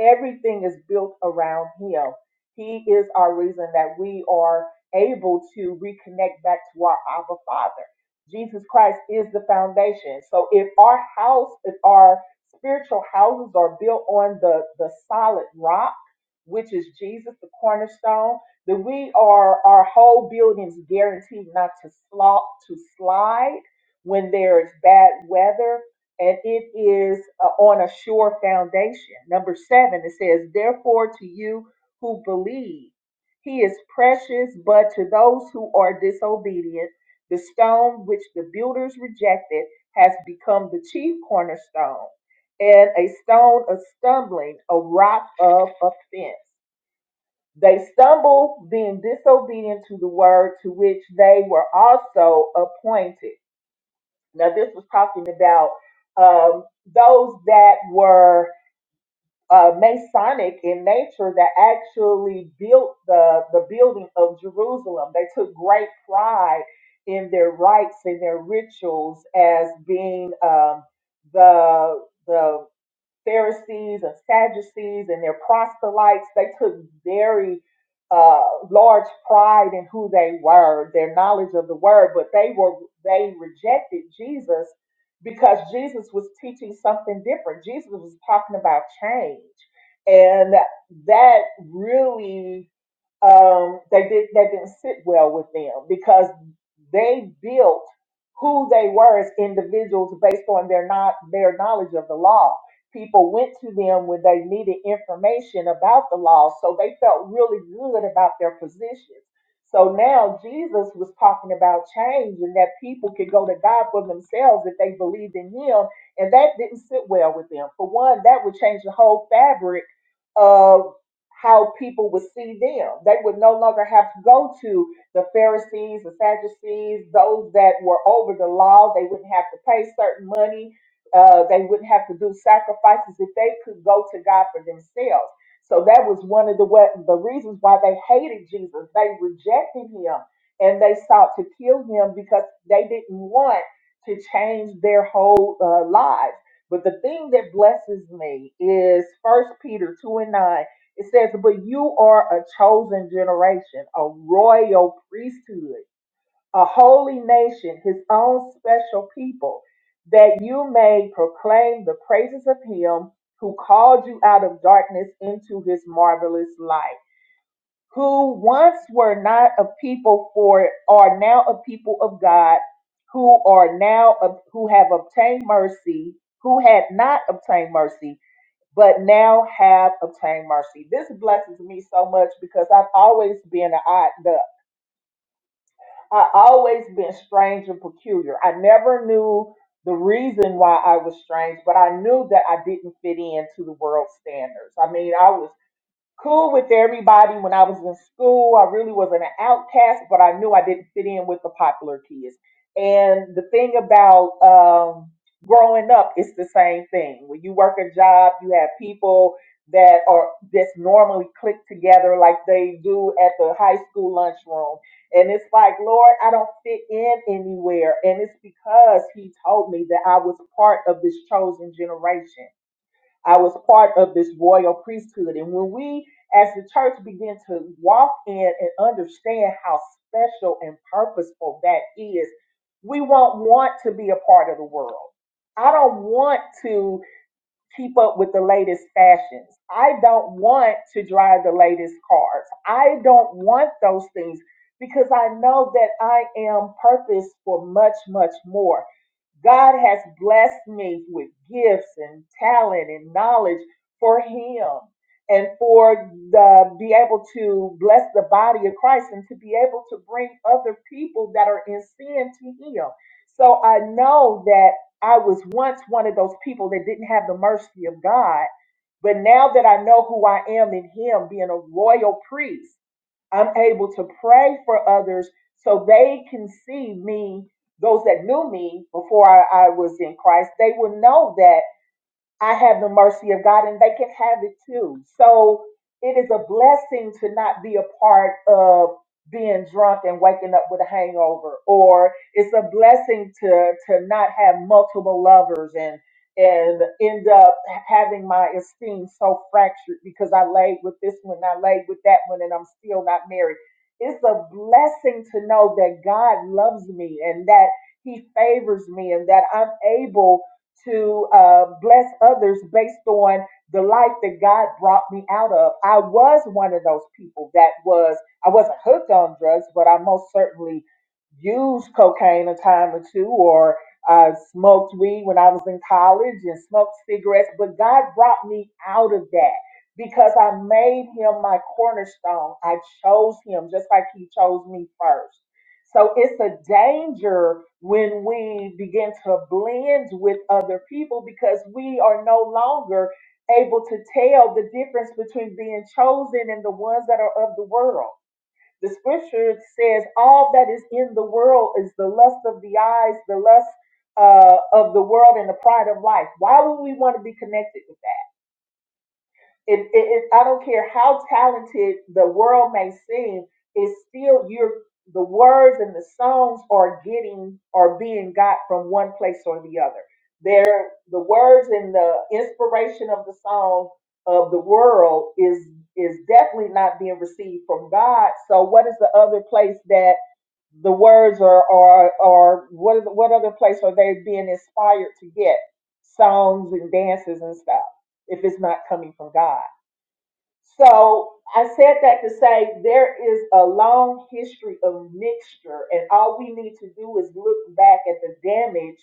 [SPEAKER 6] Everything is built around him. He is our reason that we are able to reconnect back to our Abba Father. Jesus Christ is the foundation. So if our house, if our spiritual houses are built on the, the solid rock, which is Jesus, the cornerstone, then we are our whole building's guaranteed not to slop to slide when there's bad weather and it is uh, on a sure foundation. Number seven, it says, Therefore, to you who believe, he is precious, but to those who are disobedient, the stone which the builders rejected has become the chief cornerstone, and a stone of stumbling, a rock of offense. They stumble, being disobedient to the word to which they were also appointed. Now, this was talking about um, those that were uh, Masonic in nature that actually built the, the building of Jerusalem. They took great pride in their rites and their rituals as being um, the, the Pharisees and Sadducees and their proselytes, they took very uh, large pride in who they were, their knowledge of the word, but they were they rejected Jesus because Jesus was teaching something different. Jesus was talking about change, and that really um, they did that didn't sit well with them because they built who they were as individuals based on their not their knowledge of the law. People went to them when they needed information about the law, so they felt really good about their positions. So now Jesus was talking about change and that people could go to God for themselves if they believed in Him, and that didn't sit well with them. For one, that would change the whole fabric of how people would see them. They would no longer have to go to the Pharisees, the Sadducees, those that were over the law. They wouldn't have to pay certain money. Uh, they wouldn't have to do sacrifices if they could go to God for themselves. So that was one of the wa- the reasons why they hated Jesus. They rejected him and they sought to kill him because they didn't want to change their whole uh, lives. But the thing that blesses me is First Peter 2 and 9. It says, But you are a chosen generation, a royal priesthood, a holy nation, his own special people, that you may proclaim the praises of him who called you out of darkness into his marvelous light who once were not a people for are now a people of God, who are now who have obtained mercy, who had not obtained mercy, but now have obtained mercy. This blesses me so much because I've always been an odd duck. I always been strange and peculiar. I never knew the reason why I was strange, but I knew that I didn't fit into the world standards. I mean, I was cool with everybody when I was in school. I really was an outcast, but I knew I didn't fit in with the popular kids. And the thing about um, growing up, it's the same thing. When you work a job, you have people that are that's normally clicked together like they do at the high school lunchroom. And it's like, Lord, I don't fit in anywhere. And it's because he told me that I was part of this chosen generation I was part of this royal priesthood. And when we, as the church, begin to walk in and understand how special and purposeful that is, we won't want to be a part of the world. I don't want to keep up with the latest fashions. I don't want to drive the latest cars. I don't want those things because I know that I am purposed for much, much more. God has blessed me with gifts and talent and knowledge for Him and for the be able to bless the body of Christ and to be able to bring other people that are in sin to Him. So I know that I was once one of those people that didn't have the mercy of God, but now that I know who I am in Him, being a royal priest. I'm able to pray for others so they can see me, those that knew me before I, I was in Christ, they will know that I have the mercy of God, and they can have it too. So it is a blessing to not be a part of being drunk and waking up with a hangover, or it's a blessing to to not have multiple lovers and and end up having my esteem so fractured because I laid with this one, I laid with that one, and I'm still not married. It's a blessing to know that God loves me and that He favors me and that I'm able to uh, bless others based on the life that God brought me out of. I was one of those people that was, I wasn't hooked on drugs, but I most certainly used cocaine a time or two, or I smoked weed when I was in college and smoked cigarettes. But God brought me out of that because I made him my cornerstone. I chose him just like he chose me first. So it's a danger when we begin to blend with other people because we are no longer able to tell the difference between being chosen and the ones that are of the world. The scripture says, All that is in the world is the lust of the eyes, the lust uh, of the world, and the pride of life. Why would we want to be connected? with it, it, it- I don't care how talented the world may seem, it's still you the words and the songs are getting are being got from one place or the other. They're the words and the inspiration of the song of the world is is definitely not being received from God. So what is the other place that the words are are are what is what other place are they being inspired to get songs and dances and stuff if it's not coming from God? So I said that to say there is a long history of mixture, and all we need to do is look back at the damage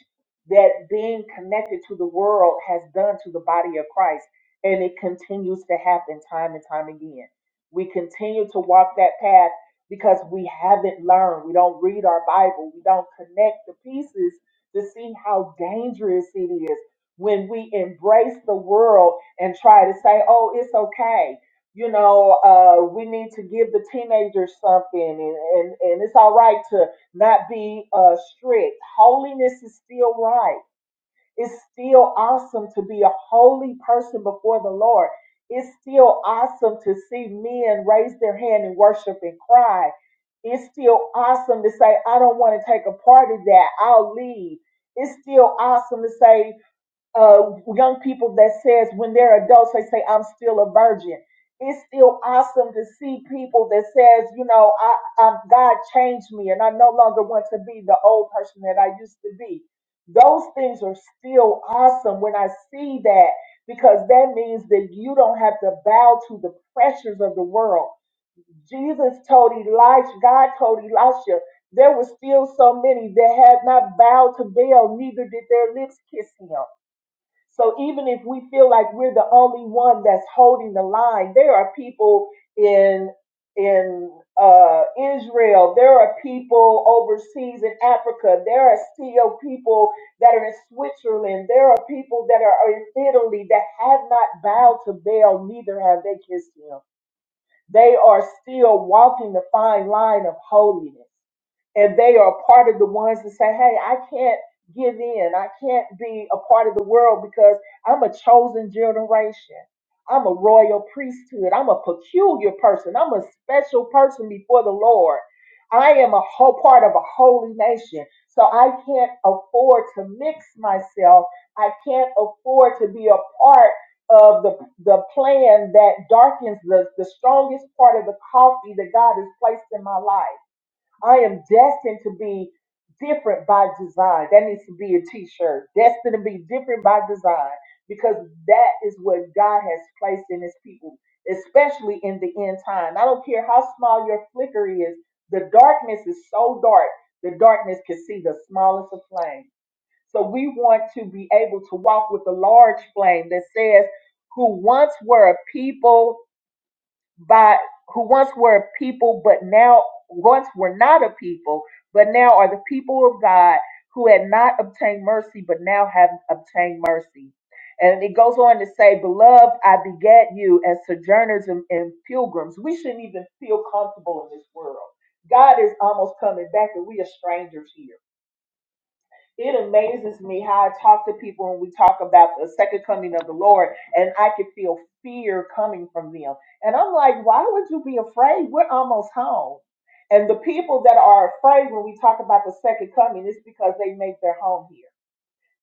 [SPEAKER 6] that being connected to the world has done to the body of Christ, and it continues to happen time and time again. We continue to walk that path because we haven't learned. We don't read our Bible. We don't connect the pieces to see how dangerous it is when we embrace the world and try to say, oh, it's okay you know, uh, we need to give the teenagers something, and, and, and it's all right to not be uh, strict. Holiness is still right. It's still awesome to be a holy person before the Lord. It's still awesome to see men raise their hand and worship and cry. It's still awesome to say, I don't want to take a part of that. I'll leave. It's still awesome to say, uh, young people that says when they're adults they say I'm still a virgin. It's still awesome to see people that says you know I, I God changed me and I no longer want to be the old person that I used to be. Those things are still awesome when I see that because that means that you don't have to bow to the pressures of the world. Jesus told Elisha, God told Elisha, there were still so many that had not bowed to Baal, neither did their lips kiss him. So even if we feel like we're the only one that's holding the line, there are people in in uh, Israel, there are people overseas in Africa, there are still people that are in Switzerland, there are people that are in Italy that have not bowed to Baal, neither have they kissed him. They are still walking the fine line of holiness and they are part of the ones that say, "Hey, I can't give in. I can't be a part of the world because I'm a chosen generation. I'm a royal priesthood. I'm a peculiar person. I'm a special person before the Lord. I am a whole part of a holy nation. So I can't afford to mix myself. I can't afford to be a part of the, the plan that darkens the, the strongest part of the coffee that God has placed in my life. I am destined to be different by design. That needs to be a t-shirt. Destined to be different by design because that is what God has placed in his people, especially in the end time. I don't care how small your flicker is. The darkness is so dark, the darkness can see the smallest of flames. So we want to be able to walk with a large flame that says, who once were a people by who once were a people but now once were not a people but now are the people of God who had not obtained mercy but now have obtained mercy. And it goes on to say, Beloved, I begat you as sojourners and, and pilgrims. We shouldn't even feel comfortable in this world. God is almost coming back and we are strangers here. It amazes me how I talk to people when we talk about the second coming of the Lord, and I could feel fear coming from them. And I'm like, why would you be afraid? We're almost home. And the people that are afraid when we talk about the second coming is because they make their home here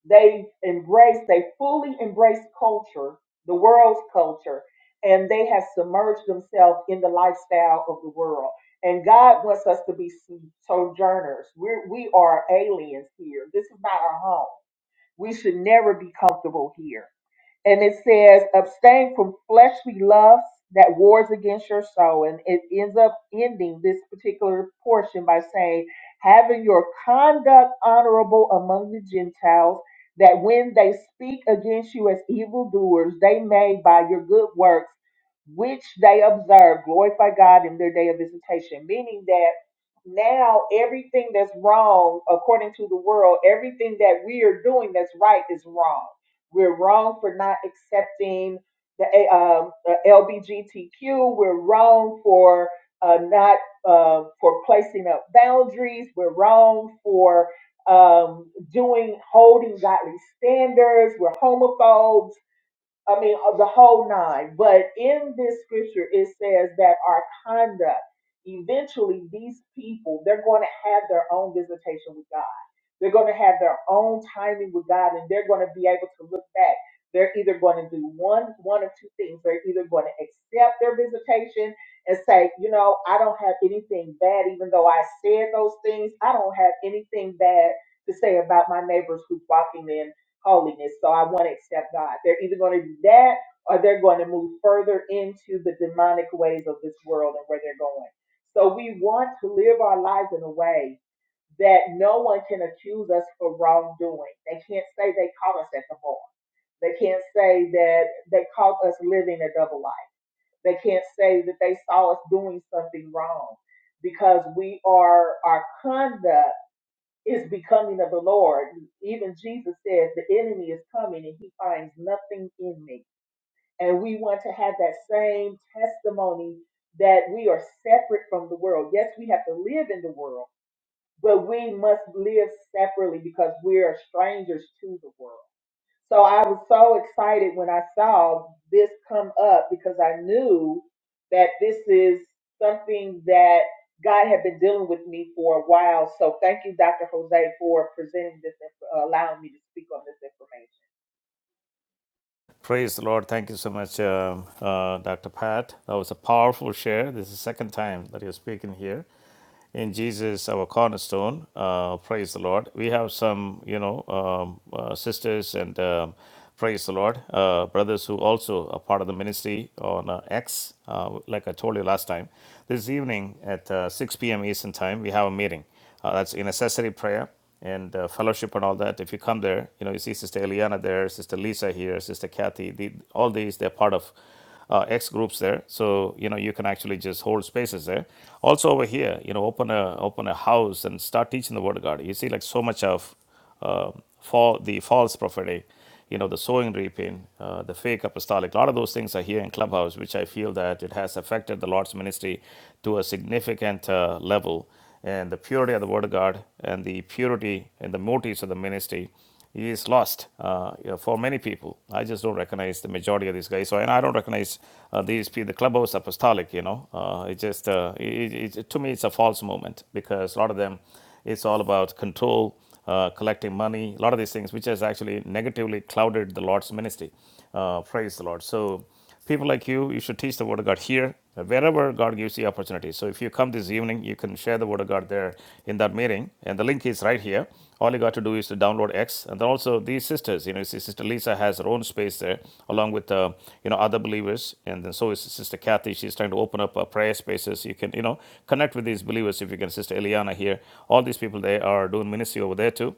[SPEAKER 6] they embrace, they fully embrace culture, the world's culture, and they have submerged themselves in the lifestyle of the world. And God wants us to be sojourners. We're, we are aliens here. This is not our home. We should never be comfortable here and it says abstain from fleshly lusts that wars against your soul and it ends up ending this particular portion by saying having your conduct honorable among the gentiles that when they speak against you as evildoers they may by your good works which they observe glorify god in their day of visitation meaning that now everything that's wrong according to the world everything that we are doing that's right is wrong we're wrong for not accepting the, A- um, the LBGTQ. We're wrong for uh, not uh, for placing up boundaries. We're wrong for um, doing holding godly standards. We're homophobes I mean, uh, the whole nine. But in this scripture, it says that our conduct, eventually, these people, they're going to have their own visitation with God. They're going to have their own timing with God, and they're going to be able to look back. They're either going to do one, one or two things. They're either going to accept their visitation and say, you know, I don't have anything bad, even though I said those things. I don't have anything bad to say about my neighbors who's walking in holiness. So I want to accept God. They're either going to do that or they're going to move further into the demonic ways of this world and where they're going. So we want to live our lives in a way that no one can accuse us for wrongdoing. They can't say they caught us at the bar. They can't say that they caught us living a double life. They can't say that they saw us doing something wrong because we are our conduct is becoming of the Lord. Even Jesus says, The enemy is coming and he finds nothing in me. And we want to have that same testimony that we are separate from the world. Yes, we have to live in the world, but we must live separately because we are strangers to the world. So I was so excited when I saw this come up because I knew that this is something that God had been dealing with me for a while. So thank you, Dr. Jose, for presenting this, and for allowing me to speak on this information.
[SPEAKER 1] Praise the Lord. Thank you so much, um, uh, Dr. Pat. That was a powerful share. This is the second time that you're speaking here. in Jesus, our cornerstone. Uh, praise the Lord. We have some, you know, um, uh, sisters and um praise the Lord, uh, brothers who also are part of the ministry on uh, X. Uh, like I told you last time, this evening at uh, 6 p.m. Eastern time, we have a meeting. Uh, that's in necessary prayer and uh, fellowship and all that. If you come there, you know, you see Sister Eliana there, Sister Lisa here, Sister Kathy. The, all these, they're part of uh, X groups there. So you know you can actually just hold spaces there. Also over here, you know, open a open a house and start teaching the word of God. You see, like so much of uh, fall the false prophetic, you know, the sowing reaping, uh, the fake apostolic. A lot of those things are here in Clubhouse, which I feel that it has affected the Lord's ministry to a significant uh, level. And the purity of the Word of God and the purity and the motives of the ministry is lost uh, for many people. I just don't recognize the majority of these guys. So, and I don't recognize uh, these people, the clubhouse apostolic, you know. Uh, it just, uh, it, it- to me, it's a false movement because a lot of them, it's all about control, uh, collecting money, a lot of these things, which has actually negatively clouded the Lord's ministry. Uh, praise the Lord. So, People like you, you should teach the Word of God here, wherever God gives you opportunity. So if you come this evening, you can share the Word of God there in that meeting. And the link is right here. All you got to do is to download X. And then also these sisters, you know, Sister Lisa has her own space there, along with, uh, you know, other believers. And then so is Sister Kathy. She's trying to open up uh, prayer spaces. You can, you know, connect with these believers if you can. Sister Eliana here. All these people, they are doing ministry over there too.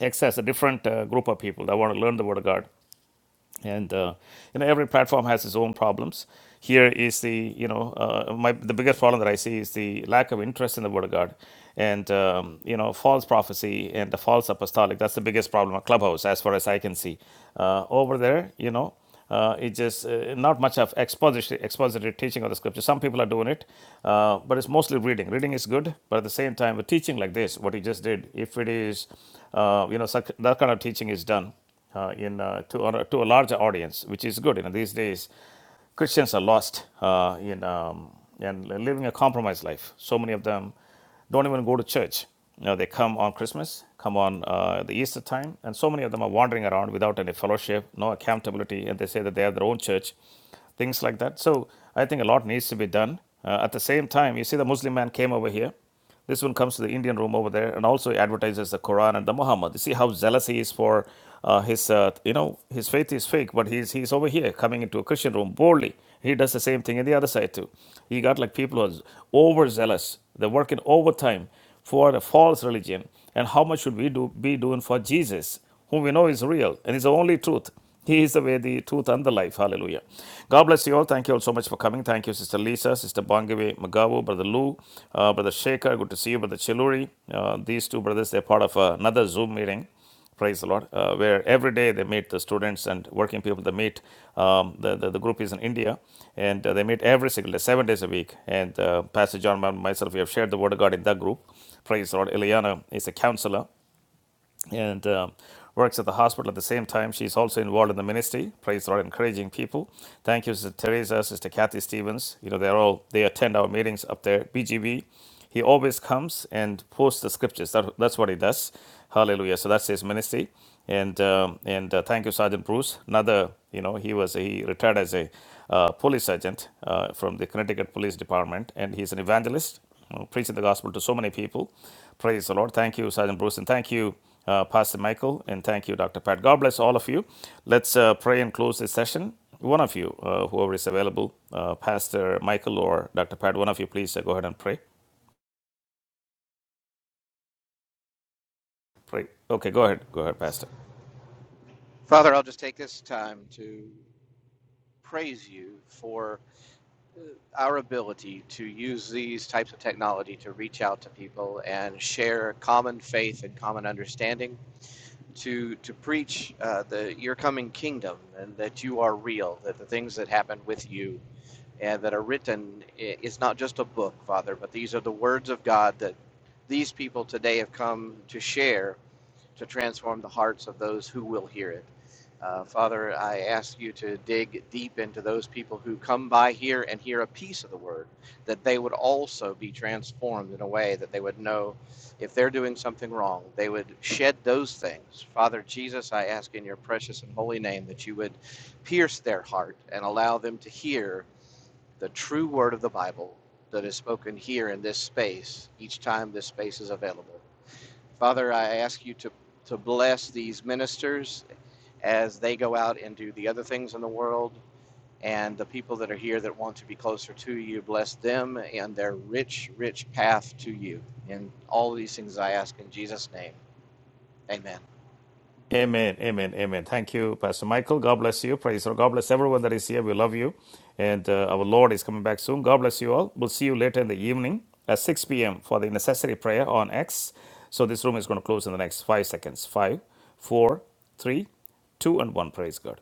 [SPEAKER 1] X has a different uh, group of people that want to learn the Word of God and uh, you know every platform has its own problems here is the you know uh, my the biggest problem that i see is the lack of interest in the word of god and um, you know false prophecy and the false apostolic that's the biggest problem of clubhouse as far as i can see uh, over there you know uh, it just uh, not much of expository, expository teaching of the scripture. Some people are doing it, uh, but it's mostly reading. Reading is good, but at the same time, with teaching like this, what he just did, if it is, uh, you know, such, that kind of teaching is done uh, in uh, to or, to a larger audience, which is good. You know, these days Christians are lost uh, in um, and living a compromised life. So many of them don't even go to church. You know, they come on Christmas, come on uh, the Easter time, and so many of them are wandering around without any fellowship, no accountability, and they say that they have their own church, things like that. So I think a lot needs to be done. Uh, at the same time, you see, the Muslim man came over here. This one comes to the Indian room over there and also advertises the Quran and the Muhammad. You see how zealous he is for uh, his, uh, you know, his faith is fake, but he's, he's over here coming into a Christian room boldly. He does the same thing in the other side too. He got like people who are overzealous. They're working overtime for a false religion. And how much should we do be doing for Jesus? whom we know is real and is the only truth. He is the way, the truth, and the life. Hallelujah. God bless you all. Thank you all so much for coming. Thank you, Sister Lisa, Sister Bangawe Magavu, Brother Lou, uh, Brother Shaker. Good to see you, Brother Chiluri. Uh, these two brothers, they're part of uh, another Zoom meeting praise the lord uh, where every day they meet the students and working people they meet um, the, the, the group is in india and uh, they meet every single day seven days a week and uh, pastor john and myself we have shared the word of god in that group praise the lord eliana is a counselor and um, works at the hospital. At the same time, she's also involved in the ministry. Praise the Lord, encouraging people. Thank you, Sister Teresa, Sister Kathy Stevens. You know, they're all they attend our meetings up there. BGB. He always comes and posts the scriptures. That, that's what he does. Hallelujah. So that's his ministry. And um, and uh, thank you, Sergeant Bruce. Another, you know, he was he retired as a uh, police sergeant uh, from the Connecticut Police Department, and he's an evangelist, you know, preaching the gospel to so many people. Praise the Lord. Thank you, Sergeant Bruce, and thank you uh, Pastor Michael, and thank you, Dr. Pat. God bless all of you. Let's uh, pray and close this session. One of you, uh, whoever is available, uh, Pastor Michael or Dr. Pat, one of you, please uh, go ahead and pray. Pray. Okay, go ahead. Go ahead, Pastor.
[SPEAKER 5] Father, I'll just take this time to praise you for our ability to use these types of technology to reach out to people and share common faith and common understanding to to preach uh, the your coming kingdom and that you are real that the things that happen with you and that are written is not just a book father but these are the words of god that these people today have come to share to transform the hearts of those who will hear it uh, Father, I ask you to dig deep into those people who come by here and hear a piece of the word, that they would also be transformed in a way that they would know if they're doing something wrong, they would shed those things. Father Jesus, I ask in your precious and holy name that you would pierce their heart and allow them to hear the true word of the Bible that is spoken here in this space each time this space is available. Father, I ask you to, to bless these ministers as they go out and do the other things in the world. And the people that are here that want to be closer to you, bless them and their rich, rich path to you. And all of these things I ask in Jesus' name. Amen.
[SPEAKER 1] Amen, amen, amen. Thank you, Pastor Michael. God bless you. Praise the Lord. God bless everyone that is here. We love you. And uh, our Lord is coming back soon. God bless you all. We'll see you later in the evening at 6 p.m. for the necessary prayer on X. So this room is going to close in the next five seconds. Five, four, three, two, and one. Praise God.